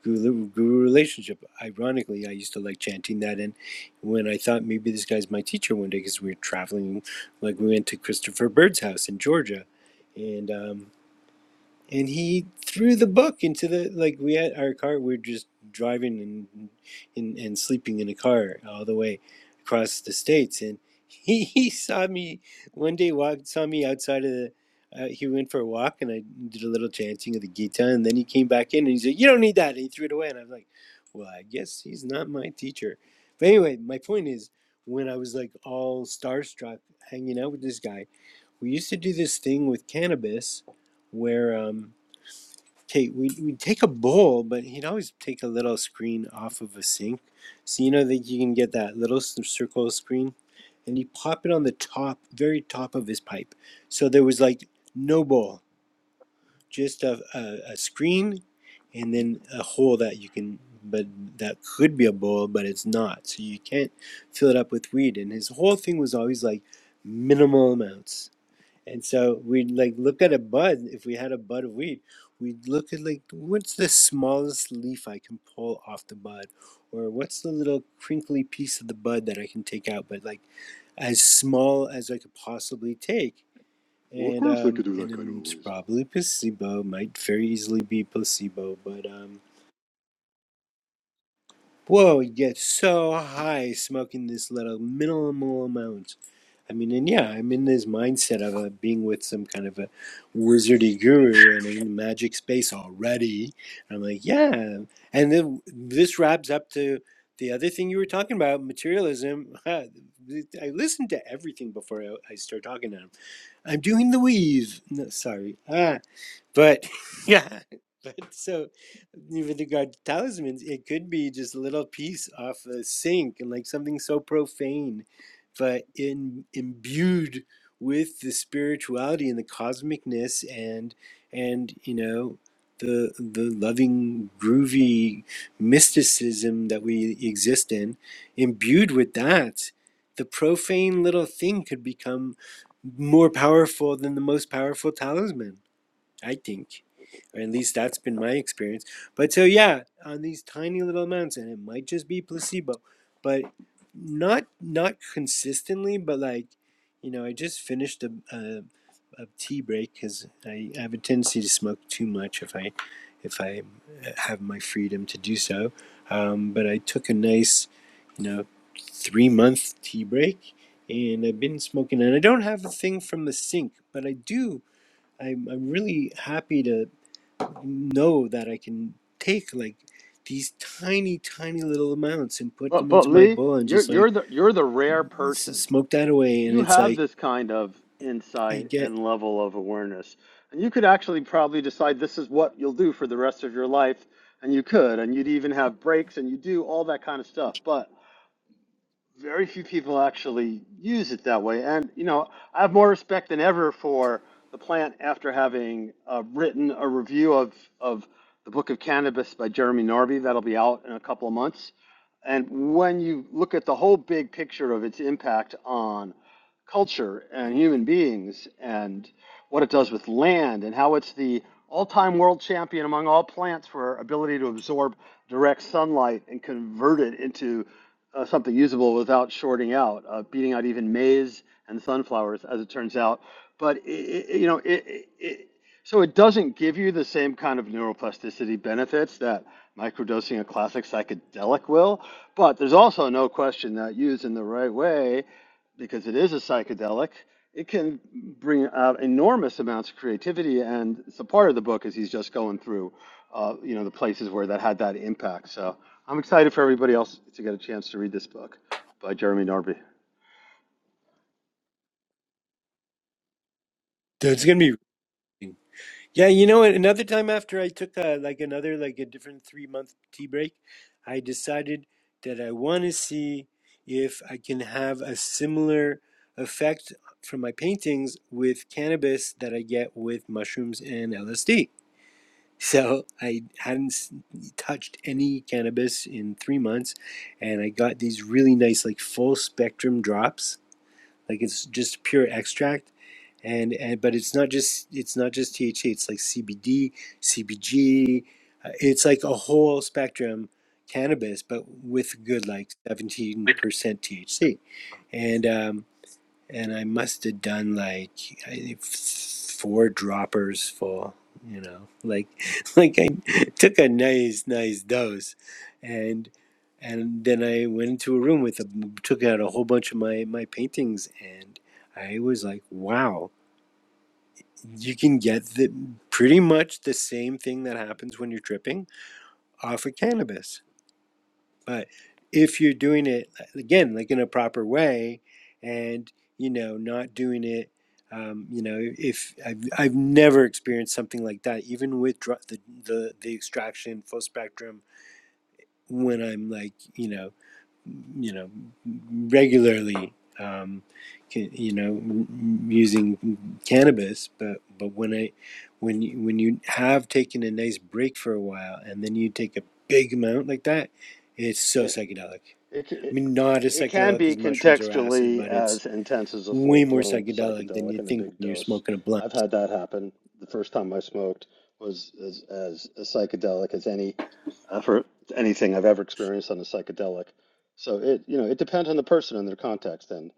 guru, guru relationship. Ironically, I used to like chanting that and when I thought maybe this guy's my teacher one day because we were traveling like we went to Christopher Bird's house in Georgia and um, and he threw the book into the like we had our car we are just driving and, and and sleeping in a car all the way across the states and he, he saw me one day walked saw me outside of the uh, he went for a walk and I did a little chanting of the Gita and then he came back in and he said you don't need that and he threw it away and I was like well I guess he's not my teacher but anyway my point is when I was like all starstruck hanging out with this guy we used to do this thing with cannabis where um take we we take a bowl, but he'd always take a little screen off of a sink. So you know that you can get that little s- circle screen, and he pop it on the top, very top of his pipe. So there was like no bowl, just a a, a screen, and then a hole that you can. But that could be a bowl, but it's not. So you can't fill it up with weed. And his whole thing was always like minimal amounts and so we'd like look at a bud. If we had a bud of weed, we'd look at like what's the smallest leaf I can pull off the bud, or what's the little crinkly piece of the bud that I can take out, but like as small as I could possibly take.
Well, of
And
course they
um,
could do that kind of
and
a
it's
voice.
probably placebo. Might very easily be placebo, but um, whoa, you get so high smoking this little minimal amount I mean, and yeah, I'm in this mindset of uh, being with some kind of a wizardy guru, and I'm in the magic space already. I'm like, yeah, and then this wraps up to the other thing you were talking about, materialism. I listened to everything before I, I start talking to him. I'm doing the weave. No, sorry, Ah. But yeah, but so with regard to talismans, it could be just a little piece off a sink and like something so profane, but in imbued with the spirituality and the cosmicness and and you know the the loving groovy mysticism that we exist in, imbued with that, the profane little thing could become more powerful than the most powerful talisman I think, or at least that's been my experience. But so yeah, on these tiny little amounts, and it might just be placebo, but not not consistently. But like, you know, I just finished a a, a tea break because I have a tendency to smoke too much if I if I uh, have my freedom to do so. Um, but I took a nice, you know, three month tea break. And I've been smoking, and I don't have a thing from the sink, but I do I'm I'm really happy to know that I can take like these tiny tiny little amounts and put
But
them
but
into my
Lee,
bowl and
you're
just like
you're the you're the rare
s-
person.
smoke that away and
You
it's
have
like
this kind of
I
insight
get
and level of awareness. And you could actually probably decide this is what you'll do for the rest of your life, and you could, and you'd even have breaks and you do all that kind of stuff. But very few people actually use it that way. And you know, I have more respect than ever for the plant after having uh, written a review of of the Book of Cannabis by Jeremy Norby that'll be out in a couple of months. And when you look at the whole big picture of its impact on culture and human beings and what it does with land and how it's the all-time world champion among all plants for ability to absorb direct sunlight and convert it into uh, something usable without shorting out, uh, beating out even maize and sunflowers, as it turns out. But i i you know, it, it, so it doesn't give you the same kind of neuroplasticity benefits that microdosing a classic psychedelic will. But there's also no question that used in the right way, because it is a psychedelic it can bring out enormous amounts of creativity and it's a part of the book is he's just going through uh, you know the places where that had that impact so i'm excited for everybody else to get a chance to read this book by jeremy norby
there's gonna be yeah you know what another time after I took uh like another like a different three month tea break I decided that I want to see if I can have a similar effect from my paintings with cannabis that I get with mushrooms and LSD So I hadn't touched any cannabis in three months, and I got these really nice, like full spectrum drops. Like it's just pure extract, and and but it's not just it's not just THC. It's like CBD, CBG. uh, It's like a whole spectrum cannabis, but with good like seventeen percent THC, and um, and I must have done like I, four droppers full, you know, like like I took a nice nice dose, and and then I went into a room with a took out a whole bunch of my my paintings, and I was like, wow, you can get the pretty much the same thing that happens when you're tripping off of cannabis but if you're doing it uh, again, like in a proper way, and you know, not doing it, um, you know, if I've, I've never experienced something like that, even with dr- the, the the extraction full spectrum, when I'm like, you know, you know, regularly, um, ca- you know, m- using cannabis, but but when I when you, when you have taken a nice break for a while and then you take a big amount like that, it's so
Yeah,
psychedelic
It, ca-
I
it
mean, not as
it can
psychedelic as
be
mushrooms or acid,
contextually
but it's
as intense as a
way more
full-blown
psychedelic than
psychedelic
you'd
in a
think
big
when you're
dose.
smoking a blunt.
I've had that happen. The first time I smoked was as as, as psychedelic as any uh, for anything I've ever experienced on a psychedelic. So it you know it depends on the person and their context and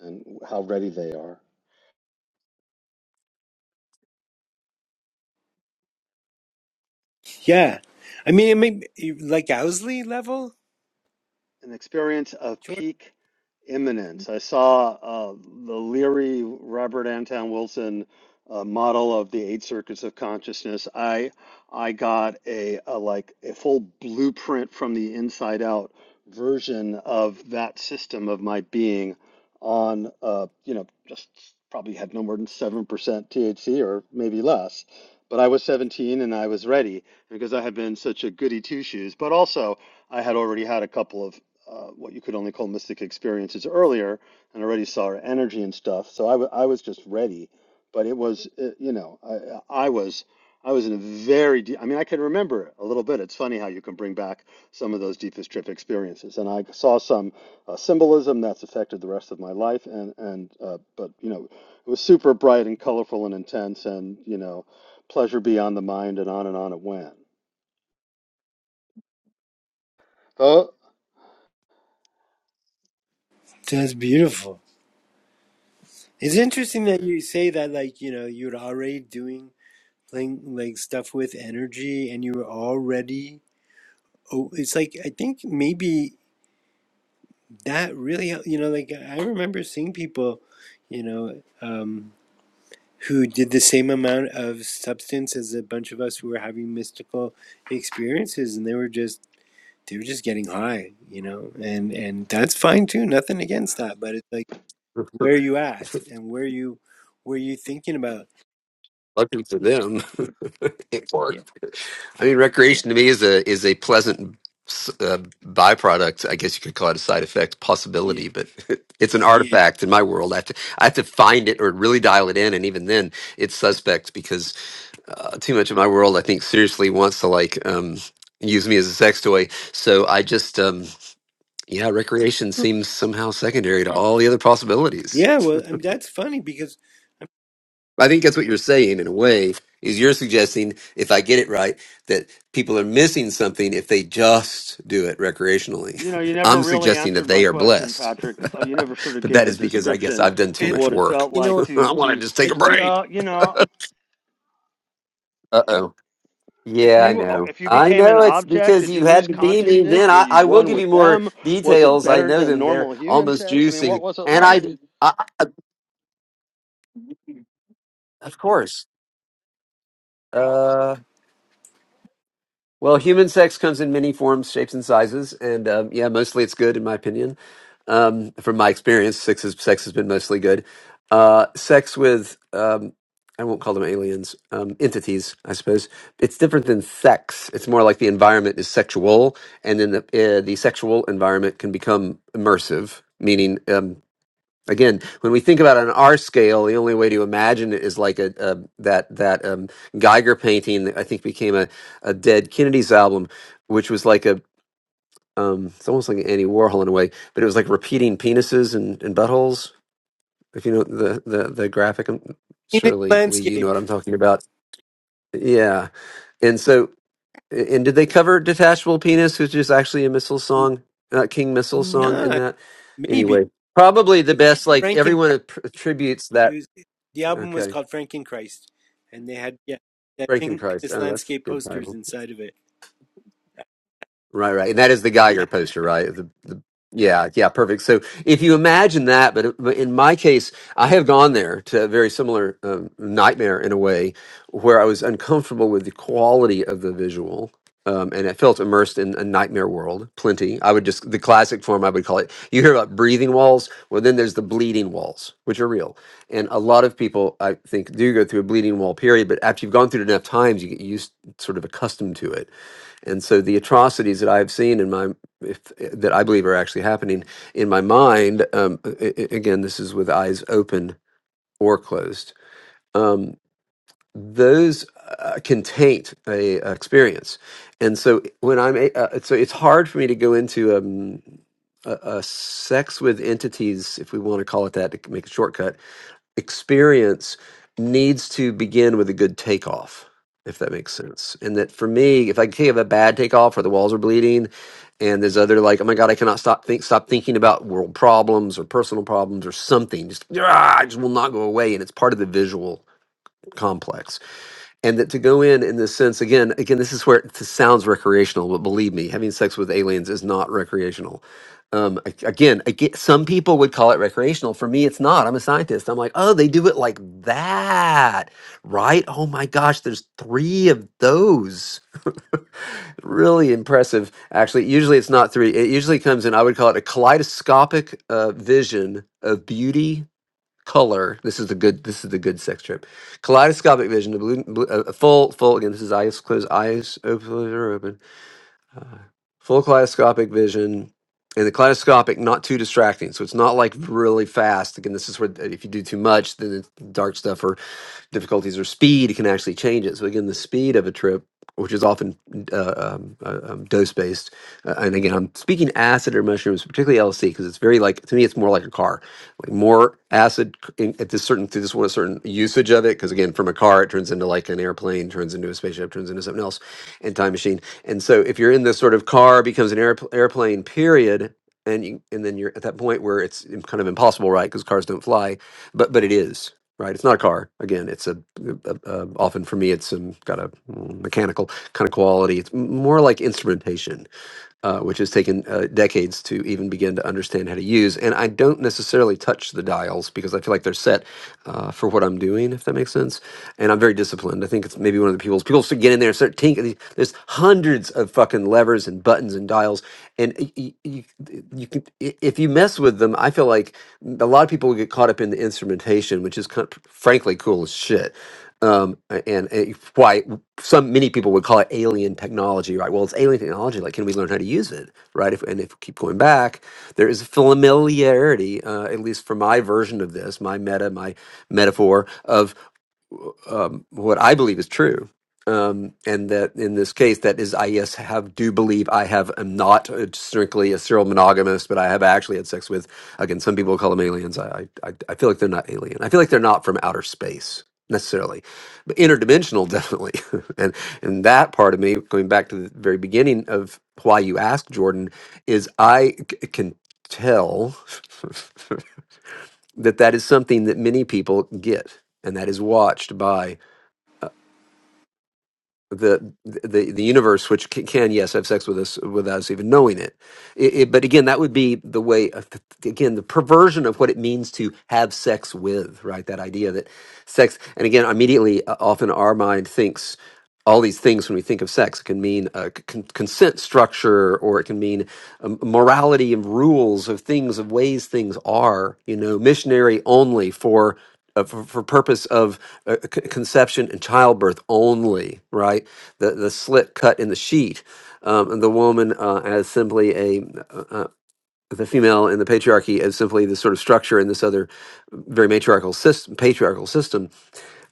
and how ready they are.
Yeah. I mean, it may like Owsley level?
an experience of
Sure.
peak imminence. I saw uh, the Leary Robert Anton Wilson uh, model of the eight circuits of consciousness. I I got a, a like a full blueprint from the inside out version of that system of my being on uh, you know just probably had no more than seven percent THC or maybe less. But I was 17 and I was ready because I had been such a goody two shoes. But also, I had already had a couple of uh, what you could only call mystic experiences earlier and already saw her energy and stuff. So I, w I was just ready, but it was, uh, you know, I, I was, I was in a very deep, I mean, I can remember a little bit. It's funny how you can bring back some of those deepest trip experiences. And I saw some uh, symbolism that's affected the rest of my life. And, and, uh, but, you know, it was super bright and colorful and intense and, you know, pleasure beyond the mind and on and on it went. Tho-
That's beautiful. It's interesting that you say that, like, you know, you're already doing, playing, like, stuff with energy and you were already, oh, it's like, I think maybe that really, hel- you know, like, I remember seeing people, you know, um, who did the same amount of substance as a bunch of us who were having mystical experiences and they were just they were just getting high you know and and that's fine too nothing against that but it's like where are you at and where you where you thinking about
Lucky for them, it
yeah
worked. I mean, recreation to me is a is a pleasant uh, byproduct. I guess you could call it a side effect
yeah
possibility, but it's an Yeah. artifact in my world. I have to I have to find it or really dial it in, and even then, it's suspect because uh, too much of my world, I think, seriously wants to like um, use me as a sex toy. So I just um, yeah, recreation seems somehow secondary to all the other possibilities.
yeah well I mean, that's funny because
I think that's what you're saying in a way is you're suggesting if I get it right that people are missing something if they just do it recreationally.
You know, you never
I'm
really
suggesting
answered
that
my
they are
question,
blessed.
Patrick. Uh, you never sort of
but
gave
that
a
is because I guess
description
I've done too
of
and
much
what it
work.
felt
you
like
know
to
I want
to.
to just take
i
a
think
break.
So, you know,
Uh-oh.
if
Yeah, I
you uh,
know.
if you
I
became an
know it's
object,
because
did you
you had
lose
to be me
consciousness?
then.
Were
I,
you
I will
one
give you
with
more
them? Was it
details. I
better
know
than
them. They're
normal human
almost
sex? I mean, what
juicy.
was it
And I,
like?
I I- of course. Uh, Well, human sex comes in many forms, shapes, and sizes, and um, yeah, mostly it's good in my opinion. Um, from my experience, sex, is, sex has been mostly good. Uh, sex with um, I won't call them aliens, um, entities, I suppose. It's different than sex. It's more like the environment is sexual, and then the uh, the sexual environment can become immersive, meaning. Um, Again, when we think about it on our scale, the only way to imagine it is like a, a that that um, Geiger painting that I think became a, a Dead Kennedys album, which was like a um, it's almost like an Andy Warhol in a way, but it was like repeating penises and, and buttholes. If you know the the the graphic, um,
in its
surely Lee, you know
landscape
what I'm talking about. Yeah, and so and did they cover "Detachable Penis," which is actually a Missile
n-
song, uh, King Missile song in
nah
that?
maybe
Anyway, probably the best. Like
franken
everyone att- attributes that
it was the album was
Okay.
called Frankenchrist, and they had yeah that pink
Frankenchrist.
penis
Oh, that's
landscape
a good
posters
Bible.
inside of it.
Right, right. And that is the
Yeah.
Geiger poster, right? The, the yeah, yeah, perfect. So if you imagine that, but but in my case, I have gone there to a very similar um, nightmare in a way where I was uncomfortable with the quality of the visual. Um, and I felt immersed in a nightmare world, plenty. I would just, the classic form, I would call it. You hear about breathing walls. Well, then there's the bleeding walls, which are real. And a lot of people, I think, do go through a bleeding wall period, but after you've gone through it enough times, you get used, sort of accustomed to it and so the atrocities that I've seen in my if, that I believe are actually happening in my mind, um, a- a- again, this is with eyes open or closed. Um, those uh, can taint a, a experience, and so when I'm a, uh, so it's hard for me to go into um, a, a sex with entities, if we want to call it that, to make a shortcut experience needs to begin with a good takeoff, if that makes sense. And that for me, if I can have a bad takeoff where the walls are bleeding and there's other like, oh my God, I cannot stop think stop thinking about world problems or personal problems or something. Just ah, I just will not go away. And it's part of the visual complex and that to go in in this sense again again this is where it sounds recreational but believe me having sex with aliens is not recreational um, a- again, I get, some people would call it recreational. For me, it's not. I'm a scientist. I'm like, oh, they do it like that, right? Oh my gosh, there's three of those. really impressive, actually. Usually, it's not three. It usually comes in. I would call it a kaleidoscopic uh, vision of beauty color. This is the good. This is the good sex trip. Kaleidoscopic vision. A, blue, blue, a full, full. Again, this is eyes closed, eyes open, or open. Uh, full kaleidoscopic vision, and the kaleidoscopic not too distracting. So it's not like really fast. Again, this is where if you do too much, then it's dark stuff difficulties or speed it can actually change it. So again, the speed of a trip, which is often uh, um, uh, um, dose based, uh, and again, I'm speaking acid or mushrooms, particularly LSD, because it's very like to me, it's more like a car. Like more acid c- in, at this certain through this one a certain usage of it, because again, from a car it turns into like an airplane, turns into a spaceship, turns into something else, and time machine. And so if you're in this sort of car becomes an airpl airplane period. And, you, and then you're at that point where it's im- kind of impossible, right? Because cars don't fly, but but it is right? It's not a car. Again, it's a, a, a often for me, it's some kind of mechanical kind of quality. It's m- more like instrumentation uh, which has taken uh, decades to even begin to understand how to use. And I don't necessarily touch the dials because I feel like they're set uh, for what I'm doing, if that makes sense. And I'm very disciplined. I think it's maybe one of the people's people still get in there and start tinkering. There's hundreds of fucking levers and buttons and dials, and you, you, you can i- if you mess with them, I feel like a lot of people will get caught up in the instrumentation, which is kind of, frankly cool as shit um, a- and, uh, why some many people would call it alien technology, right? Well, it's alien technology. Like, can we learn how to use it, right? If, and if we keep going back, there is familiarity, uh, at least for my version of this, my meta, my metaphor of um, what I believe is true, um, and that in this case, that is, I yes have do believe I have am not uh, strictly a serial monogamist, but I have actually had sex with again. Some people call them aliens. I I, I I feel like they're not alien. I feel like they're not from outer space necessarily, but interdimensional definitely. and and that part of me, going back to the very beginning of why you asked Jordan, is I c- can tell. that that is something that many people get and that is watched by uh, the the the universe, which can, can yes have sex with us without us even knowing it. it, it but again, that would be the way of, again the perversion of what it means to have sex with, right? That idea that sex, and again, immediately, uh, often our mind thinks. All these things, when we think of sex, It can mean uh, c- con- consent structure, or it can mean um, morality and rules of things, of ways things are. You know, missionary only for uh, for, for purpose of uh, c- conception and childbirth only, right? The the slit cut in the sheet, um, and the woman uh, as simply a uh, uh, the female in the patriarchy as simply this sort of structure in this other very matriarchal system, patriarchal system.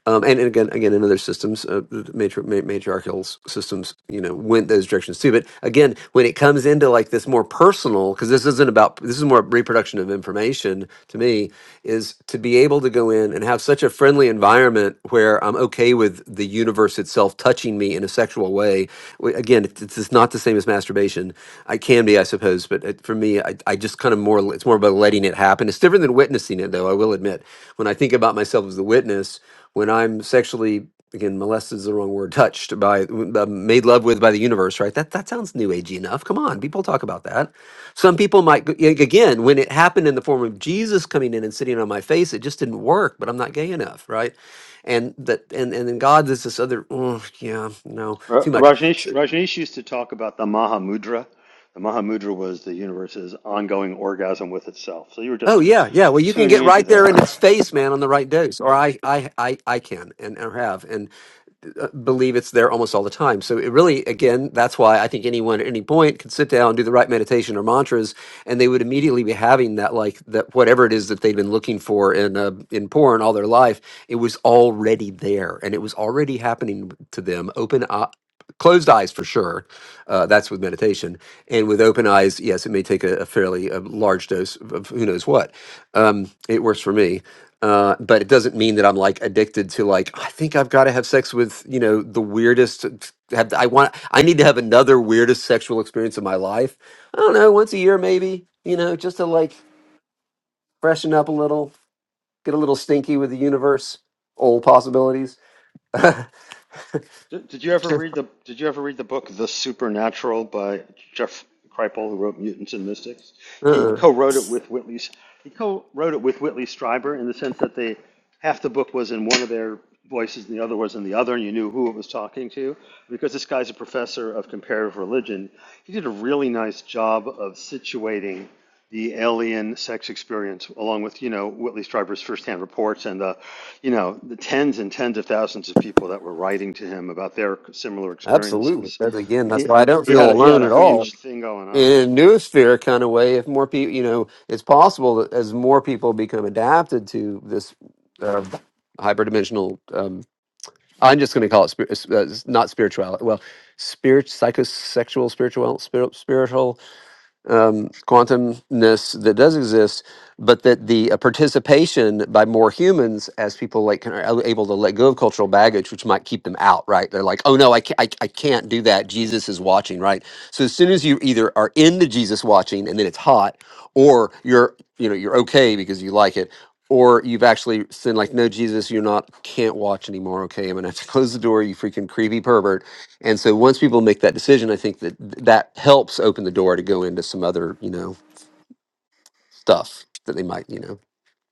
Um, and, and again, again, in other systems, uh, matri- ma- matriarchal s- systems, you know, went those directions too. But again, when it comes into like this more personal, because this isn't about this is more reproduction of information to me, is to be able to go in and have such a friendly environment where I'm okay with the universe itself touching me in a sexual way. W- Again, it's, it's not the same as masturbation. I can be, I suppose, but it, for me, I, I just kind of more it's more about letting it happen. It's different than witnessing it, though. I will admit, when I think about myself as the witness when I'm sexually again molested is the wrong word touched by uh, made love with by the universe right that that sounds new agey enough come on people talk about that some people might go- ag- again when it happened in the form of Jesus coming in and sitting on my face it just didn't work but I'm not gay enough right and that and and then God there's this other oh yeah no
Ra-
too much
Rajneesh
So-
Rajneesh used to talk about the Mahamudra. The Mahamudra was the universe's ongoing orgasm with itself. So you were
oh
just
yeah yeah well you can
tuning
get
into
right there in
that.
its face man on the right dose or I I I I can and or have uh, believe it's there almost all the time. So it really, again, that's why I think anyone at any point could sit down, do the right meditation or mantras, and they would immediately be having that, like that, whatever it is that they've been looking for in uh, in porn all their life. It was already there, and it was already happening to them. Open up. Closed eyes for sure. Uh, that's with meditation, and with open eyes, yes, it may take a, a fairly uh large dose of, of who knows what. Um, it works for me uh, but it doesn't mean that I'm like addicted to like I think I've got to have sex with you know the weirdest. Have I want I need to have another weirdest sexual experience in my life? I don't know, once a year maybe. You know, just to like freshen up a little, get a little stinky with the universe, old possibilities. uh,
Did, did you ever read the Did you ever read the book The Supernatural by Jeff Kripal, who wrote Mutants and Mystics? He co-wrote it with Whitley. He co-wrote it with Whitley Strieber in the sense that they half the book was in one of their voices and the other was in the other, and you knew who it was talking to. Because this guy's a professor of comparative religion, he did a really nice job of situating the alien sex experience, along with you know Whitley Strieber's firsthand reports and the you know, the tens and tens of thousands of people that were writing to him about their similar
absolutely.
experiences.
That's again.
And
That's
He
why I don't
he had
feel
a, he had
alone
a
at all.
huge thing going on.
In a sphere kind of way, if more people, you know, it's possible that as more people become adapted to this uh, hyperdimensional I'm just going to call it spir- uh, s- uh, s- not spirituality. Well, spirit, psychosexual, spiritual, spir- spiritual um, quantumness that does exist, but that the uh, participation by more humans as people like kind of are able to let go of cultural baggage, which might keep them out, right? They're like, oh no, I can't, I, I can't do that. Jesus is watching, right? So as soon as you either are into Jesus watching and then it's hot, or you're you know you're okay because you like it. Or you've actually said like, no, Jesus, you're not, can't watch anymore. Okay, I'm gonna have to close the door, you freaking creepy pervert and so once people make that decision, I think that th- that helps open the door to go into some other, you know, stuff that they might, you know,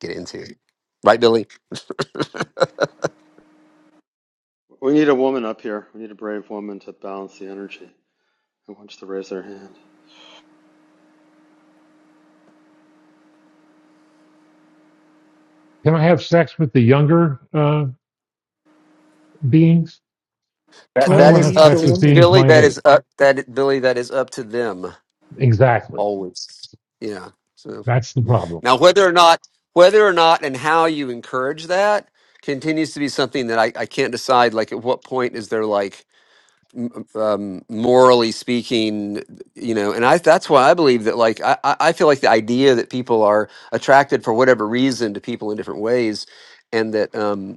get into. Right, Billy?
We need a woman up here. We need a brave woman to balance the energy. Who wants to raise their hand?
That that
Jordan
is
needs
up
a
to
woman.
Billy. That is up that Billy. That is up to them always. Yeah. So now whether or not whether or not and how you encourage that continues to be something that I, I can't decide. Like at what point is there like m- um, morally speaking, you know, and I that's why I believe that like I I I feel like the idea that people are attracted for whatever reason to people in different ways, and that um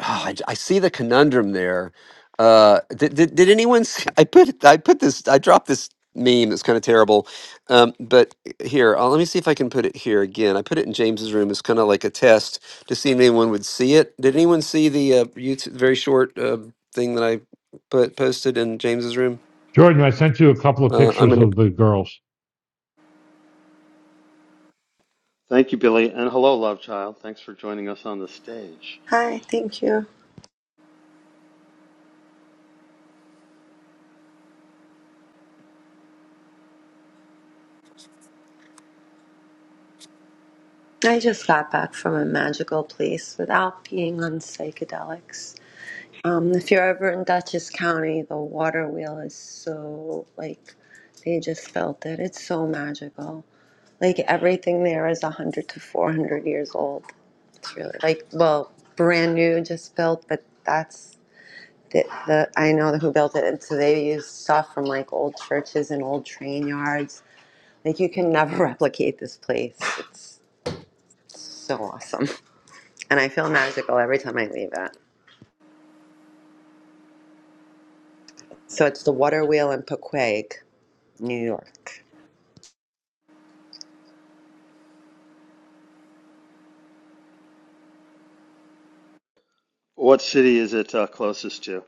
Ah, I, j- I see the conundrum there. Uh, did, did did anyone see? I put I put this I dropped this meme that's kind of terrible. Um, but here, uh, let me see if I can put it here again. I put it in James's room. It's kind of like a test to see if anyone would see it. Did anyone see the uh, YouTube very short uh, thing that I put posted in James's room? Uh, I'm gonna.
Thank you, Billy, and hello, love child. Thanks for joining us on the stage.
Hi, thank you. I just got back from a magical place without being on psychedelics. Um, if you're ever in Dutchess County, the water wheel is so like they just felt it. It's so magical. Like everything there is 100 to 400 years old. It's really like, well, brand new, just built, but that's the, the I know who built it. And so they use stuff from like old churches and old train yards. Like you can never replicate this place. It's So awesome. And I feel magical every time I leave it. So it's the Water Wheel in Pequag, New York.
What city is it uh, closest to?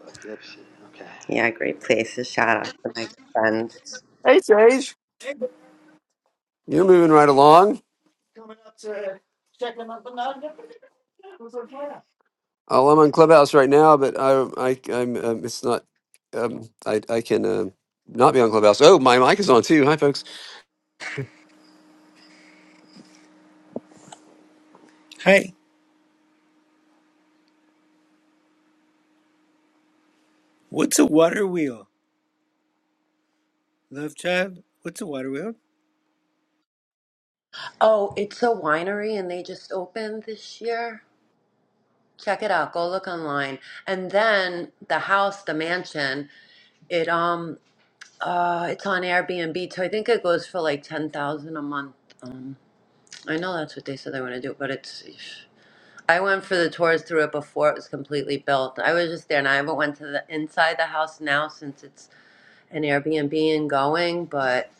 Poughkeepsie. Okay.
Yeah, great places. Shout out to my friend.
You're moving right along. Oh, I'm on Clubhouse right now, but I I I'm um, it's not. Um, I I can. Uh, not be on Clubhouse. Oh, my mic is on too. Hi, folks.
Hi. What's a water wheel, love child? What's a water wheel?
Oh, it's a winery and they just opened this year. Check it out. Go look online. And then the house, the mansion, it um uh it's on Airbnb, so I think it goes for like ten thousand a month. Um I know that's what they said they want to do, but it's I went for the tours through it before it was completely built. I was just there, and I haven't went to the inside the house now since it's an Airbnb and going. But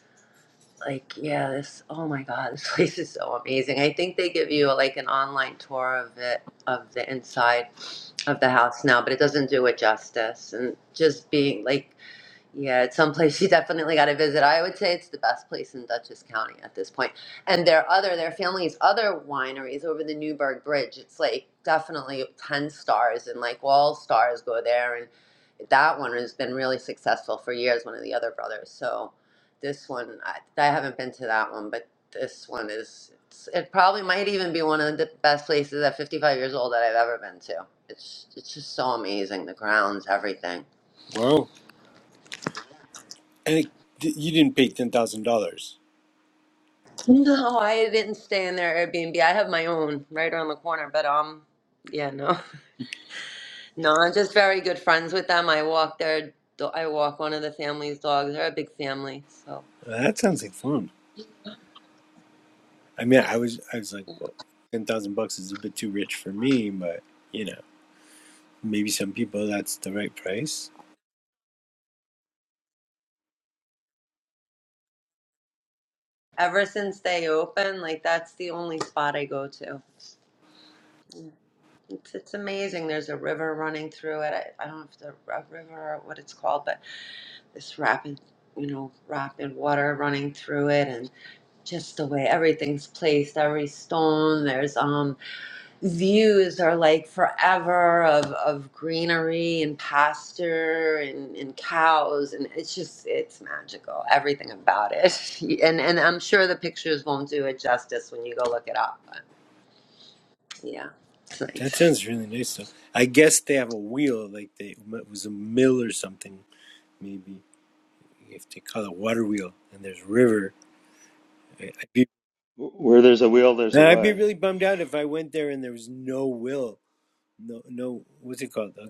like, yeah, this oh my god, this place is so amazing. I think they give you like an online tour of it of the inside of the house now, but it doesn't do it justice. And just being like yeah, it's someplace you definitely got to visit. I would say it's the best place in Dutchess County at this point. And their other, their family's other wineries over the Newburgh Bridge. It's like definitely 10 stars and like all stars go there. And that one has been really successful for years, one of the other brothers. So this one, I, I haven't been to that one, but this one is, it's, it probably might even be one of the best places at 55 years old that I've ever been to. It's, it's just so amazing. The grounds, everything.
Wow. And it, th- you didn't pay ten thousand dollars.
No, I didn't stay in their Airbnb. I have my own right around the corner, but um, yeah, no, no, I'm just very good friends with them. I walk their, do- I walk one of the family's dogs. They're a big family, so
That sounds like fun. I mean, I was I was like, well, ten thousand bucks is a bit too rich for me, but you know, maybe some people that's the right price.
ever since they opened, like that's the only spot I go to. It's it's amazing. There's a river running through it. I, I don't know if the a river or what it's called, but this rapid, you know, rapid water running through it, and just the way everything's placed, every stone. There's um. views are like forever of, of greenery and pasture and, and cows and it's just it's magical everything about it and and i'm sure the pictures won't do it justice when you go look it up but yeah it's
That
nice
sounds really nice, though. I guess they have a wheel, like they it was a mill or something, maybe. if they call it water wheel and there's river I, I'd be
Wh- Where there's a wheel, there's a
I'd be
way.
really bummed out if I went there and there was no will no no what's it called Uh,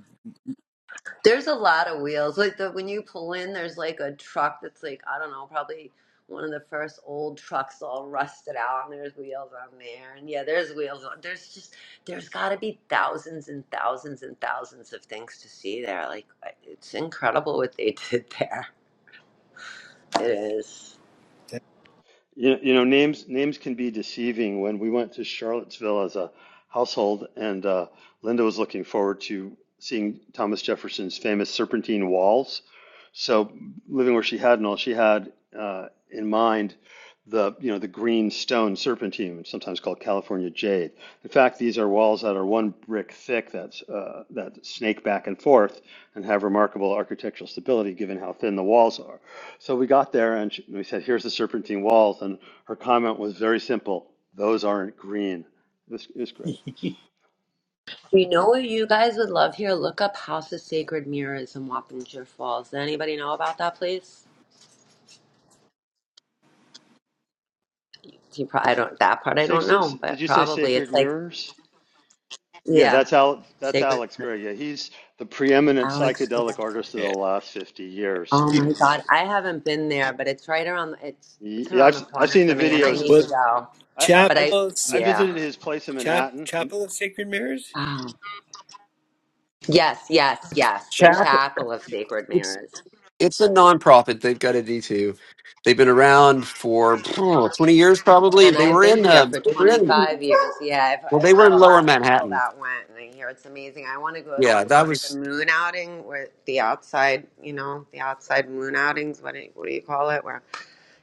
There's a lot of wheels. Like the, when you pull in, there's like a truck that's like I don't know, probably one of the first old trucks all rusted out, and there's wheels on there. And yeah, there's wheels. On, there's just there's got to be thousands and thousands and thousands of things to see there. Like it's incredible what they did there. It is.
that-
You, you know, names names can be deceiving. When we went to Charlottesville as a household, and uh, Linda was looking forward to seeing Thomas Jefferson's famous serpentine walls. So, living where she had and all, she had uh, in mind the you know the green stone serpentine, sometimes called California jade. In fact, these are walls that are one brick thick that's uh, that snake back and forth and have remarkable architectural stability given how thin the walls are. So we got there and she, we said, "Here's the serpentine walls," and her comment was very simple: "Those aren't green." This is great.
You know what you guys would love here? Look up House of Sacred Mirrors in Wappinger Falls. Does anybody know about that place? You probably, I don't that part I don't know,
Did
but
you say
probably it's
sacred
like
mirrors? Yeah,
yeah,
that's Al. That's
sacred.
Alex Gray. Yeah, he's the preeminent
Alex. yeah.
psychedelic artist of the
yeah
last fifty years.
Oh my God, I haven't been there, but it's right around. It's it's
Yeah,
around
I've
the
I've
corner
seen the
for me, and I
videos.
need
well
to go.
I, I
chapel
But I,
I've
of
I
yeah.
visited
sacred
his place in
chap
Manhattan, and
chapel of sacred mirrors
Oh. Yes, yes, yes. The
Chap,
Chapel of
yeah.
Sacred
it's
Mirrors,
it's a nonprofit. They've got a D two. They've been around for oh, twenty years, probably.
and
They
I've
were
been
in
here
uh,
for
they were in
25 years. Yeah, I've,
well, they
I've
were
met
in
a
Lower
lot of people
Manhattan.
that went, and I hear it's amazing. I want to go there
Yeah,
for
that
like
was
the moon outing, where the outside, you know, the outside moon outings. What do you, what do you call it? Where,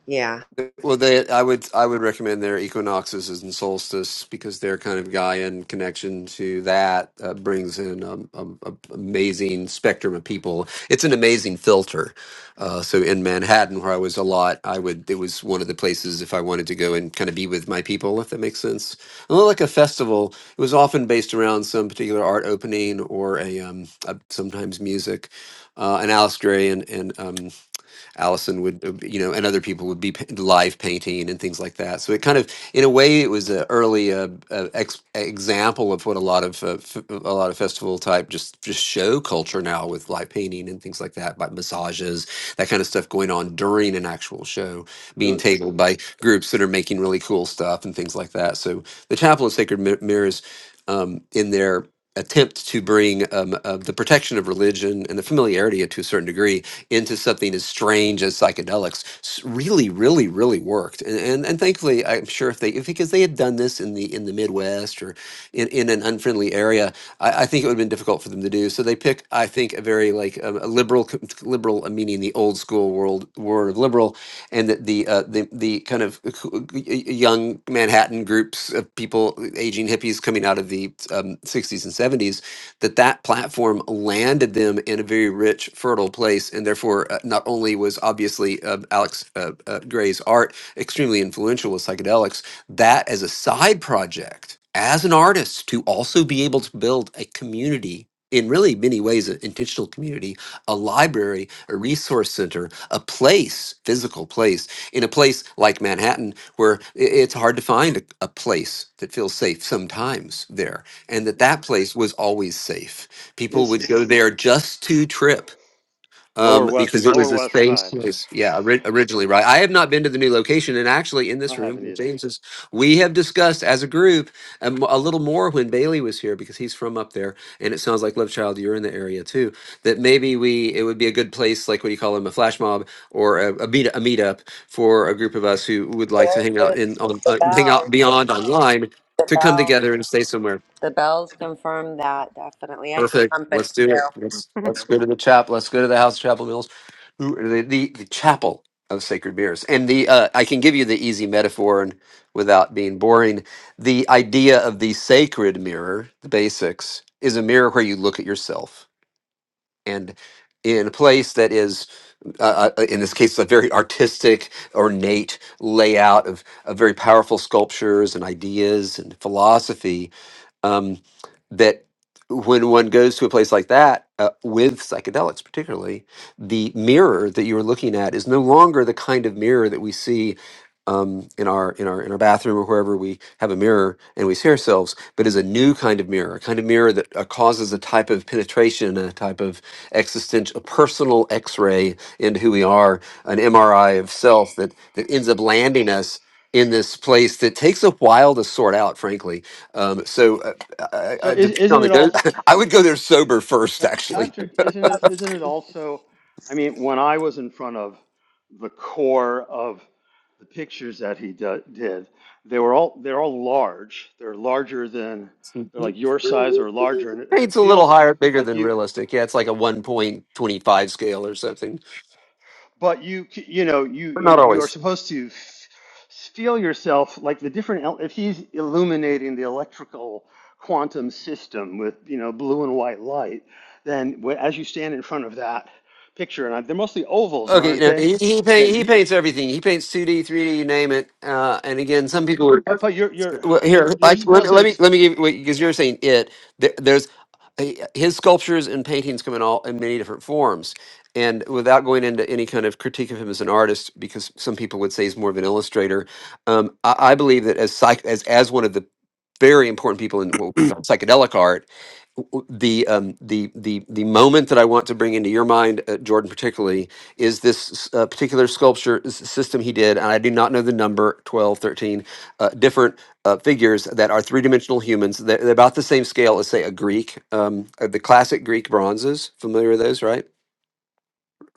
yeah.
Well, they, I would, I would recommend their equinoxes and solstice because their kind of Gaian connection to that uh, brings in um, um, a amazing spectrum of people. It's an amazing filter. Uh, so in Manhattan, where I was a lot, I would it was one of the places if I wanted to go and kind of be with my people, if that makes sense. A little like a festival, it was often based around some particular art opening or a, um, a sometimes music. Uh, and Alice Gray and and um, Allison would, uh, you know, and other people would be pa- live painting and things like that. So it kind of, in a way, it was an early uh, uh, ex- example of what a lot of uh, f- a lot of festival type just just show culture now with live painting and things like that, like massages, that kind of stuff going on during an actual show,
it
being
was,
tabled by groups that are making really cool stuff and things like that. So the Chapel of Sacred Mi- Mirrors, um, in their attempt to bring um, uh, the protection of religion and the familiarity to a certain degree into something as strange as psychedelics s- really, really, really worked. And, and and thankfully, I'm sure if they if, because they had done this in the in the Midwest or in, in an unfriendly area, I, I think it would have been difficult for them to do. So they pick, I think, a very like um, a liberal c- liberal, uh, meaning the old school world word of liberal, and that the uh, the the kind of c- c- y- young Manhattan groups of people, uh, aging hippies coming out of the um, 60s and 70s that that platform landed them in a very rich, fertile place. And therefore, uh, not only was obviously uh, Alex uh, uh, Gray's art extremely influential with psychedelics, that as a side project, as an artist, to also be able to build a community. In really many ways, an intentional community, a library, a resource center, a place, physical place, in a place like Manhattan, where i- it's hard to find a, a place that feels safe sometimes there and that that place was always safe. People
it's
would go there just to trip
lower
um,
west
because it
lower
was a
west
safe
side.
place. Yeah, ori- originally, right? I have not been to the new location, and actually, in
I
this room,
haven't
with
either.
James is, we have discussed as a group um, a little more when Bailey was here because he's from up there, and it sounds like Love Child, you're in the area too. That maybe we it would be a good place, like what do you call them, a flash mob or a, a meet a meetup for a group of us who would like to
There's
hang out
it,
in on
the
uh, hang
bells,
out beyond online
the
to come
bells.
together and stay somewhere.
The bells confirm that definitely. I need
Perfect.
company
Let's do it.
too.
Let's let's go to the chapel. Let's go to the House of Chapel Mills, who the, the the chapel of sacred mirrors. And the uh, I can give you the easy metaphor and without being boring, the idea of the sacred mirror, the basics, is a mirror where you look at yourself and in a place that is, uh, uh, uh, in this case, a very artistic, ornate layout of, of very powerful sculptures and ideas and philosophy um, that when one goes to a place like that uh, with psychedelics particularly the mirror that you're looking at is no longer the kind of mirror that we see um, in our in our in our bathroom or wherever we have a mirror and we see ourselves but is a new kind of mirror a kind of mirror that uh, causes a type of penetration a type of existential a personal x-ray into who we are an mri of self that that ends up landing us in this place that takes a while to sort out frankly um, so uh, I,
So
I,
is,
depending
isn't
on the
it
go,
all?
I would go there sober first,
Pat-
actually.
Patrick, isn't it, isn't it also, I mean, when I was in front of the core of the pictures that he do, did, they were all, they're all large. They're larger than, they're like your size or larger. And it, and it
Paint's a little
feels
higher, bigger
like
than
you,
realistic. Yeah, it's like a 1.25 scale or something.
but you c- you know you
But
you
not
you are
always.
supposed to f- feel yourself like the different el- if he's illuminating the electrical quantum system with you know blue and white light then wh- as you stand in front of that picture and I, they're mostly ovals
Okay, you
aren't
know,
they
he, he,
that
paint, he
you
paints everything. He paints 2D, 3D, you name it. Uh, and again, some people are.
but but you're you're
Well, here,
you're
like, let,
supposed
me-
to
let me
exp-
let me give because you're saying it. There, there's eh, his sculptures and paintings come in all in many different forms, and without going into any kind of critique of him as an artist, because some people would say he's more of an illustrator. Um, I, I believe that as psych as as one of the very important people in what we call psychedelic art, w- the um, the the the moment that I want to bring into your mind, uh, Jordan, particularly, is this uh, particular sculpture s- system he did, and I do not know the number 12, 13, uh, different uh, figures that are three dimensional humans. They're, they're about the same scale as, say, a Greek, um, uh, the classic Greek bronzes. Familiar with those, right?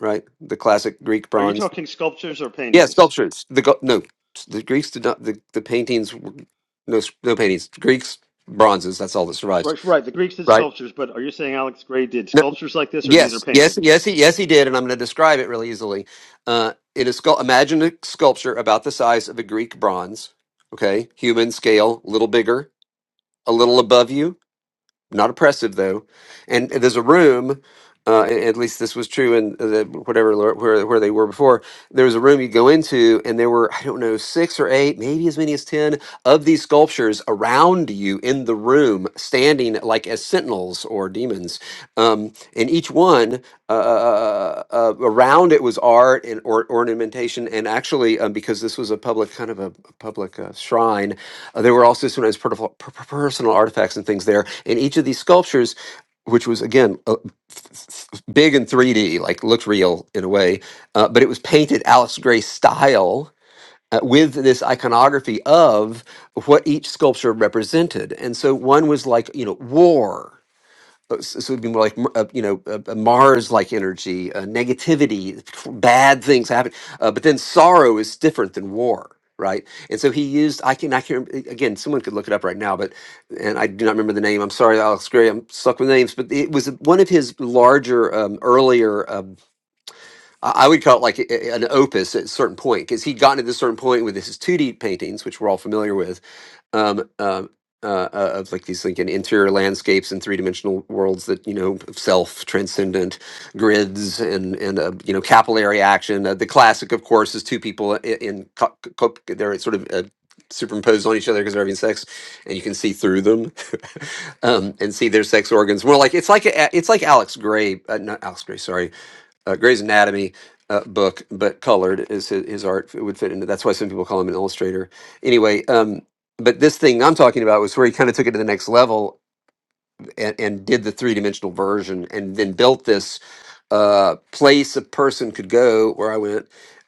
Right, the classic Greek
are you
bronze.
talking sculptures or
Yeah,
paintings
sculptures. The go- no, the Greeks did not. The, the paintings, were- no s- no paintings. Greeks bronzes. That's all that survives,
right right the greeks did
right?
sculptures but are you saying alex gray did sculptures like this or these are
Yes, yes,
paintings
yes, he, yes, he did, and I'm going to describe it really easily. Uh, it is scul- imagine a sculpture about the size of a Greek bronze, okay, human scale, a little bigger, a little above you, not oppressive though. And there's a room, uh, a- at least this was true in uh, the, whatever lo- where where they were before. There was a room you go into, and there were I don't know six or eight, maybe as many as ten of these sculptures around you in the room, standing like as sentinels or demons. Um, and each one uh, uh, uh, uh, uh, around it was art and or, ornamentation, and actually um, because this was a public kind of a, public uh, shrine uh, there were also sometimes per- per- personal artifacts and things there. And each of these sculptures, which was again uh, big in 3D, like looked real in a way, uh, but it was painted Alex Gray style. Uh, with this iconography of what each sculpture represented. And so one was like, you know, war. Uh, s- so it would be more like uh, you know a, Mars like energy, uh, negativity, bad things happen. Uh, but then sorrow is different than war, right? And so he used I can I can again someone could look it up right now, but and I do not remember the name. I'm sorry, Alex Gray. I'm stuck with names, but it was one of his larger um, earlier. um, I I would call it like a- an opus at a certain point because he'd gotten to this certain point with his 2D paintings, which we're all familiar with, um, um, uh, uh, of like these like in interior landscapes and three dimensional worlds that you know of self transcendent grids and and uh, you know capillary action. Uh, the classic, of course, is two people in, in co- co- they're sort of uh, superimposed on each other because they're having sex, and you can see through them um, and see their sex organs. More like it's like a, it's like Alex Gray, uh, not Alex Gray, sorry uh, Grey's Anatomy uh, book, but colored is his, his art would fit into. That's why some people call him an illustrator. Anyway, um, but this thing I'm talking about was where he kind of took it to the next level and, and did the three dimensional version, and then built this uh, place a person could go where I went.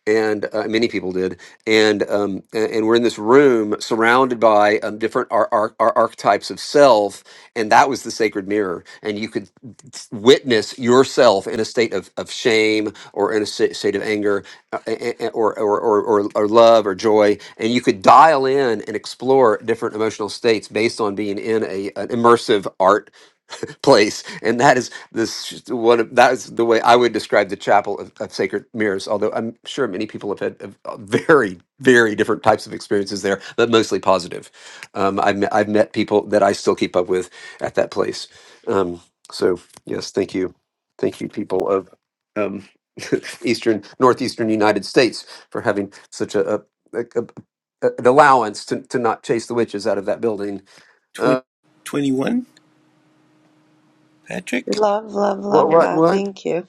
And uh, many people did, and um, a- and we're in this room surrounded by um, different ar- ar- ar- archetypes of self, and that was the sacred mirror. And you could s- witness yourself in a state of, of shame or in a sa- state of anger uh, a- a- or, or, or, or, or love or joy. And you could dial in and explore different emotional states based on being in a, an immersive art place and that is this one of that is the way i would describe the chapel of, of sacred mirrors although i'm sure many people have had have, uh, very very different types of experiences there but mostly positive um, I've, met, I've met people that i still keep up with at that place um, so Yes, thank you. Thank you, people of um, eastern, northeastern United States, for having such a, a, a, a an allowance to, to not chase the witches out of that building.
Twen-
Uh,
21 Patrick
Love, love,
what?
love
What?
that.
What?
Thank you.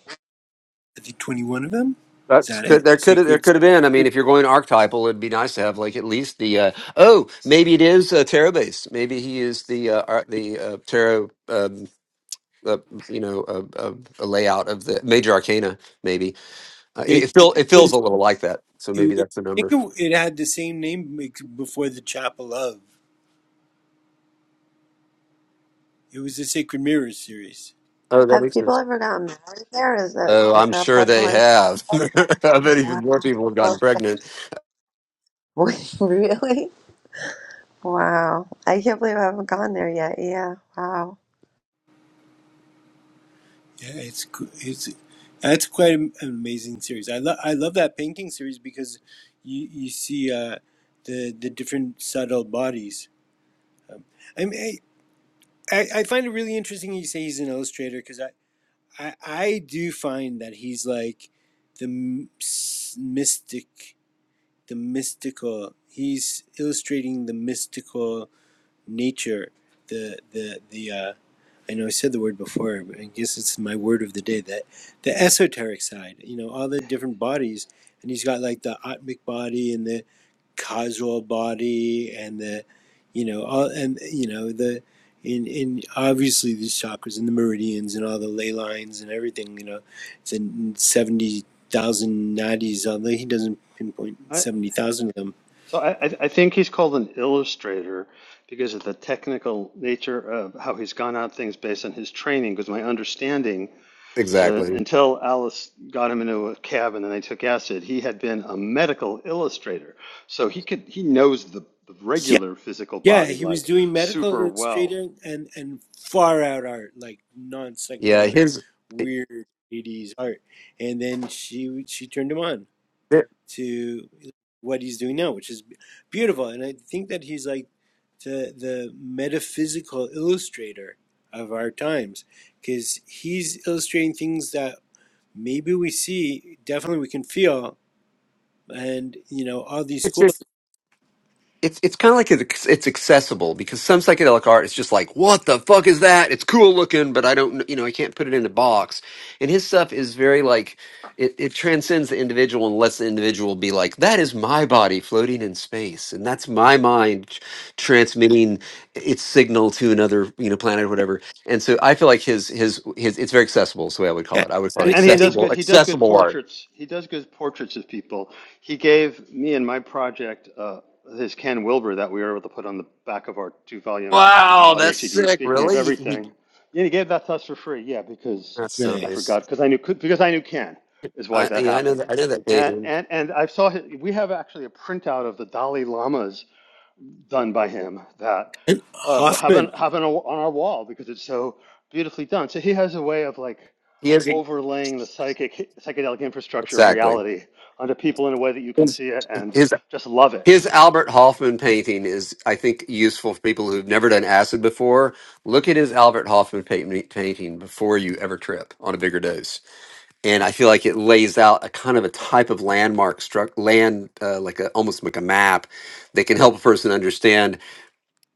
I think 21 of them is
That's
that
could
it
there could there
sacred
could have been. I mean, if you're going archetypal, it'd be nice to have like at least the uh, oh maybe it is uh, Terabase. Maybe he is the uh, ar- the uh, tarot. Um, uh, you know, a, a, a layout of the major arcana. Maybe uh,
yeah I
it,
think
it feels
it
it feels a
was
little like that. So
it
maybe
was
that's the
I
number.
think it, it had the same name like, before the Chapel of. It was the Sacred Mirrors series.
Oh, that
Have
makes
people
sense.
ever gotten married there? Is that
Oh,
is
I'm
that
sure
part of
they
why?
have. I bet even more people have
Wow.
gotten pregnant.
Wait, really? Wow. I can't believe I haven't gone there yet. Yeah. Wow.
Yeah, it's coo- it's that's quite an amazing series. I love I love that painting series because you you see uh, the the different subtle bodies. I mean, I, I I find it really interesting you say he's an illustrator because I, I I do find that he's like the m- s- mystic, the mystical. He's illustrating the mystical nature, the the the uh, I know I said the word before, but I guess it's my word of the day that the esoteric side, you know, all the different bodies, and he's got like the atmic body and the causal body and the, you know, all and you know the, in in obviously these chakras and the meridians and all the ley lines and everything, you know, the seventy thousand nadis, although he doesn't pinpoint seventy thousand of them.
So I, I I think he's called an illustrator because of the technical nature of how he's gone out things based on his training. Because my understanding is that
Exactly.
until Alice got him into a cabin and they took acid, he had been a medical illustrator. So he could he knows the, the regular physical
Yeah,
body
he was
like
doing medical
super well.
illustrating and and far out art, like non
Yeah,
psychedelic,
his.
weird eighties art. And then she she turned him on to what he's doing now, which is beautiful. And I think that he's like the the metaphysical illustrator of our times because he's illustrating things that maybe we see, definitely we can feel, and you know all these schools.
it's it's kind of like it's it's accessible because some psychedelic art is just like what the fuck is that? It's cool looking, but I don't you know I can't put it in a box. And his stuff is very like it, it transcends the individual and lets the individual be like that is my body floating in space and that's my mind tr- transmitting its signal to another you know planet or whatever. And so I feel like his his his it's very accessible is the way I would call
Yeah,
it. I would call it
and
And he
and it,
does
accessible
good. He does good
accessible art.
portraits. He does good portraits of people. He gave me and my project uh, his Ken Wilber that we were able to put on the back of our two-volume
Wow,
audio
that's
CD.
sick.
Speaking of
Really, he,
everything,
he,
yeah, he gave that to us for free. Yeah, because
that's so
I
nice.
nice
forgot because I knew because I knew Ken is why
I
that
yeah, I know
happened.
that I know that
And
painting.
and and I saw his, we have actually a printout of the Dalai Lama's done by him that
and
uh, having
Hoffman.
have a, on our wall because it's so beautifully done. So he has a way of like
He is
overlaying the psychic psychedelic infrastructure of
exactly.
reality onto people in a way that you can see it and
His
just love it.
his Albert Hoffman painting is, I think, useful for people who've never done acid before. Look at his Albert Hoffman paint, painting before you ever trip on a bigger dose, and I feel like it lays out a kind of a type of landmark struck land, uh, like a, almost like a map that can help a person understand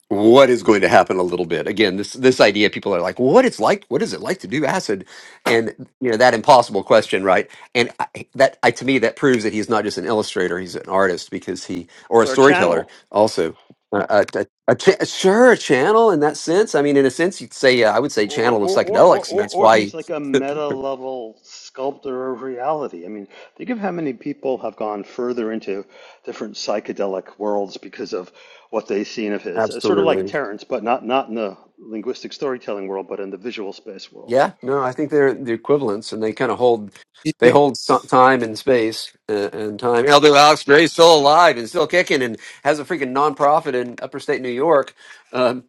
what is going to happen a little bit again this this idea people are like well, what it's like what is it like to do acid and you know that impossible question right and I, that I, to me that proves that he's not just an illustrator he's an artist because he or a
Or a
storyteller
channel.
also uh, a, a, a cha- sure a channel in that sense i mean in a sense you'd say uh, i would say
Or,
channel of
or, or, or,
psychedelics and
or,
that's
or
why
he's like a meta level sculptor of reality. I mean, think of how many people have gone further into different psychedelic worlds because of what they've seen of his. It's sort of like
absolutely
Terence, but not, not in the linguistic storytelling world, but in the visual space world.
Yeah, no, I think they're the equivalents, and they kind of hold they hold some time and space uh, and time. Although Alex Gray's still alive and still kicking, and has a freaking nonprofit in Upper State New York, um,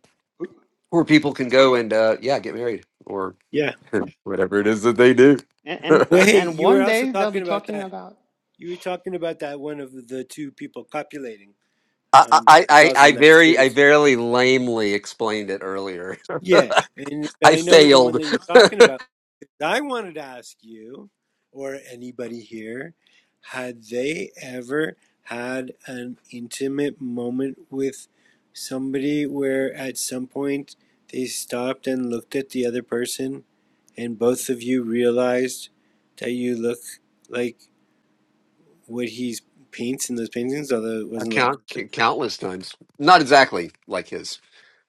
where people can go and uh, yeah, get married or
Yeah.
whatever it is that they do.
And,
Well,
and,
hey,
and
you were
one
also
day they'll be
talking about
talking
that.
about
You were talking about that one of the two people copulating.
I, I,
Um, it's
I,
also
I
in that
very I
series.
very lamely explained it earlier.
Yeah, and, but
I
I know the one that
failed
you're talking about. I wanted to ask you, or anybody here, had they ever had an intimate moment with somebody where at some point they stopped and looked at the other person, and both of you realized that you look like what he paints in those paintings, although it
a
wasn't like
count, countless times. Not exactly like his.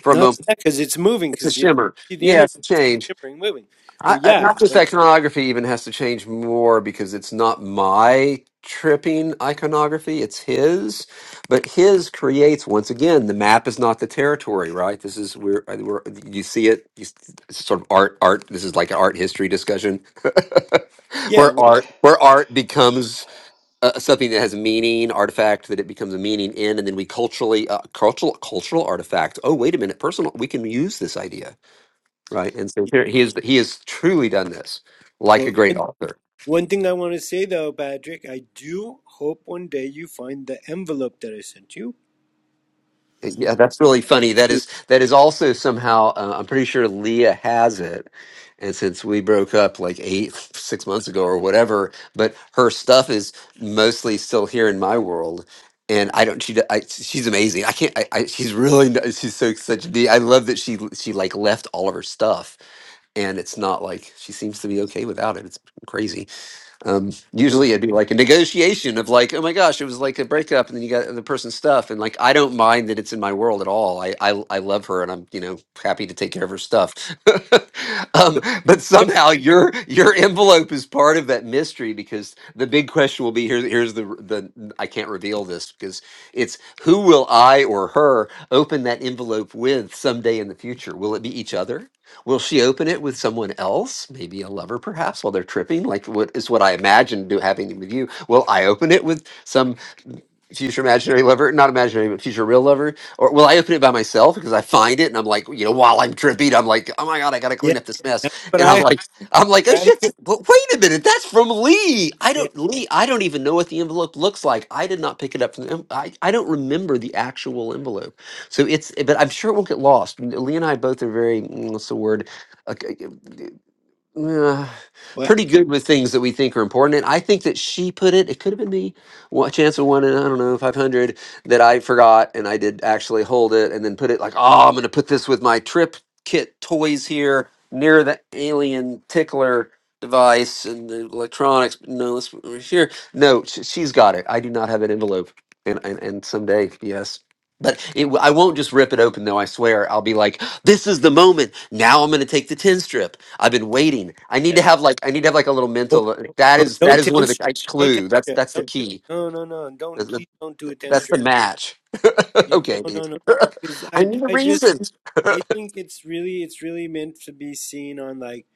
For a
not
moment,
that because it's moving
it's a
because you
shimmer.
see the
Yeah,
energy
it's a change.
shimmering moving.
I,
But
I-
yeah,
not just
but
iconography even has to change more because it's not my tripping iconography, it's his. But his creates once again the map is not the territory, right? This is where uh, where you see it. You, s- it's sort of art, art. This is like an art history discussion,
yeah,
where
well,
art
it.
where art becomes uh, something that has meaning, artifact that it becomes a meaning in, and then we culturally uh, cultural cultural artifact. Oh, wait a minute, personal. We can use this idea right? And so here he is. He has truly done this like a
but
great
one,
author.
one thing I want to say though, Patrick, I do hope one day you find the envelope that I sent you.
Yeah, that's really
I
funny. That
do.
is that is also somehow. Uh, I'm pretty sure Leah has it, and since we broke up like eight six months ago or whatever, but her stuff is mostly still here in my world. And I don't. She. d- I, she's amazing. I can't. I, I, she's really. n- She's so such. a d- I love that she. She like left all of her stuff, and it's not like she seems to be okay without it. It's crazy. Um,
So,
usually it'd be like a negotiation of like, oh my gosh, it was like a breakup, and then you got the person's stuff, and like I don't mind that it's in my world at all. I I, I love her, and I'm you know happy to take care of her stuff. um, but somehow your your envelope is part of that mystery because the big question will be here. Here's the the I can't reveal this because it's who will I or her open that envelope with someday in the future? Will it be each other? Will she open it with someone else, maybe a lover perhaps, while they're tripping? Like what is what I imagined do happening with you? Will I open it with some? future imaginary lover, not imaginary, but future real lover? Or will I open it by myself because I find it and I'm like, you know, while I'm tripping, I'm like, oh my god, I gotta
yeah,
clean up this mess,
that's what
and I'm
I
like, I'm like,
I
oh shit,
honestly.
th- but wait a minute, that's from Lee. I
Yeah.
don't Lee. I don't even know what the envelope looks like. I did not pick it up from the. en- I I don't remember the actual envelope. So it's, but I'm sure it won't get lost. Lee and I both are very mm, what's the word. Like, uh,
Well,
pretty good with things that we think are important. And I think that she put it, it could have been me, what chance of one in, I don't know, 500 that I forgot and I did actually hold it and then put it like, oh, I'm going to put this with my trip kit toys here near the alien tickler device and the electronics. But No, let's put it here. No, sh- she's got it. I do not have an envelope. And, and, and someday, yes. But it, w- I won't just rip it open, though. I swear, I'll be like, "This is the moment. Now I'm going to take the tin strip. I've been waiting. I need to have like I need to have like a little
oh,
mental. That
oh,
is
no
that is one
ten
of the
strip,
I
no ten
clue. That's
strip,
that's
no,
the key.
no, no, no. Don't
That's the,
please don't do a ten
that's the
strip.
match.
Yeah,
okay.
no, no, no. Because
I
I,
need a
I just
reason.
I think it's really it's really meant to be seen on like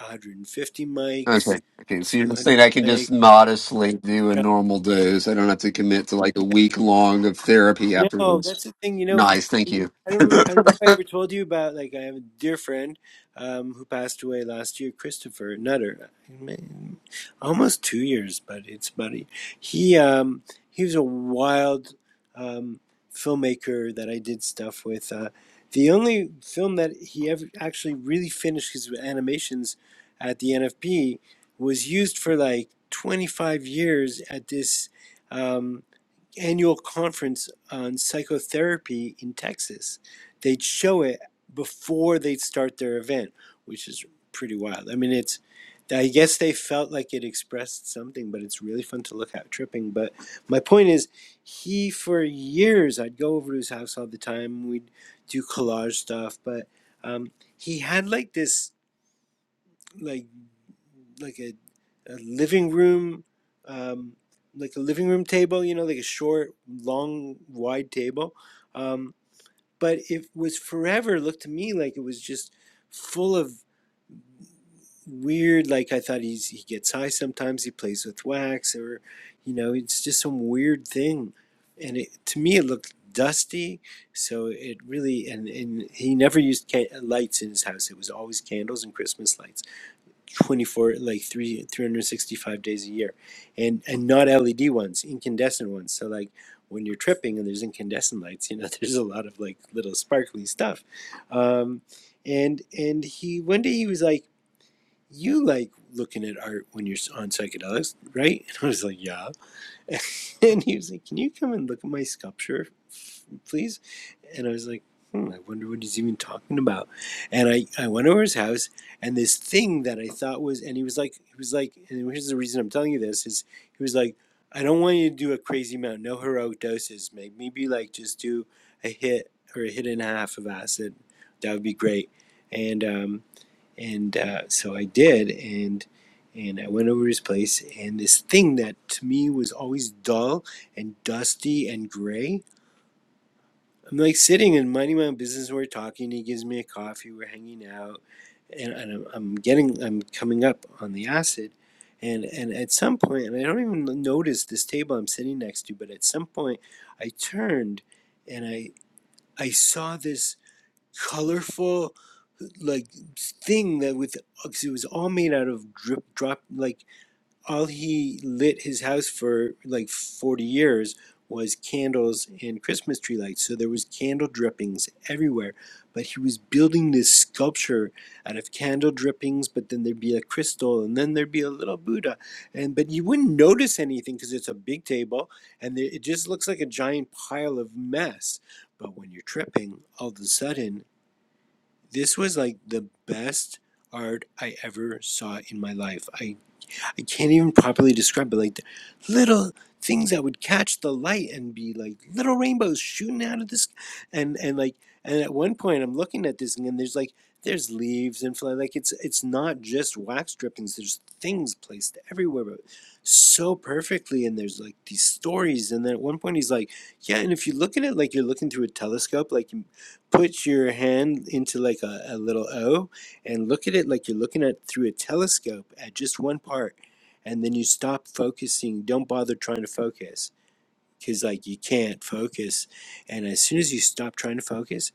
150 mics,
okay. Okay. So you're just
200
saying I can
mics.
just modestly do a normal dose. I don't have to commit to like a week long of therapy
No,
afterwards.
that's the thing, you know.
Nice. Thank
and
you.
I don't, I don't know if I ever told you about like I have a dear friend um, who passed away last year, Christopher Nutter, Man, almost two years, but it's about a, he um, he was a wild um, filmmaker that I did stuff with. Uh, the only film that he ever actually really finished his animations at the NFP was used for like 25 years at this. um, annual conference on psychotherapy in Texas. They'd show it before they'd start their event, which is pretty wild. I mean, it's I guess they felt like it expressed something, but it's really fun to look at tripping. But my point is, he for years I'd go over to his house all the time. We'd do collage stuff, but um, he had like this like like a, a living room, um, like a living room table, you know, like a short, long, wide table. Um, but it was forever looked to me like it was just full of weird. Like I thought he's he gets high sometimes. He plays with wax, or you know, it's just some weird thing. And it, to me, it looked dusty. So it really and and he never used can- lights in his house. It was always candles and Christmas lights 24 like 3 365 days a year and and not led ones incandescent ones so like when you're tripping and there's incandescent lights you know there's a lot of like little sparkly stuff um and and he one day he was like you like looking at art when you're on psychedelics right and i was like yeah and he was like can you come and look at my sculpture please? And I was like, hmm, I wonder what he's even talking about. And I, I went over his house and this thing that I thought was, and he was like, he was like, and here's the reason I'm telling you this is he was like, I don't want you to do a crazy amount, no heroic doses, mate. Maybe like just do a hit or a hit and a half of acid. That would be great. And, um, and uh, so I did. And, and I went over his place, and this thing that to me was always dull and dusty and gray I'm like sitting and minding my own business. We're talking. He gives me a coffee. We're hanging out, and, and I'm, I'm getting, I'm coming up on the acid, and and at some point, and I don't even notice this table I'm sitting next to, but at some point, I turned, and I I saw this colorful, like thing that with, 'cause it was all made out of drip drop like all he lit his house for like 40 years was candles and Christmas tree lights. So there was candle drippings everywhere. But he was building this sculpture out of candle drippings, but then there'd be a crystal and then there'd be a little Buddha. And but you wouldn't notice anything because it's a big table and it just looks like a giant pile of mess. But when you're tripping, all of a sudden, this was like the best art I ever saw in my life. I. I can't even properly describe, it. like the little things that would catch the light and be like little rainbows shooting out of this, and and like and at one point I'm looking at this and there's like there's leaves and fly like it's it's not just wax drippings. There's things placed everywhere, but so perfectly. And there's like these stories. And then at one point he's like, yeah, and if you look at it like you're looking through a telescope, like you put your hand into like a, a little O and look at it like you're looking at through a telescope at just one part and then you stop focusing don't bother trying to focus because like you can't focus and as soon as you stop trying to focus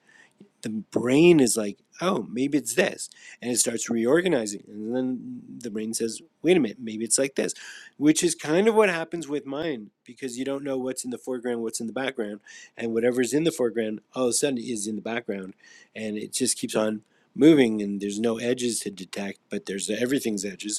the brain is like oh maybe it's this and it starts reorganizing and then the brain says wait a minute maybe it's like this which is kind of what happens with mine because you don't know what's in the foreground what's in the background and whatever's in the foreground all of a sudden is in the background and it just keeps on moving and there's no edges to detect but there's everything's edges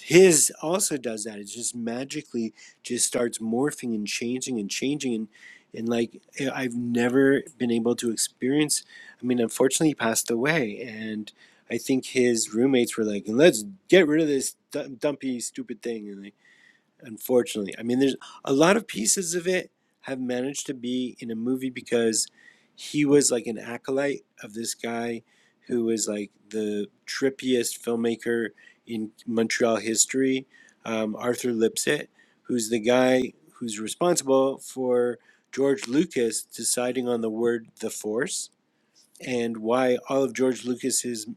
his also does that. It just magically just starts morphing and changing and changing and and like I- have never been able to experience. I mean, unfortunately, he passed away, and I think his roommates were like, "Let's get rid of this dum- dumpy, stupid thing," and like unfortunately. I mean, there's a lot of pieces of it have managed to be in a movie because he was like an acolyte of this guy who was like the trippiest filmmaker in Montreal history, um, Arthur Lipsitt, who's the guy who's responsible for George Lucas deciding on the word the Force and why all of George Lucas's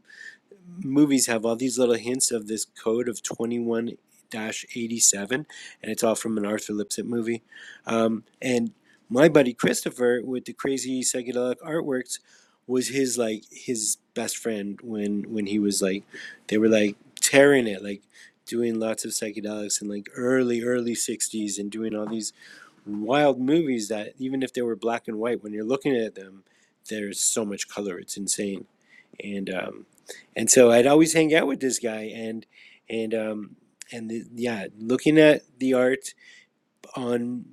movies have all these little hints of this code of 21 dash 87, and it's all from an Arthur Lipsitt movie. Um, and my buddy Christopher with the crazy psychedelic artworks was his like his best friend when when he was like they were like tearing it like doing lots of psychedelics in like early early 60s and doing all these wild movies that even if they were black and white when you're looking at them there's so much color it's insane and um, and so I'd always hang out with this guy, and and um, and the, yeah, looking at the art on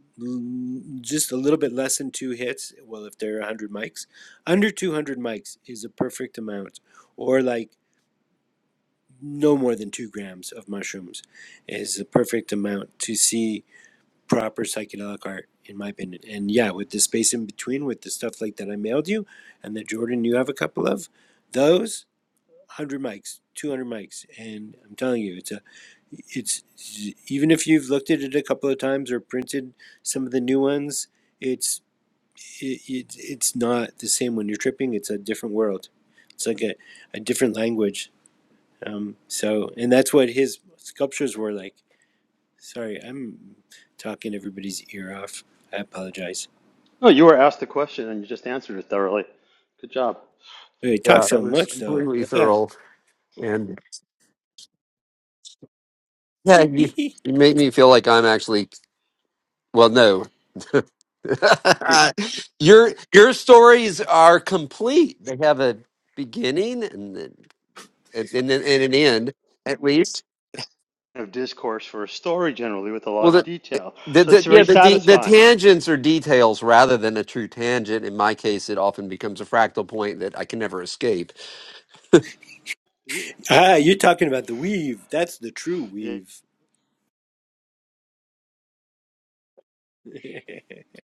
just a little bit less than two hits. Well, if there are one hundred mics, under two hundred mics is a perfect amount, or like no more than two grams of mushrooms is the perfect amount to see proper psychedelic art in my opinion and yeah with the space in between with the stuff like that i mailed you and that jordan you have a couple of those 100 mics, 200 mics, and I'm telling you, it's a, it's even if you've looked at it a couple of times or printed some of the new ones, it's it, it it's not the same when you're tripping. It's a different world. It's like a, a different language. Um, so, and that's what his sculptures were like. Sorry, I'm talking everybody's ear off. I apologize.
No, you were asked the question and you just answered it thoroughly. Good job.
They talk
Yeah,
so
that was
much though.
completely
Ah,
thorough. And yeah, you you make me feel like I'm actually well. No, your your stories are complete. They have a beginning and then- and, and, then- and an end, at least.
Of discourse for a story generally with a
Well,
lot of
the,
detail,
the,
so
the
it's very
yeah the, the the
satisfying.
tangents are details rather than a true tangent. In my case, it often becomes a fractal point that I can never escape.
Yeah.
ah you're talking about the weave. That's the true
yeah.
weave.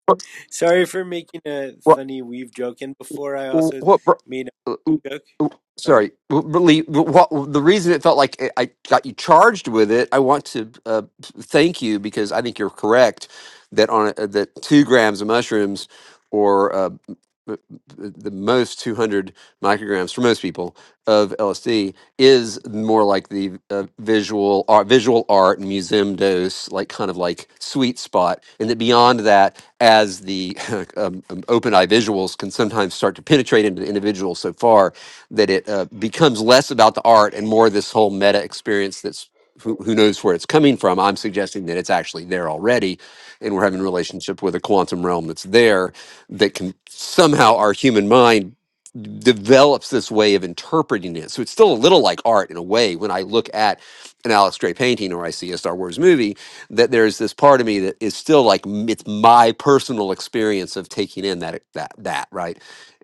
What
Sorry for making a
what
funny weave joke. And before I also
what?
made a joke. Sorry.
sorry really what the reason it felt like i I got you charged with it i want to uh, thank you because i think you're correct that on a, that two grams of mushrooms or uh, m- m- the most 200 micrograms for most people of lsd is more like the uh, visual art visual art and museum dose like kind of like sweet spot and that beyond that as the um, um, open eye visuals can sometimes start to penetrate into the individual so far that it uh, becomes less about the art and more this whole meta experience that's who, who knows where it's coming from i'm suggesting that it's actually there already and we're having a relationship with a quantum realm that's there that can somehow our human mind develops this way of interpreting it so it's still a little like art in a way when i look at an alex gray painting or i see a star wars movie that there's this part of me that is still like m- it's my personal experience of taking in that that that right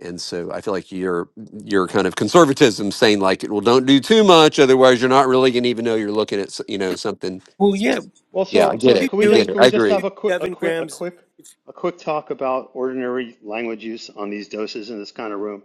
and so I feel like your your kind of conservatism saying like, well, don't do too much, otherwise you're not really gonna even know you're looking at s- you know something.
Well, yeah,
Well,
Yeah, I
so
get
so
you're
it.
can we
I
doing
get
just
it.
can
I
we just
agree.
have
you're
a quick a
seven
quick a
grams.
quick a quick talk about ordinary language use on these doses in this kind of room?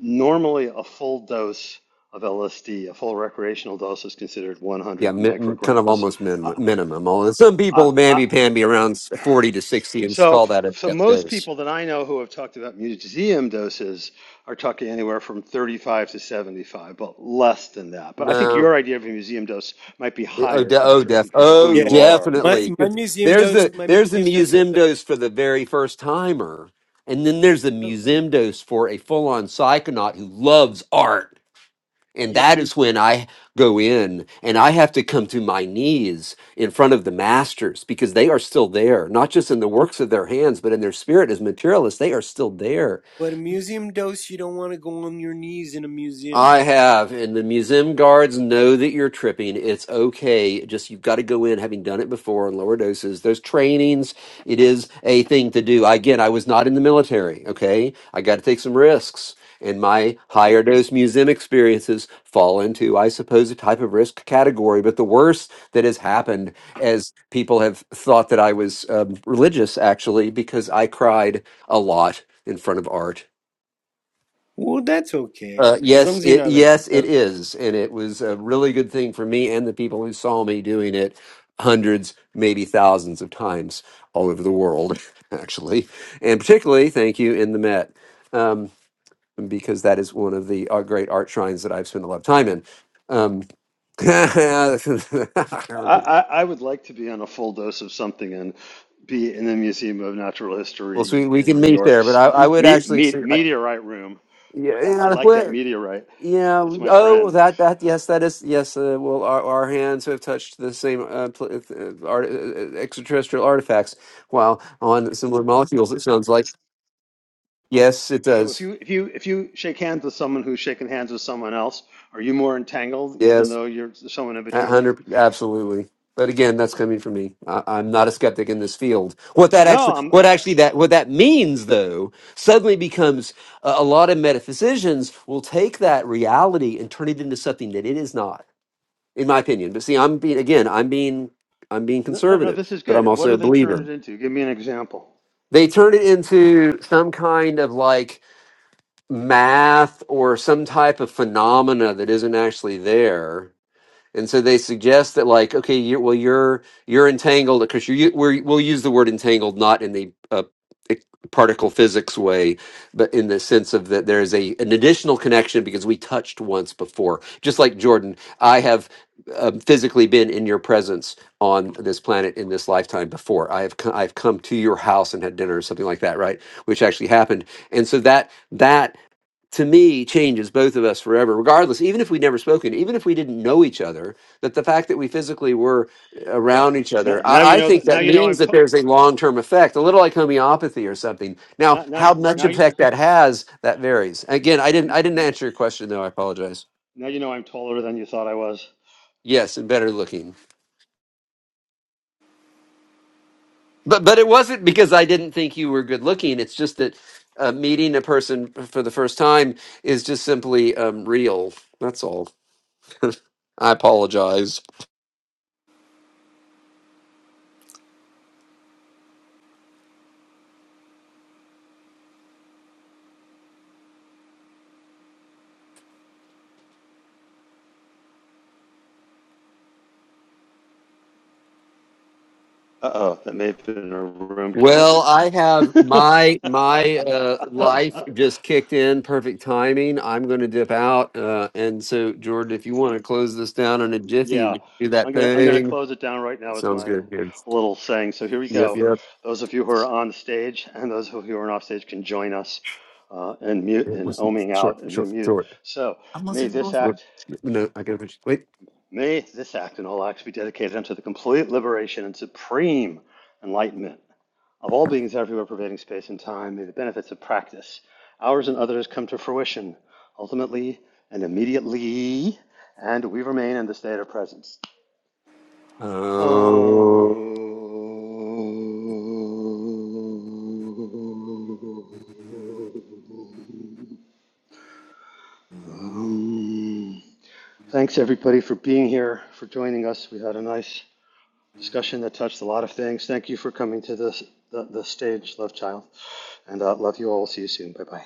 Normally, a full dose of LSD, a full recreational dose, is considered
Yeah,
100
min, kind of
micrograms.
almost minimum.
I
Minimum. Although some
I,
people
I
mamby pamby around s- forty to sixty and s-
So,
call that a
so
death
most
dose.
people that I know who have talked about museum doses are talking anywhere from 35 to 75, but less than that. But I think
No.
your idea of a museum dose might be
Oh,
higher,
de- oh,
Patrick,
def.
because of who
Oh,
Yeah,
you are.
my
definitely.
my
'Cause
museum
There's
dose.
a
My
there's a
museum dose is.
museum
the
dose for the very first timer, and then there's a
Oh,
museum dose for a full on psychonaut who loves art And
yeah,
that is when I go in and I have to come to my knees in front of the masters because they are still there, not just
yeah.
in the works of their hands, but in their spirit as materialists, they are still there.
But a museum dose, you don't want to go on your knees in a museum.
I have, and the museum guards know that you're tripping. It's okay. Just you've got to go in, having done it before in lower doses. There's trainings. It is a thing to do. Again, I was not in the military. Okay, I got to take some risks, and my
Yeah,
higher dose museum experiences fall into, I suppose, a type of risk category. But the worst that has happened, as people have thought that I was um, religious, actually, because I cried a lot in front of art
Well, that's okay
uh,
as long
yes,
as you're
it
not like
yes it is, and it was a really good thing for me and the people who saw me doing it hundreds, maybe thousands of times all over the world, actually, and particularly thank you in the Met um, because that is one of the uh, great art shrines that I've spent a lot of time in. Um, well,
I, I, I would like to be on a full dose of something and be in the Museum of Natural
so
History
we, we
in
can
New
meet there, but
York's
I, I would
me,
actually
me,
say, I,
meteorite room.
yeah,
I
yeah,
like that
well,
meteorite.
Yeah.
It's my
Oh,
friend.
that that yes, that is yes. Uh, well, our our hands have touched the same uh, pl- uh, art, uh, uh, extraterrestrial artifacts. Wow, on similar molecules. It sounds like yes, it
So if
does.
you if you if you shake hands with someone who's shaking hands with someone else, are you more entangled even
Yes,
though you're someone in
a
between you?
hundred absolutely. But again, that's coming from me. I, I'm not a skeptic in this field. What that
No,
actually,
I'm.
what
Uh,
actually that what that means though, suddenly becomes a, a lot of metaphysicians will take that reality and turn it into something that it is not in my opinion. But see, I'm being again, I'm being I'm being
no, no, no.
conservative,
This is
but I'm
good. What
also
do
a
they turn
believer.
it into? Give me an example.
They turn it into some kind of like math or some type of phenomena that isn't actually there and so they suggest that, like, okay, you well, you're you're entangled because you we're, we'll use the word entangled not in the uh, e- particle physics way, but in the sense of that there is a an additional connection because we touched once before. Just like Jordan, I have um, physically been in your presence on this planet in this lifetime before. I have co- I've come to your house and had dinner or something like that, right? Which actually happened. And so that that to me changes both of us forever regardless even if we'd never spoken even if we didn't know each other that the fact that we physically were
But
around each
now,
other
now
i,
you
I
know.
think
That, now
that
you know I'm.
means that
ta-
there's a long-term effect a little like homeopathy or something now
now now
how
you
much
now you
effect that has that varies again i didn't i didn't answer your question though i apologize
now you know I'm taller than you thought I was.
yes and better looking but but it wasn't because i didn't think you were good looking it's just that uh, meeting a person for the first time is just simply um, real that's all i apologize
Uh oh, that may have been a room killer.
Well, I have my my uh, life just kicked in. Perfect timing. I'm going to dip out, uh, and so Jordan, if you want to close this down in a jiffy,
Yeah,
we can do
I'm
that
gonna I'm gonna
thing.
close it down right now with
Sounds
my
good. Good.
little saying. So here we
Yep.
go.
Yep.
Those of you who are on stage and those of you who are off stage can join us uh, and mute
It
and
was
oming
short.
out and you
Short.
mute.
Short.
So may this
Wait,
act
no, I gotta finish. Wait.
may this act and all acts be dedicated unto the complete liberation and supreme enlightenment of all beings everywhere pervading space and time. May the benefits of practice, ours and others, come to fruition ultimately and immediately, and we remain in the state of presence. Um,
Um,
um, thanks everybody for being here, for joining us. We had a nice discussion that touched a lot of things. Thank you for coming to this the, the stage, love child, and uh, love you all. See you soon. Bye bye.